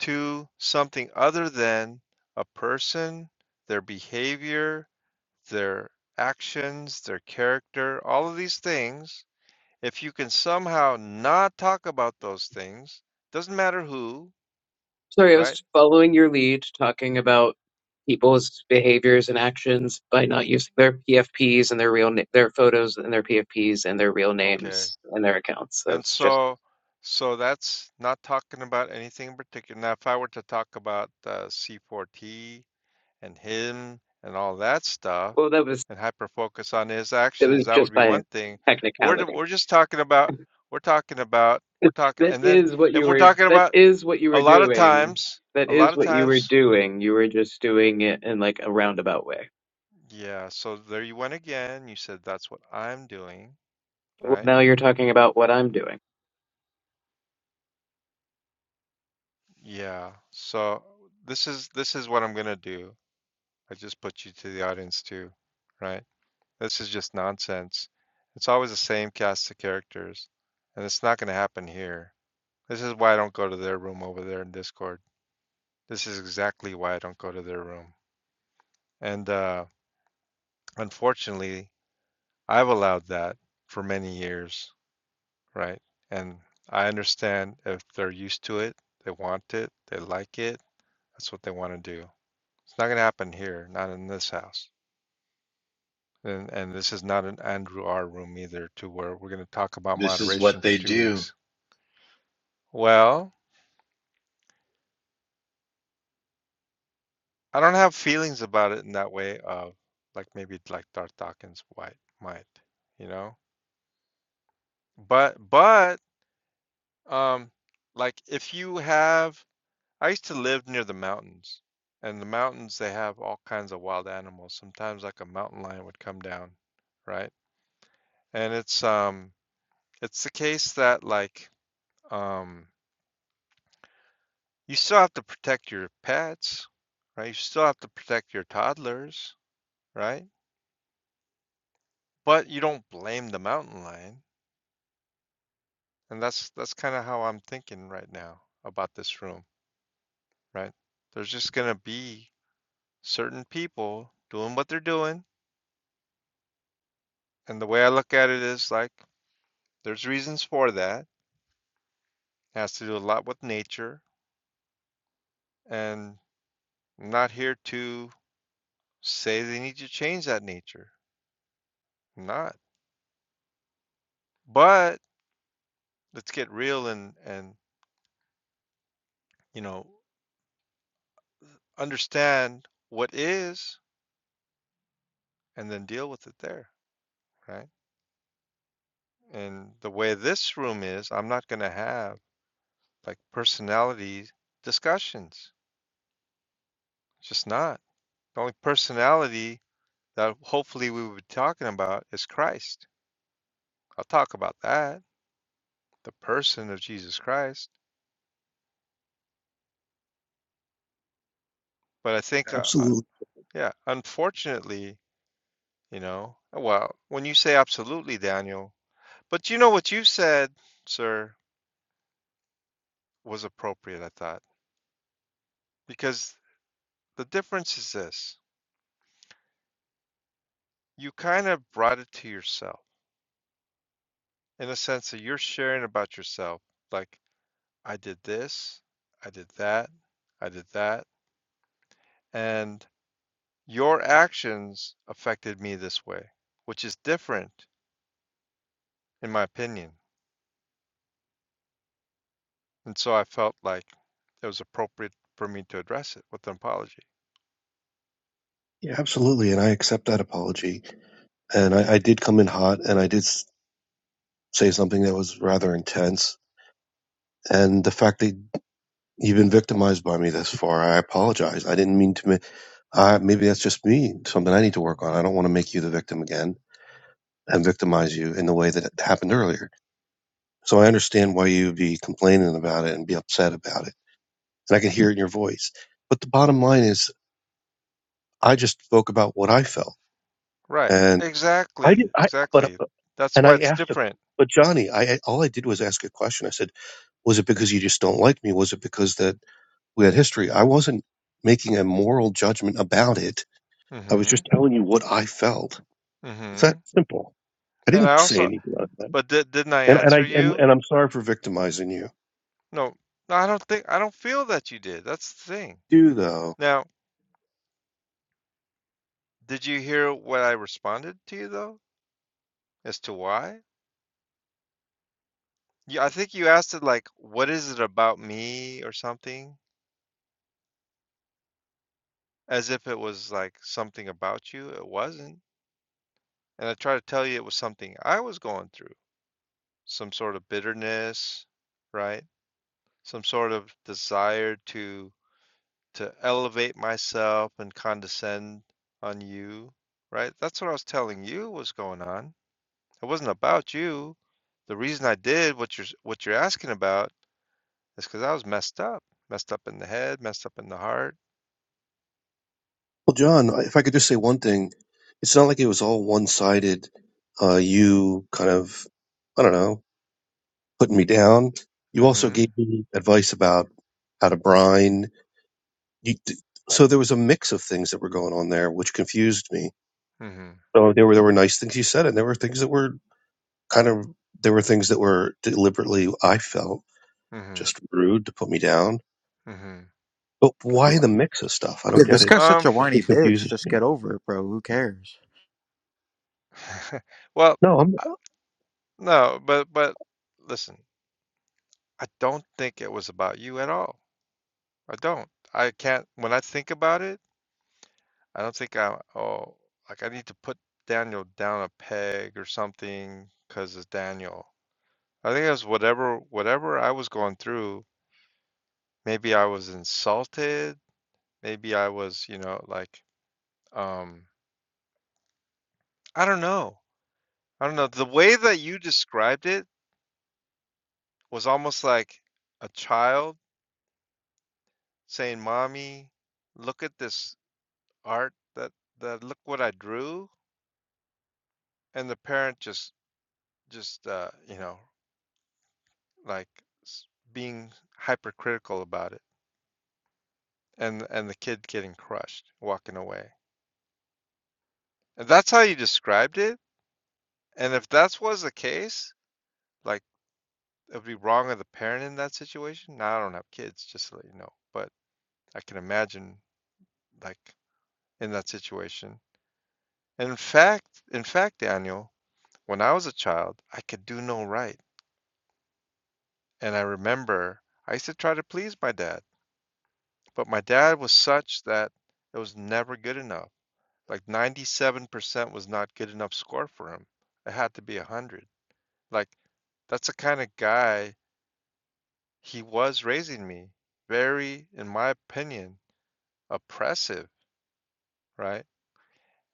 [SPEAKER 1] to something other than a person, their behavior, their actions, their character, all of these things, If you can somehow not talk about those things, doesn't matter who,
[SPEAKER 2] Sorry, I
[SPEAKER 1] right?
[SPEAKER 2] was following your lead, talking about people's behaviors and actions by not using their PFPs and their real na- their photos and their PFPs and their real
[SPEAKER 1] Okay.
[SPEAKER 2] names and their accounts. That
[SPEAKER 1] And
[SPEAKER 2] was just
[SPEAKER 1] so, so that's not talking about anything in particular. Now, if I were to talk about uh, C4T and him and all that stuff
[SPEAKER 2] well, that was
[SPEAKER 1] and hyper focus on his
[SPEAKER 2] that
[SPEAKER 1] actions,
[SPEAKER 2] was
[SPEAKER 1] that would
[SPEAKER 2] just
[SPEAKER 1] be
[SPEAKER 2] by
[SPEAKER 1] one thing. We're,
[SPEAKER 2] technicality.
[SPEAKER 1] we're just talking about, we're talking about, we're talking,
[SPEAKER 2] That
[SPEAKER 1] and then
[SPEAKER 2] is what you
[SPEAKER 1] if we're
[SPEAKER 2] were.
[SPEAKER 1] talking
[SPEAKER 2] That
[SPEAKER 1] about
[SPEAKER 2] is what you
[SPEAKER 1] a
[SPEAKER 2] were
[SPEAKER 1] lot of
[SPEAKER 2] doing.
[SPEAKER 1] times,
[SPEAKER 2] That
[SPEAKER 1] a lot
[SPEAKER 2] is
[SPEAKER 1] of
[SPEAKER 2] what you were
[SPEAKER 1] times
[SPEAKER 2] doing. You were just doing it in like a roundabout way.
[SPEAKER 1] Yeah, so there you went again. You said that's what I'm doing,
[SPEAKER 2] Well,
[SPEAKER 1] right?
[SPEAKER 2] now you're talking about what I'm doing.
[SPEAKER 1] Yeah. So this is this is what I'm gonna do. I just put you to the audience too, right? This is just nonsense. It's always the same cast of characters, and it's not gonna happen here. This is why I don't go to their room over there in Discord. This is exactly why I don't go to their room. And uh, unfortunately, I've allowed that for many years. Right. And I understand if they're used to it, they want it, they like it, that's what they want to do. It's not going to happen here, not in this house. And, and this is not an Andrew R room either, to where we're going to talk about
[SPEAKER 8] This is
[SPEAKER 1] moderation
[SPEAKER 8] what
[SPEAKER 1] for
[SPEAKER 8] they
[SPEAKER 1] two
[SPEAKER 8] do.
[SPEAKER 1] weeks. Well, I don't have feelings about it in that way of like maybe like Darth Dawkins might, might, you know? But, but, um, like if you have I used to live near the mountains, and the mountains they have all kinds of wild animals. Sometimes like a mountain lion would come down, right? And it's um it's the case that like um you still have to protect your pets, right? You still have to protect your toddlers, right? But you don't blame the mountain lion. And that's that's kind of how I'm thinking right now about this room, right? There's just gonna be certain people doing what they're doing. And the way I look at it is like there's reasons for that. It Has to do a lot with nature, and I'm not here to say they need to change that nature. I'm not. But let's get real and and you know understand what is, and then deal with it there, right? And the way this room is, I'm not going to have like personality discussions. It's just not. The only personality that hopefully we would be talking about is Christ. I'll talk about that the person of Jesus Christ. But I think, uh, uh,
[SPEAKER 3] absolutely,
[SPEAKER 1] yeah, unfortunately, you know, uh, well, when you say absolutely, Daniel, but you know what you said, sir, was appropriate, I thought, because the difference is this you kind of brought it to yourself in a sense that you're sharing about yourself, like, I did this, I did that, I did that, and your actions affected me this way, which is different, in my opinion And so I felt like it was appropriate for me to address it with an apology.
[SPEAKER 3] yeah, absolutely, and I accept that apology. And I, I did come in hot, and I did s- say something that was rather intense. And the fact that You've been victimized by me thus far. I apologize. I didn't mean to. Ma- I, maybe that's just me. Something I need to work on. I don't want to make you the victim again and victimize you in the way that it happened earlier. So I understand why you'd be complaining about it and be upset about it. And I can hear it in your voice. But the bottom line is, I just spoke about what I felt,
[SPEAKER 1] Right.
[SPEAKER 3] and I
[SPEAKER 1] Exactly.
[SPEAKER 3] did. I but
[SPEAKER 1] Exactly.
[SPEAKER 3] but-
[SPEAKER 1] That's
[SPEAKER 3] and
[SPEAKER 1] why
[SPEAKER 3] I
[SPEAKER 1] it's
[SPEAKER 3] asked him.
[SPEAKER 1] different.
[SPEAKER 3] But Johnny, I I- all I did was ask a question. I said, "Was it because you just don't like me? Was it because that we had history?" I wasn't making a moral judgment about it I was just
[SPEAKER 1] Mhm.
[SPEAKER 3] telling you what I felt. It's that
[SPEAKER 1] Mhm.
[SPEAKER 3] simple. I
[SPEAKER 1] And I
[SPEAKER 3] didn't say
[SPEAKER 1] also
[SPEAKER 3] anything on that.
[SPEAKER 1] but did, didn't I
[SPEAKER 3] And and I
[SPEAKER 1] answer
[SPEAKER 3] and,
[SPEAKER 1] you?
[SPEAKER 3] and I'm sorry for victimizing you. I
[SPEAKER 1] No. No, I don't think I don't feel that you did. That's the thing.
[SPEAKER 3] Do though.
[SPEAKER 1] Now, did you hear what I responded to you though as to why? Yeah, I think you asked it like what is it about me or something as if it was like something about you. It wasn't. And I tried to tell you it was something I was going through. some sort of bitterness, right? Some sort of desire to to elevate myself and condescend on you, right? That's what I was telling you was going on. It wasn't about you. The reason I did what you're what you're asking about is because I was messed up, messed up in the head, messed up in the heart.
[SPEAKER 3] Well, John, if I could just say one thing, it's not like it was all one sided. Uh, you kind of, I don't know, putting me down. You also
[SPEAKER 1] Mm-hmm.
[SPEAKER 3] gave me advice about how to brine. You, so there was a mix of things that were going on there, which confused me.
[SPEAKER 1] Mm-hmm.
[SPEAKER 3] So there were there were nice things you said, and there were things that were kind of there were things that were deliberately I felt
[SPEAKER 1] Mm-hmm.
[SPEAKER 3] Just rude to put me down.
[SPEAKER 1] Mm-hmm.
[SPEAKER 3] But why the mix of stuff? I
[SPEAKER 5] Yeah,
[SPEAKER 3] don't get
[SPEAKER 5] this
[SPEAKER 3] it.
[SPEAKER 5] guy's such
[SPEAKER 1] Um.
[SPEAKER 5] a whiny
[SPEAKER 3] It
[SPEAKER 5] bitch.
[SPEAKER 3] confuses
[SPEAKER 5] Just
[SPEAKER 3] me.
[SPEAKER 5] get over it, bro. Who cares?
[SPEAKER 1] well,
[SPEAKER 3] No, I'm.
[SPEAKER 1] uh,
[SPEAKER 3] not.
[SPEAKER 1] no, but but listen, I don't think it was about you at all. I don't. I can't. When I think about it, I don't think I. Oh, like I need to put Daniel down a peg or something because it's Daniel. I think it was whatever whatever I was going through. Maybe I was insulted. Maybe I was, you know, like um, I don't know. I don't know. The way that you described it was almost like a child saying, "Mommy, look at this art that that look what I drew," and the parent just just uh, you know like s- being hypercritical about it and and the kid getting crushed walking away and that's how you described it and if that was the case like it would be wrong of the parent in that situation now i don't have kids just to let you know but i can imagine like in that situation and in fact in fact daniel when i was a child i could do no right and i remember i used to try to please my dad but my dad was such that it was never good enough Like 97% was not good enough score for him. It had to be 100. Like that's the kind of guy he was raising me. Very, in my opinion, oppressive, right?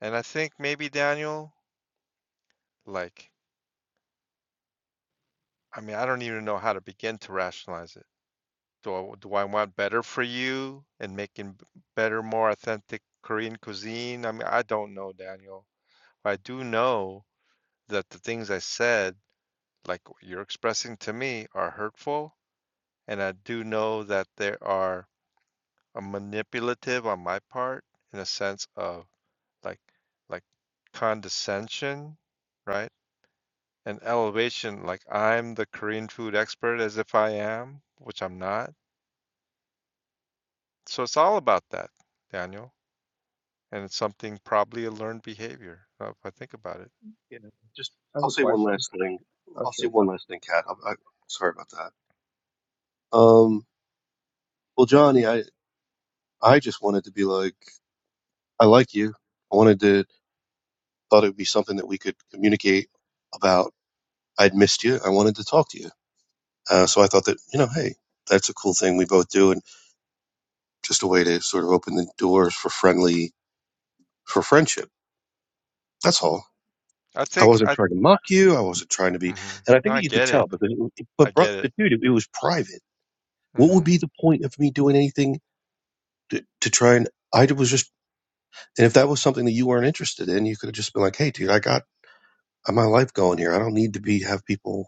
[SPEAKER 1] And I think maybe Daniel, like, I mean, I don't even know how to begin to rationalize it. Do I, do I want better for you and making better, more authentic Korean cuisine? I mean, I don't know, Daniel. I do know that the things I said, like you're expressing to me, are hurtful And I do know that there are a manipulative on my part in a sense of like like condescension, right? And elevation, like I'm the Korean food expert as if I am, which I'm not. So it's all about that, Daniel. And it's something probably a learned behavior, uh, if I think about it.
[SPEAKER 3] Yeah, just
[SPEAKER 7] I have
[SPEAKER 3] I'll
[SPEAKER 7] a
[SPEAKER 3] say one
[SPEAKER 7] question.
[SPEAKER 3] last thing.
[SPEAKER 7] Oh,
[SPEAKER 3] I'll say
[SPEAKER 7] sure.
[SPEAKER 3] one last thing, Kat. I'm, I'm sorry about that. Um, well, Johnny, I I just wanted to be like, I like you. I wanted to thought it would be something that we could communicate about. I'd missed you. I wanted to talk to you. Uh, so I thought that you know, hey, that's a cool thing we both do, and just a way to sort of open the doors for friendly for friendship. That's all.
[SPEAKER 1] I
[SPEAKER 3] I
[SPEAKER 1] think
[SPEAKER 3] wasn't
[SPEAKER 1] I
[SPEAKER 3] trying to mock you. I wasn't trying to be,
[SPEAKER 1] hmm
[SPEAKER 3] and I
[SPEAKER 1] No,
[SPEAKER 3] think
[SPEAKER 1] I
[SPEAKER 3] that you could
[SPEAKER 1] get
[SPEAKER 3] tell.
[SPEAKER 1] it.
[SPEAKER 3] But but,
[SPEAKER 1] I
[SPEAKER 3] but, bro-
[SPEAKER 1] get it.
[SPEAKER 3] but dude, it, it was private. What
[SPEAKER 1] hmm
[SPEAKER 3] would be the point of me doing anything to, to try and? I was just, and if that was something that you weren't interested in, you could have just been like, "Hey, dude, I got my life going here. I don't need to be have people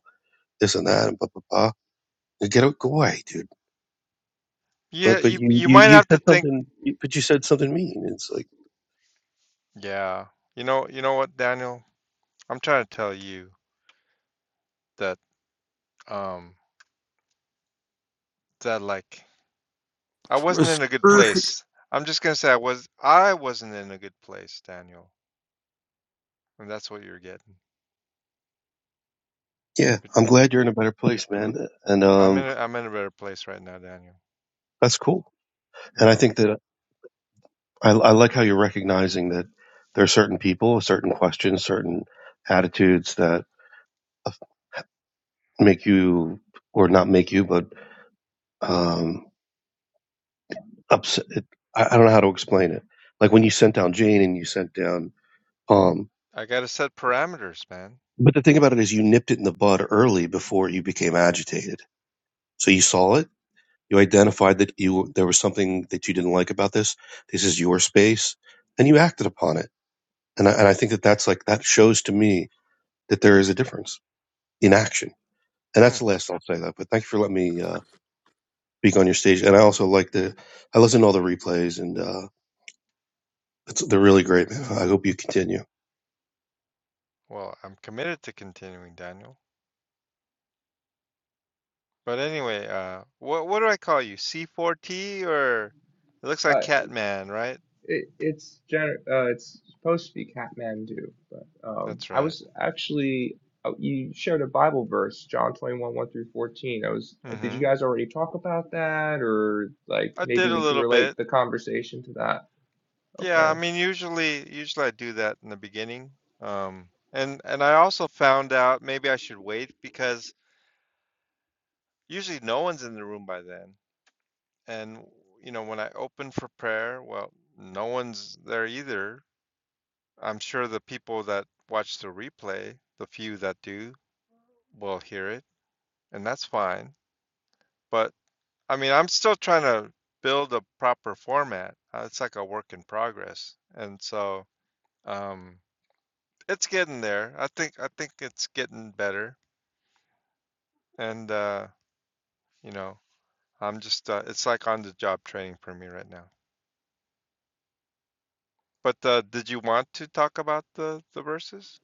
[SPEAKER 3] this and that and blah blah blah." And Get out, go away, dude.
[SPEAKER 1] Yeah,
[SPEAKER 3] But but
[SPEAKER 1] you
[SPEAKER 3] you
[SPEAKER 1] you
[SPEAKER 3] you
[SPEAKER 1] might
[SPEAKER 3] you
[SPEAKER 1] have to
[SPEAKER 3] said
[SPEAKER 1] think.
[SPEAKER 3] something, but you said something mean. It's like,
[SPEAKER 1] Yeah. You know, you know what, Daniel? I'm trying to tell you. that. um that like I wasn't in a good place. I'm just gonna say I was I wasn't in a good place, Daniel, and that's what you're getting.
[SPEAKER 3] yeah, I'm glad you're in a better place, man, and
[SPEAKER 1] I'm in
[SPEAKER 3] um,
[SPEAKER 1] a, I'm in a better place right now, Daniel.
[SPEAKER 3] that's cool.
[SPEAKER 1] You
[SPEAKER 3] And I
[SPEAKER 1] know,
[SPEAKER 3] think that I, I like how you're recognizing that there are certain people, certain questions, certain attitudes that make you, or not make you, but um, upset. It, I, I don't know how to explain it. Like when you sent down Jane and you sent down Palm.
[SPEAKER 1] I gotta set parameters, man.
[SPEAKER 3] But the thing about it is, you nipped it in the bud early before you became agitated. So you saw it. You identified that you there was something that you didn't like about this. This is your space, and you acted upon it. And I, and I think that that's like that shows to me that there is a difference in action And
[SPEAKER 1] Hmm.
[SPEAKER 3] that's the last I'll say that. But thank you for letting me uh, speak on your stage. And I also like the I listen to all the replays, and uh, it's, they're really great, man. I hope you continue.
[SPEAKER 1] Well, I'm committed to continuing, Daniel. But anyway, uh, what what do I call you? C4T or it looks like
[SPEAKER 7] Uh,
[SPEAKER 1] Catman, right?
[SPEAKER 7] it, it's gener- uh, it's supposed to be Kathmandu, but um,
[SPEAKER 1] That's
[SPEAKER 7] I
[SPEAKER 1] right.
[SPEAKER 7] was actually oh, you shared a Bible verse, John twenty one one through fourteen. I was uh, did you
[SPEAKER 1] Mm-hmm.
[SPEAKER 7] guys already talk about that, or like
[SPEAKER 1] I
[SPEAKER 7] maybe
[SPEAKER 1] did a
[SPEAKER 7] we could
[SPEAKER 1] little bit.
[SPEAKER 7] relate the conversation to that?
[SPEAKER 1] Yeah,
[SPEAKER 7] Okay.
[SPEAKER 1] I mean, usually, usually I do that in the beginning. Um, and and I also found out maybe I should wait because usually no one's in the room by then. And you know, when I open for prayer, well, no one's there either. I'm sure the people that watch the replay, the few that do, will hear it, and that's fine. But I mean, I'm still trying to build a proper format. Uh, It's like a work in progress. And so, um, it's getting there. I think I think it's getting better, and uh, you know, I'm just uh, it's like on the job training for me right now. But uh, did you want to talk about the the verses?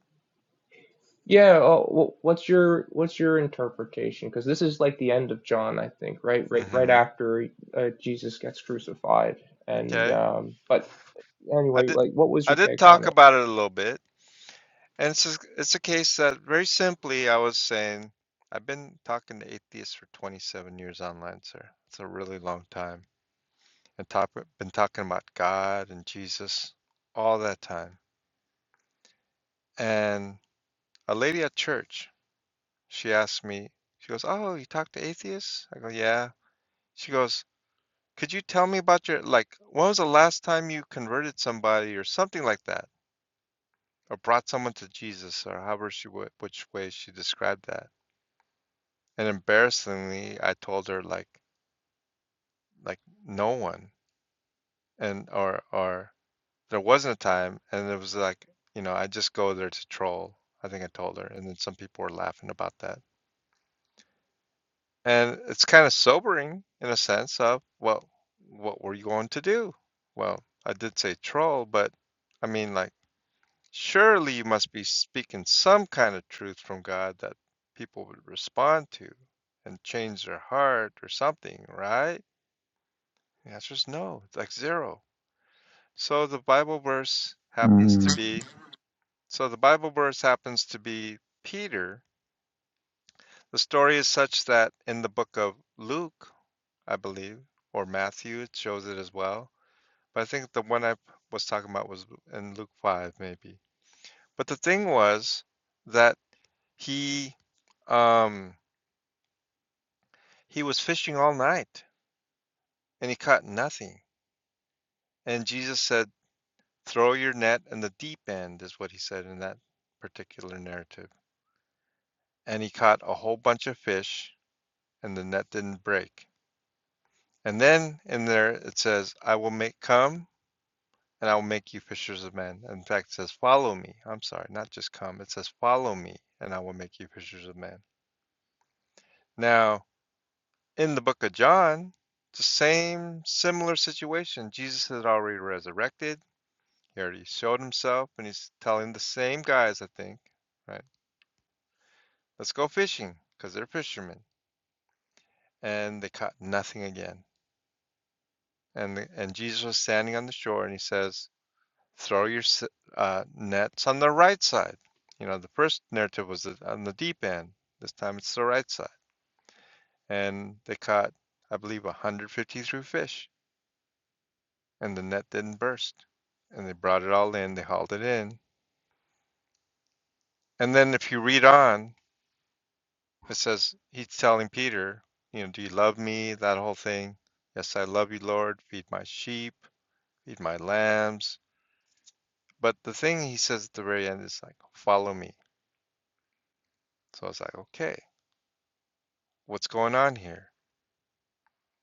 [SPEAKER 7] Yeah, oh, wh- what's your what's your interpretation? Because this is like the end of John, I think, right? Right, right
[SPEAKER 1] hmm
[SPEAKER 7] after uh, Jesus gets crucified. And
[SPEAKER 1] Okay,
[SPEAKER 7] um, but
[SPEAKER 1] I
[SPEAKER 7] anyway,
[SPEAKER 1] did.
[SPEAKER 7] like, what was
[SPEAKER 1] I
[SPEAKER 7] your
[SPEAKER 1] did
[SPEAKER 7] take
[SPEAKER 1] talk
[SPEAKER 7] on it?
[SPEAKER 1] about it a little bit, and it's just, it's a case that very simply I was saying I've been talking to atheists for 27 years online, sir. It's a really long time, and top, been talking about God and Jesus all that time, and a lady at church She asked me, she goes, "Oh, you talk to atheists?" I go, "Yeah." She goes, "Could you tell me about your, like, when was the last time you converted somebody or something like that, or brought someone to Jesus, or however she would, which way she described that?" And embarrassingly, I told her like, like no one, and or or there wasn't a time, and it was like, you know, I just go there to troll. I think I told her, and then some people were laughing about that. And it's kind of sobering in a sense of, well, what were you going to do? Well, I did say troll, but I mean, like, surely you must be speaking some kind of truth from God that people would respond to and change their heart or something, right? The answer is no, like zero. So the Bible verse happens
[SPEAKER 5] Mm,
[SPEAKER 1] to be, so the Bible verse happens to be Peter. The story is such that in the book of Luke, I believe, or Matthew shows it as well. But I think the one I was talking about was in Luke 5, maybe. But the thing was that he um he was fishing all night and he caught nothing. And Jesus said, "Throw your net in the deep end," is what he said in that particular narrative. And he caught a whole bunch of fish and the net didn't break. And then in there it says, "I will make come and I will make you fishers of men. In fact, it says, Follow me. I'm sorry, not just come. It says, Follow me, and I will make you fishers of men. Now, in the book of John, it's the same similar situation. Jesus had already resurrected, he already showed himself, and he's telling the same guys, I think, right? Let's go fishing because they're fishermen. And they caught nothing again. And, the, and Jesus was standing on the shore and he says, throw your uh, nets on the right side. You know, the first narrative was on the deep end. This time it's the right side. And they caught, I believe, 153 fish, and the net didn't burst. And they brought it all in, they hauled it in. And then if you read on, it says he's telling Peter, you know, do you love me? That whole thing. Yes, I love you, Lord. Feed my sheep, feed my lambs. But the thing he says at the very end is like, follow me. So I was like, okay, what's going on here?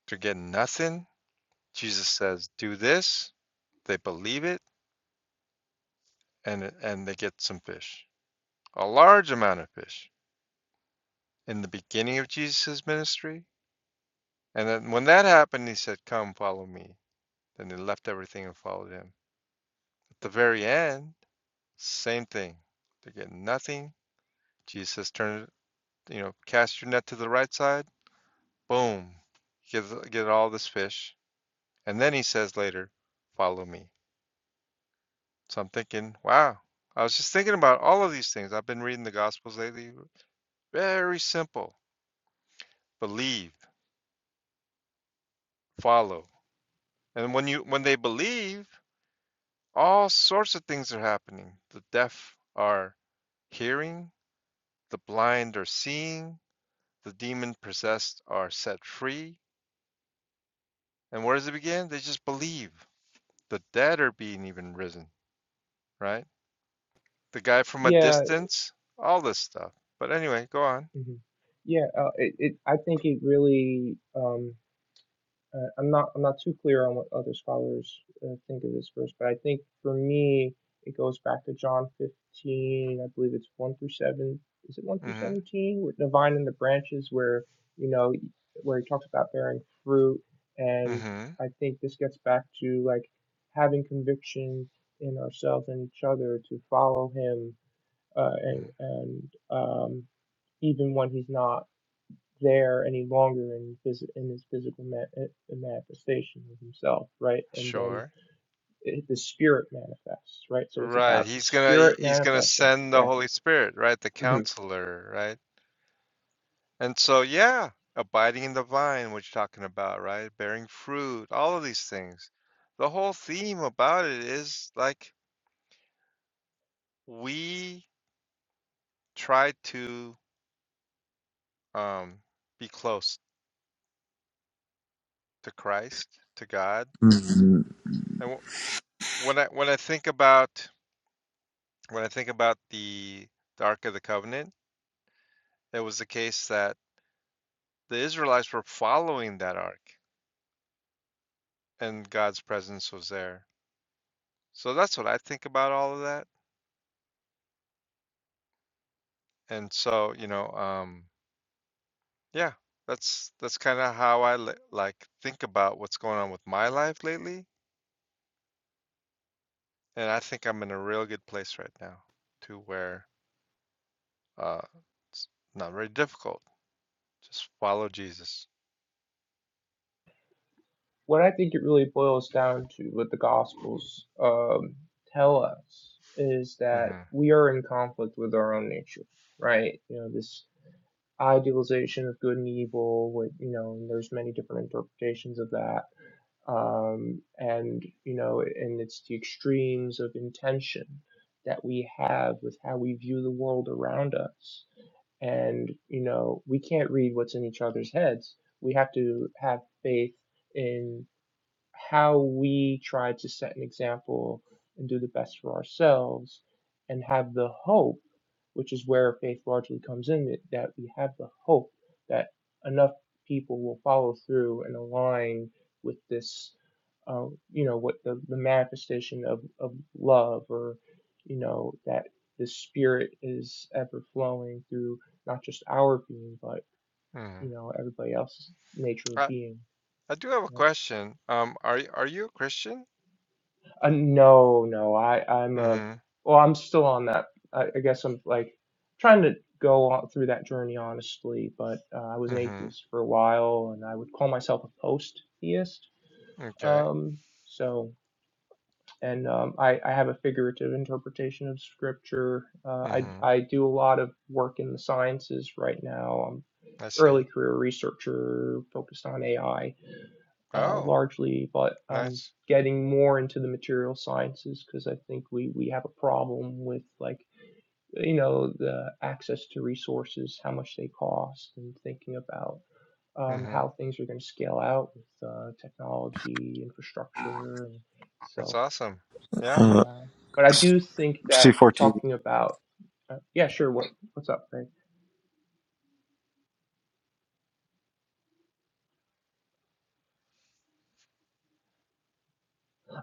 [SPEAKER 1] They're getting nothing. Jesus says, "Do this." They believe it, and and they get some fish, a large amount of fish, in the beginning of Jesus' ministry. And then when that happened, he said, "Come, follow me." Then they left everything and followed him. At the very end, same thing. They get nothing. Jesus says, "Turn, you know, cast your net to the right side." Boom, get get all this fish. And then he says later, "Follow me." So I'm thinking, wow, I was just thinking about all of these things. I've been reading the Gospels lately. Very simple. Believe, follow. And when you when they believe, all sorts of things are happening. The deaf are hearing, the blind are seeing, the demon possessed are set free. And where does it begin? They just believe. The dead are being even risen, right? The guy from a
[SPEAKER 7] Yeah,
[SPEAKER 1] distance, all this stuff. But anyway, go on.
[SPEAKER 7] mhm. yeah. Uh, it, it, I think it really. Um, Uh, I'm not I'm not too clear on what other scholars uh, think of this verse, but I think for me it goes back to John 15. I believe it's one through seven. Is it one through
[SPEAKER 1] Mhm.
[SPEAKER 7] 17? With the vine and the branches, where you know where he talks about bearing fruit, and
[SPEAKER 1] Mhm.
[SPEAKER 7] I think this gets back to like having conviction in ourselves and each other to follow him, uh, and
[SPEAKER 1] Mhm.
[SPEAKER 7] and um, even when he's not there any longer in his, in his physical ma- uh, manifestation of himself, right? And then
[SPEAKER 1] Sure.
[SPEAKER 7] it, the spirit manifests, right? So it's
[SPEAKER 1] Right.
[SPEAKER 7] about the
[SPEAKER 1] He's gonna
[SPEAKER 7] spirit
[SPEAKER 1] he's gonna
[SPEAKER 7] manifesting.
[SPEAKER 1] send the
[SPEAKER 7] Yeah.
[SPEAKER 1] Holy Spirit, right? The
[SPEAKER 7] hmm
[SPEAKER 1] counselor, right? And so yeah, abiding in the vine, what you're talking about, right? Bearing fruit, all of these things. The whole theme about it is like we try to um be close to Christ, to God.
[SPEAKER 5] mm,
[SPEAKER 1] And w- when I when I think about when I think about the the Ark of the Covenant, it was the case that the Israelites were following that ark. and God's presence was there. So that's what I think about all of that. And so, you know, um, yeah, that's that's kind of how I li- like think about what's going on with my life lately. And I think I'm in a real good place right now, to where uh, it's not very difficult. Just follow Jesus.
[SPEAKER 7] What I think it really boils down to, what the Gospels um, tell us, is that
[SPEAKER 1] hmm
[SPEAKER 7] we are in conflict with our own nature, right? You know, this idealization of good and evil, with, you know, and there's many different interpretations of that um, and you know, and it's the extremes of intention that we have with how we view the world around us. And you know, we can't read what's in each other's heads. We have to have faith in how we try to set an example and do the best for ourselves and have the hope, which is where faith largely comes in, that we have the hope that enough people will follow through and align with this, uh, you know, what the, the manifestation of, of love or, you know, that the spirit is ever flowing through not just our being, but,
[SPEAKER 1] hmm
[SPEAKER 7] you know, everybody else's nature of
[SPEAKER 1] I
[SPEAKER 7] being.
[SPEAKER 1] I do have a question. Um, are y- are you a Christian?
[SPEAKER 7] Uh, no, no, I, I'm a,
[SPEAKER 1] hmm
[SPEAKER 7] well, I'm still on that. I, I guess I'm like trying to go on through that journey honestly, but uh, I was an
[SPEAKER 1] hmm
[SPEAKER 7] atheist for a while, and I would call myself a post-theist.
[SPEAKER 1] Okay.
[SPEAKER 7] Um, so, and um, I, I have a figurative interpretation of scripture. Uh, I,
[SPEAKER 1] hmm
[SPEAKER 7] I do a lot of work in the sciences right now. I'm
[SPEAKER 1] I see.
[SPEAKER 7] early career researcher focused on AI uh,
[SPEAKER 1] Oh,
[SPEAKER 7] largely, but I'm
[SPEAKER 1] nice.
[SPEAKER 7] getting more into the material sciences because I think we, we have a problem with like you know the access to resources, how much they cost, and thinking about um,
[SPEAKER 1] Mm-hmm.
[SPEAKER 7] how things are going to scale out with uh, technology, infrastructure, and
[SPEAKER 1] That's
[SPEAKER 7] so
[SPEAKER 1] awesome. Yeah.
[SPEAKER 7] yeah. But I do think
[SPEAKER 5] see,
[SPEAKER 7] that talking about uh, yeah, sure. What what's up, Craig?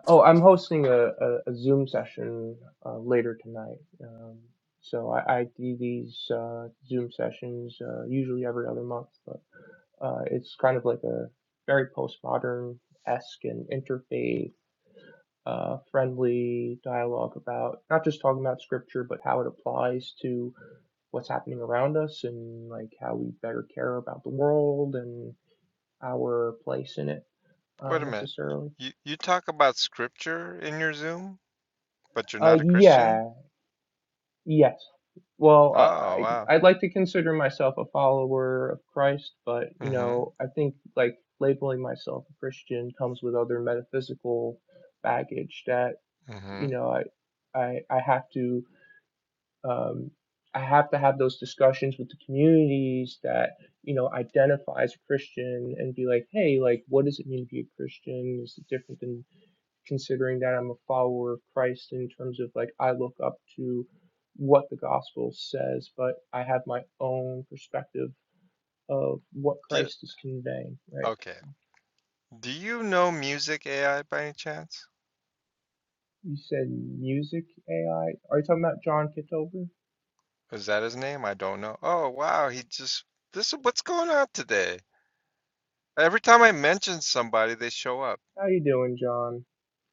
[SPEAKER 7] Oh, I'm hosting a, a, a Zoom session uh, later tonight. Um, so I, I do these uh, Zoom sessions uh, usually every other month, but uh, it's kind of like a very postmodern esque and interfaith uh, friendly dialogue about not just talking about scripture, but how it applies to what's happening around us and like how we better care about the world and our place in it uh,
[SPEAKER 1] Wait a minute. Y-
[SPEAKER 7] necessarily.
[SPEAKER 1] You you talk about scripture in your Zoom, but you're
[SPEAKER 7] Uh,
[SPEAKER 1] not a
[SPEAKER 7] yeah,
[SPEAKER 1] Christian?
[SPEAKER 7] Yes. Well, uh,
[SPEAKER 1] Oh, wow.
[SPEAKER 7] I I'd like to consider myself a follower of Christ, but you
[SPEAKER 1] Mm-hmm.
[SPEAKER 7] know, I think like labeling myself a Christian comes with other metaphysical baggage that
[SPEAKER 1] Mm-hmm.
[SPEAKER 7] you know I I I have to um I have to have those discussions with the communities that you know identify as a Christian and be like, hey, like what does it mean to be a Christian? Is it different than considering that I'm a follower of Christ in terms of like I look up to what the gospel says, but I have my own perspective of what
[SPEAKER 1] Do,
[SPEAKER 7] Christ is conveying, right?
[SPEAKER 1] okay. Do you know Music AI by any chance?
[SPEAKER 7] You said music AI. Are you talking about John Kitover?
[SPEAKER 1] Is that his name? I don't know. Oh, wow. He just this is what's going on today. Every time I mention somebody, they show up.
[SPEAKER 7] How you doing, John?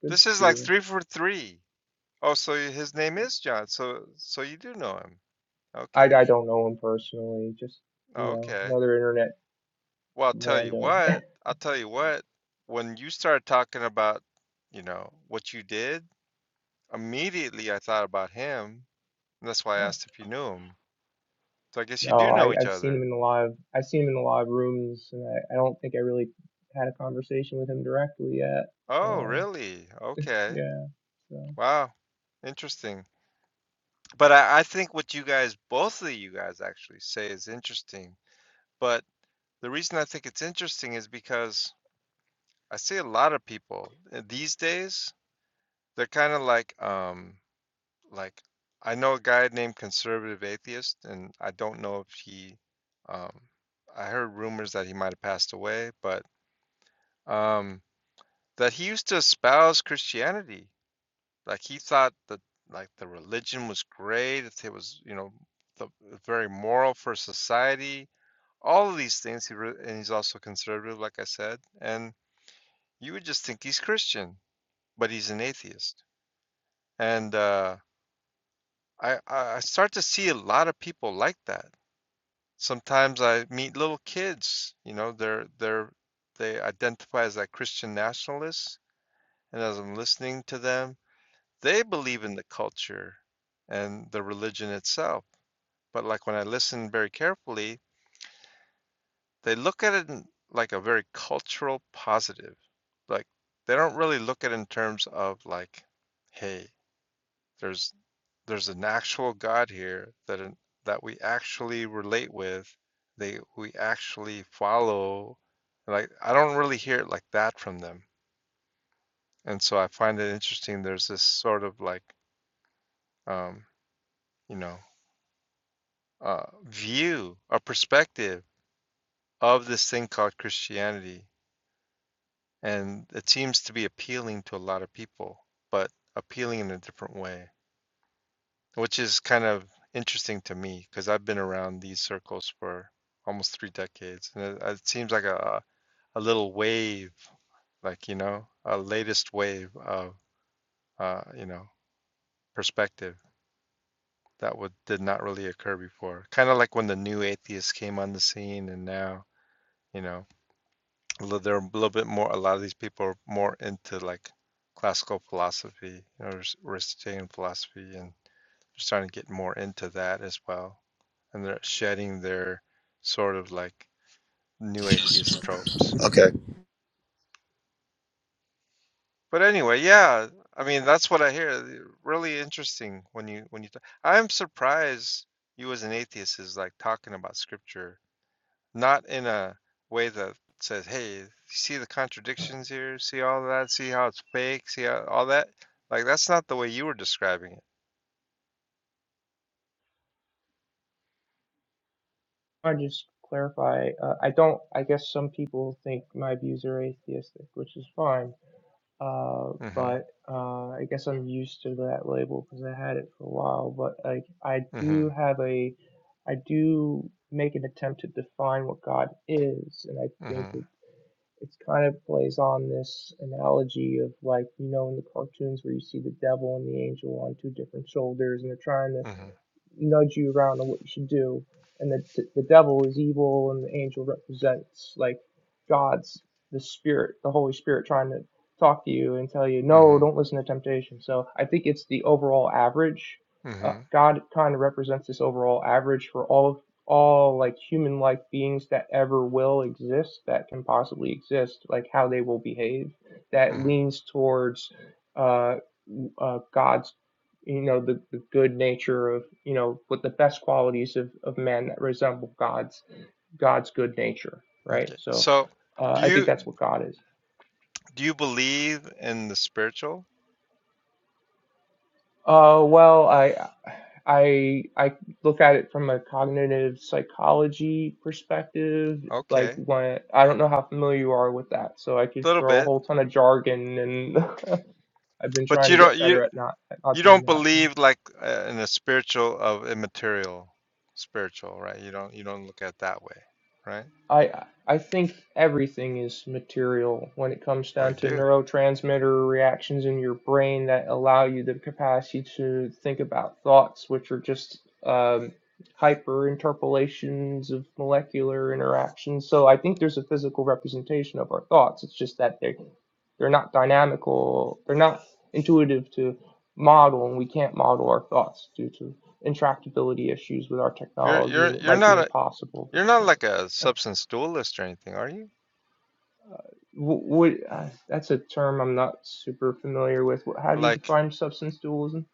[SPEAKER 7] Good
[SPEAKER 1] This
[SPEAKER 7] to
[SPEAKER 1] is
[SPEAKER 7] see
[SPEAKER 1] like
[SPEAKER 7] you.
[SPEAKER 1] three for three. Oh, so his name is John. So so you do know him.
[SPEAKER 7] I,
[SPEAKER 1] Okay.
[SPEAKER 7] I don't know him personally, just you know,
[SPEAKER 1] Okay.
[SPEAKER 7] another internet
[SPEAKER 1] Well, I'll tell you
[SPEAKER 7] rando.
[SPEAKER 1] what. I'll tell you what. When you started talking about, you know, what you did, immediately I thought about him. And that's why I
[SPEAKER 7] Oh.
[SPEAKER 1] asked if you knew him. So I guess you
[SPEAKER 7] No,
[SPEAKER 1] do
[SPEAKER 7] I,
[SPEAKER 1] know each
[SPEAKER 7] I've seen him
[SPEAKER 1] other.
[SPEAKER 7] in a lot of I've seen him in a lot of rooms and I, I don't think I really had a conversation with him directly yet.
[SPEAKER 1] Oh,
[SPEAKER 7] Uh,
[SPEAKER 1] really? Okay.
[SPEAKER 7] Yeah. So
[SPEAKER 1] Wow. Interesting. But I, I think what you guys, both of you guys actually say is interesting. But the reason I think it's interesting is because I see a lot of people uh, these days, they're kind of like, um, Like, I know a guy named Conservative Atheist, and I don't know if he, um, I heard rumors that he might have passed away, but um, that he used to espouse Christianity. Like he thought that like the religion was great, that it was, you know, the very moral for society. All of these things, he re and he's also conservative, like I said. And you would just think he's Christian, but he's an atheist. And uh, I I start to see a lot of people like that sometimes I meet little kids, you know, they're they're they identify as like Christian nationalists, and as I'm listening to them, they believe in the culture and the religion itself. But like when I listen very carefully, they look at it in like a very cultural positive. Like they don't really look at it in terms of like, hey, there's there's an actual God here that that we actually relate with, they we actually follow. Like I don't really hear it like that from them, and so I find it interesting. There's this sort of like um, you know uh, view or perspective of this thing called Christianity, and it seems to be appealing to a lot of people, but appealing in a different way. which is kind of interesting to me because I've been around these circles for almost three decades, and it, it seems like a a little wave, like you know, a latest wave of uh, you know perspective that would did not really occur before. Kind of like when the new atheists came on the scene, and now you know they're a little bit more. A lot of these people are more into like classical philosophy, you know, Aristotelian philosophy, and they're starting to get more into that as well and they're shedding their sort of like new atheist tropes.
[SPEAKER 5] Okay.
[SPEAKER 1] But anyway, yeah, I mean that's what I hear. Really interesting when you when you. i I'm surprised you as an atheist is like talking about scripture, not in a way that says, "Hey, see the contradictions here, see all that, see how it's fake, see how, all that." Like that's not the way you were describing it.
[SPEAKER 7] I just clarify. Uh, I don't. I guess some people think my views are atheistic, which is fine. Uh,
[SPEAKER 1] Mm-hmm.
[SPEAKER 7] but uh, I guess I'm used to that label because I had it for a while. But like, I
[SPEAKER 1] Mm-hmm.
[SPEAKER 7] do have a. I do make an attempt to define what God is, and I think it
[SPEAKER 1] Mm-hmm.
[SPEAKER 7] it's kind of plays on this analogy of like you know in the cartoons where you see the devil and the angel on two different shoulders, and they're trying to
[SPEAKER 1] Mm-hmm.
[SPEAKER 7] nudge you around on what you should do. And the the devil is evil, and the angel represents like God's the spirit, the Holy Spirit, trying to talk to you and tell you, no,
[SPEAKER 1] Mm-hmm.
[SPEAKER 7] don't listen to temptation. So I think it's the overall average. Uh,
[SPEAKER 1] Mm-hmm.
[SPEAKER 7] God kind of represents this overall average for all all like human-like beings that ever will exist, that can possibly exist, like how they will behave. That
[SPEAKER 1] Mm-hmm.
[SPEAKER 7] leans towards uh, uh, God's you know the, the good nature of you know with the best qualities of, of men that resemble god's god's good nature right
[SPEAKER 1] Okay.
[SPEAKER 7] so
[SPEAKER 1] So,
[SPEAKER 7] uh,
[SPEAKER 1] do
[SPEAKER 7] i think
[SPEAKER 1] you?
[SPEAKER 7] that's what god is
[SPEAKER 1] Do you believe in the spiritual?
[SPEAKER 7] uh, well i i i look at it from a cognitive psychology perspective like
[SPEAKER 1] Okay,
[SPEAKER 7] when i don't know how familiar you are with that so i could
[SPEAKER 1] a little
[SPEAKER 7] throw a
[SPEAKER 1] bit,
[SPEAKER 7] whole ton of jargon and i've been
[SPEAKER 1] but
[SPEAKER 7] trying
[SPEAKER 1] you
[SPEAKER 7] to get
[SPEAKER 1] don't you
[SPEAKER 7] better at not at not
[SPEAKER 1] you
[SPEAKER 7] doing
[SPEAKER 1] don't
[SPEAKER 7] that yeah.
[SPEAKER 1] believe like uh, in the spiritual of immaterial spiritual, right? You don't you don't look at it that way, right?
[SPEAKER 7] I I think everything is material when it comes
[SPEAKER 1] Oh,
[SPEAKER 7] down
[SPEAKER 1] you
[SPEAKER 7] to
[SPEAKER 1] do.
[SPEAKER 7] neurotransmitter reactions in your brain that allow you the capacity to think about thoughts, which are just um, hyper interpolations of molecular interactions. So I think there's a physical representation of our thoughts. It's just that they they're not dynamical. They're not intuitive to model, and we can't model our thoughts due to intractability issues with our
[SPEAKER 1] You're
[SPEAKER 7] technology,
[SPEAKER 1] you're
[SPEAKER 7] and it
[SPEAKER 1] you're
[SPEAKER 7] might be
[SPEAKER 1] not a
[SPEAKER 7] impossible. But
[SPEAKER 1] you're not like a substance dualist or anything, are you?
[SPEAKER 7] Wh- uh, that's a term I'm not super familiar with. How do you
[SPEAKER 1] Like
[SPEAKER 7] define substance dualism?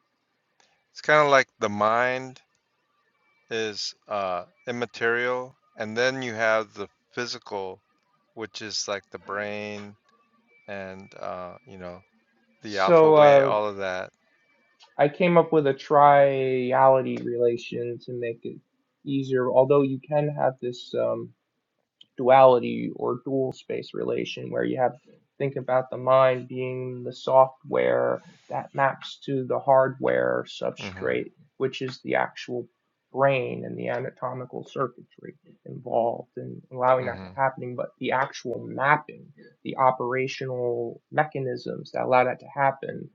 [SPEAKER 1] it's kind of like the mind is uh immaterial, and then you have the physical, which is like the brain and uh you know the alpha
[SPEAKER 7] So
[SPEAKER 1] way,
[SPEAKER 7] uh,
[SPEAKER 1] all of that
[SPEAKER 7] I came up with a triality relation to make it easier, although you can have this. Um, duality or dual space relation where you have think about the mind being the software that maps to the hardware
[SPEAKER 1] hmm
[SPEAKER 7] substrate which is the actual brain and the anatomical circuitry involved in allowing that to
[SPEAKER 1] hmm
[SPEAKER 7] happen. but the actual mapping the operational mechanisms that allow that to happen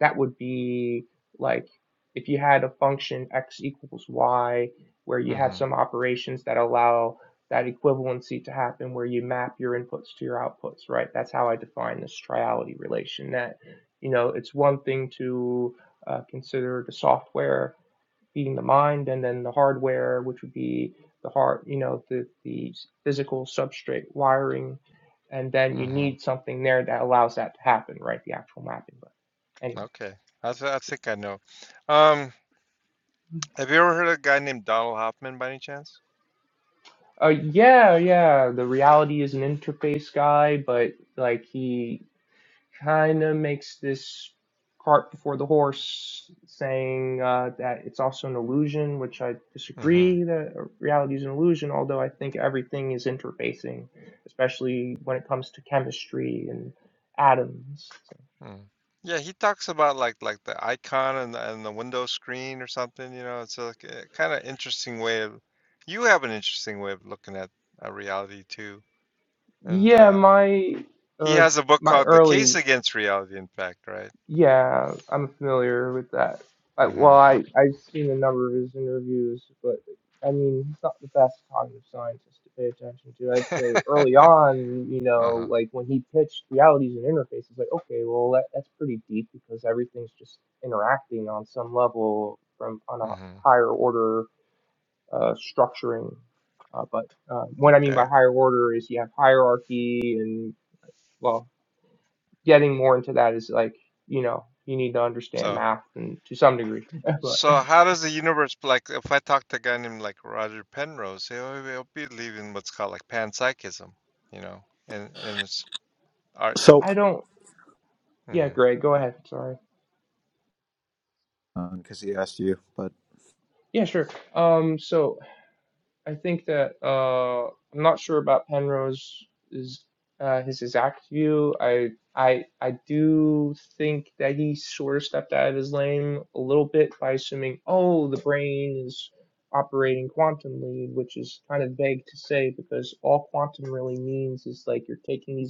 [SPEAKER 7] that would be like if you had a function x equals y where you have
[SPEAKER 1] hmm
[SPEAKER 7] some operations that allow that equivalency to happen where you map your inputs to your outputs, right? That's how I define this triality relation that, you know, it's one thing to uh, consider the software being the mind and then the hardware, which would be the heart, you know, the, the physical substrate wiring. And then you
[SPEAKER 1] hmm
[SPEAKER 7] need something there that allows that to happen, right? The actual mapping. But anyway.
[SPEAKER 1] Okay. I, th- I think I know. Um, have you ever heard of a guy named Donald Hoffman by any chance?
[SPEAKER 7] Uh, yeah, yeah. The reality is an interface guy, but like he kind of makes this cart before the horse, saying uh, that it's also an illusion, which I
[SPEAKER 1] hmm
[SPEAKER 7] disagree that reality is an illusion, although I think everything is interfacing, especially when it comes to chemistry and atoms. So,
[SPEAKER 1] mm Yeah, he talks about like like the icon and the, and the window screen or something, you know. It's like a kind of interesting way of you have an interesting way of looking at uh, reality too. And
[SPEAKER 7] Yeah,
[SPEAKER 1] uh
[SPEAKER 7] my.
[SPEAKER 1] he
[SPEAKER 7] Uh,
[SPEAKER 1] has a book
[SPEAKER 7] my
[SPEAKER 1] called The
[SPEAKER 7] early
[SPEAKER 1] Case Against Reality, in fact, right?
[SPEAKER 7] Yeah, I'm familiar with that. I,
[SPEAKER 1] hmm
[SPEAKER 7] well, I, I've seen a number of his interviews, but I mean, he's not the best cognitive scientist to pay attention to. I'd say early on, you know,
[SPEAKER 1] Uh-huh.
[SPEAKER 7] like when he pitched realities and interfaces, like, okay, well, that, that's pretty deep because everything's just interacting on some level from on a
[SPEAKER 1] hmm
[SPEAKER 7] higher order uh, structuring. Uh, but uh, what I mean
[SPEAKER 1] Okay.
[SPEAKER 7] by higher order is you have hierarchy and well getting more into that is like you know you need to understand
[SPEAKER 1] So
[SPEAKER 7] math and to some degree but
[SPEAKER 1] So how does the universe like if I talk to a guy named like Roger Penrose, he'll, he'll be believing what's called like panpsychism, you know, and and it's are
[SPEAKER 5] So
[SPEAKER 7] i don't yeah
[SPEAKER 1] hmm
[SPEAKER 7] greg go ahead sorry
[SPEAKER 5] because he asked you. But
[SPEAKER 7] yeah sure um so i think that uh i'm not sure about penrose is uh his exact view i i i do think that he sort of stepped out of his lane a little bit by assuming oh the brain is operating quantumly which is kind of vague to say because all quantum really means is like you're taking these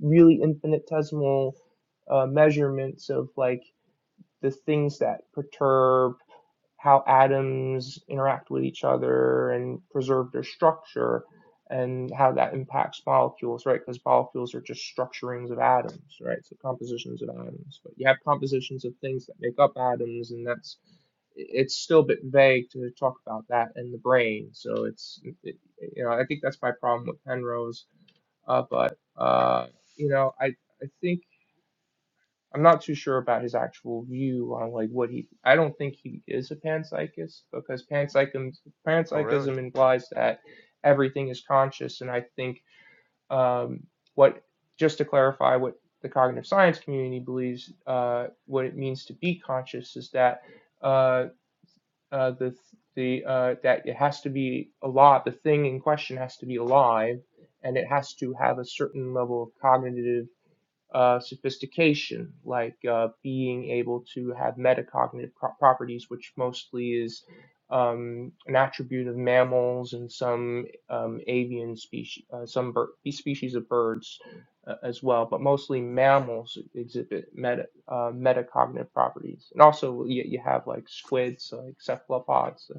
[SPEAKER 7] really infinitesimal uh, measurements of like the things that perturb how atoms interact with each other and preserve their structure and how that impacts molecules, right? Because molecules are just structurings of atoms, right? So compositions of atoms. But you have compositions of things that make up atoms, and that's it's still a bit vague to talk about that in the brain. So it's, it, you know, I think that's my problem with Penrose uh, but uh, you know, I I think I'm not too sure about his actual view on like what he. I don't think he is a panpsychist because panpsychism
[SPEAKER 1] Oh really?
[SPEAKER 7] panpsychism implies that everything is conscious, and I think um, what just to clarify what the cognitive science community believes uh, what it means to be conscious is that uh, uh, the the uh, that it has to be alive. The thing in question has to be alive and it has to have a certain level of cognitive uh, sophistication, like uh, being able to have metacognitive pro- properties, which mostly is um, an attribute of mammals and some um, avian species, uh, some bir- species of birds uh, as well, but mostly mammals exhibit meta uh, metacognitive properties. And also, you, you have like squids, like cephalopods. uh,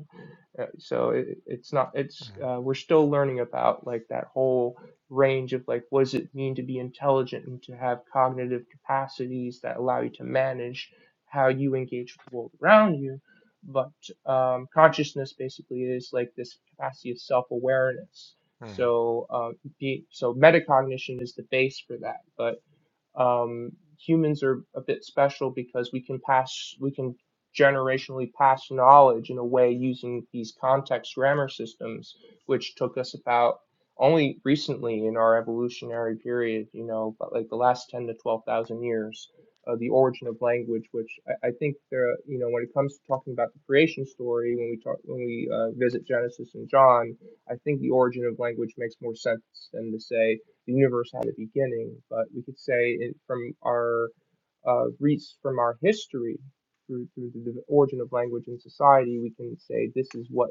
[SPEAKER 7] uh, so it, it's not it's
[SPEAKER 1] hmm
[SPEAKER 7] uh, we're still learning about like that whole range of like what does it mean to be intelligent and to have cognitive capacities that allow you to manage how you engage with the world around you but um, consciousness basically is like this capacity of self-awareness
[SPEAKER 1] hmm
[SPEAKER 7] so um, be, so metacognition is the base for that but um, humans are a bit special because we can pass we can generationally pass knowledge in a way using these context grammar systems which took us about only recently in our evolutionary period you know but like the last 10 to 12,000 years uh, the origin of language which I, I think there you know when it comes to talking about the creation story when we talk when we uh, visit Genesis and John I think the origin of language makes more sense than to say the universe had a beginning, but we could say it from our uh, roots from our history through through the origin of language and society, we can say this is what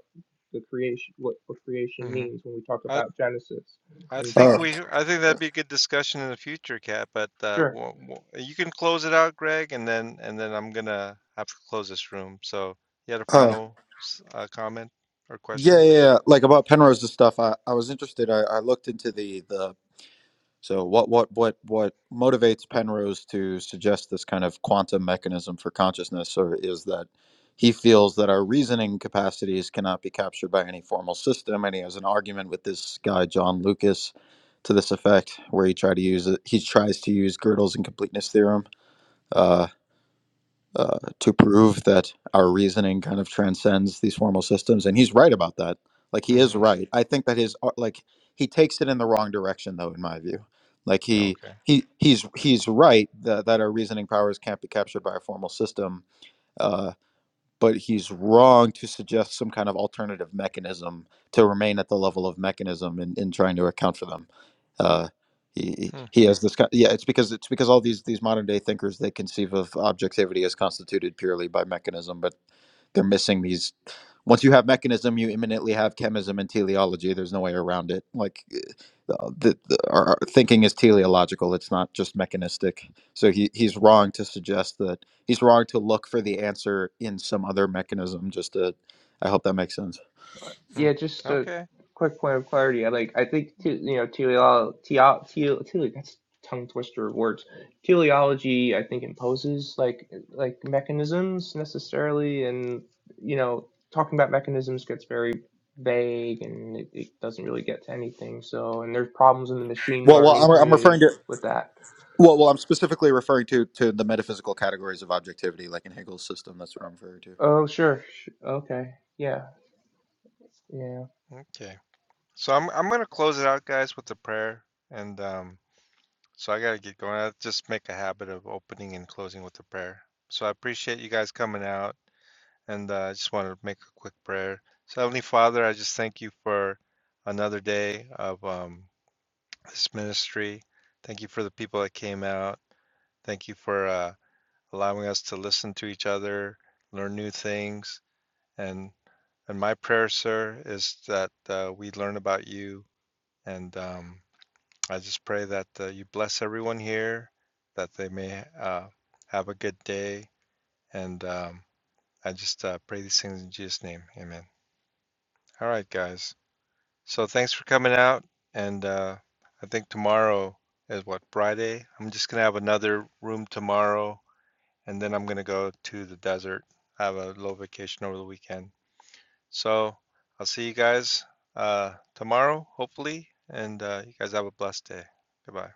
[SPEAKER 7] the creation what, what creation
[SPEAKER 1] hmm
[SPEAKER 7] means when we talk
[SPEAKER 1] I
[SPEAKER 7] about Genesis
[SPEAKER 1] I
[SPEAKER 7] and
[SPEAKER 1] think
[SPEAKER 5] Oh,
[SPEAKER 7] John.
[SPEAKER 1] we I think that'd be a good discussion in the future, Kat. But uh,
[SPEAKER 7] Sure.
[SPEAKER 1] wo- wo- you can close it out, Greg, and then and then I'm gonna have to close this room. So you had a
[SPEAKER 5] oh,
[SPEAKER 1] final s- uh, comment or
[SPEAKER 5] yeah, yeah,
[SPEAKER 1] question?
[SPEAKER 5] yeah. Like about Penrose's stuff, I, I was interested. I, I looked into the the so what what what what motivates Penrose to suggest this kind of quantum mechanism for consciousness, or is that he feels that our reasoning capacities cannot be captured by any formal system, and he has an argument with this guy John Lucas to this effect, where he tried to use it, he tries to use Gödel's incompleteness theorem. uh, uh, to prove that our reasoning kind of transcends these formal systems and he's right about that like he is
[SPEAKER 1] hmm
[SPEAKER 5] right i think that his ar- like he takes it in the wrong direction though in my view like he
[SPEAKER 1] Okay.
[SPEAKER 5] he he's he's right that, that our reasoning powers can't be captured by a formal system uh, but he's wrong to suggest some kind of alternative mechanism to remain at the level of mechanism in, in trying to account for them uh, he,
[SPEAKER 1] Hmm.
[SPEAKER 5] he has this kind yeah it's because it's because all these these modern day thinkers they conceive of objectivity as constituted purely by mechanism but they're missing these once you have mechanism you imminently have chemism and teleology there's no way around it like uh, the, the, our, our thinking is teleological it's not just mechanistic so he, he's wrong to suggest that he's wrong to look for the answer in some other mechanism just to I hope that makes sense.
[SPEAKER 1] Hmm.
[SPEAKER 7] Yeah, just a
[SPEAKER 1] Okay.
[SPEAKER 7] quick point of clarity. I like I think te- you know teleol teo teo tele that's a tongue twister of words. Teleology I think imposes like like mechanisms necessarily, and you know talking about mechanisms gets very vague and it, it doesn't really get to anything. So and there's problems in the machine
[SPEAKER 5] Well, well,
[SPEAKER 7] learning
[SPEAKER 5] I'm, I'm referring
[SPEAKER 7] community
[SPEAKER 5] to.
[SPEAKER 7] with that.
[SPEAKER 5] Well, well, I'm specifically referring to to the metaphysical categories of objectivity, like in Hegel's system. That's what I'm referring to.
[SPEAKER 7] Oh sure, sh- okay, yeah, Yeah.
[SPEAKER 1] Okay. So I'm I'm gonna close it out, guys, with a prayer. And um, so I gotta get going. I just make a habit of opening and closing with a prayer. So I appreciate you guys coming out, and uh, I just want to make a quick prayer. So Heavenly Father, I just thank you for another day of um, this ministry. Thank you for the people that came out. Thank you for uh, allowing us to listen to each other, learn new things, and and my prayer, sir, is that uh, we learn about you and um, I just pray that uh, you bless everyone here, that they may uh, have a good day. And um, I just uh, pray these things in Jesus' name. Amen. All right, guys. So thanks for coming out. And uh, I think tomorrow is what, Friday? I'm just going to have another room tomorrow. And then I'm going to go to the desert. I have a little vacation over the weekend. So I'll see you guys uh, tomorrow, hopefully. And uh, you guys have a blessed day. Goodbye.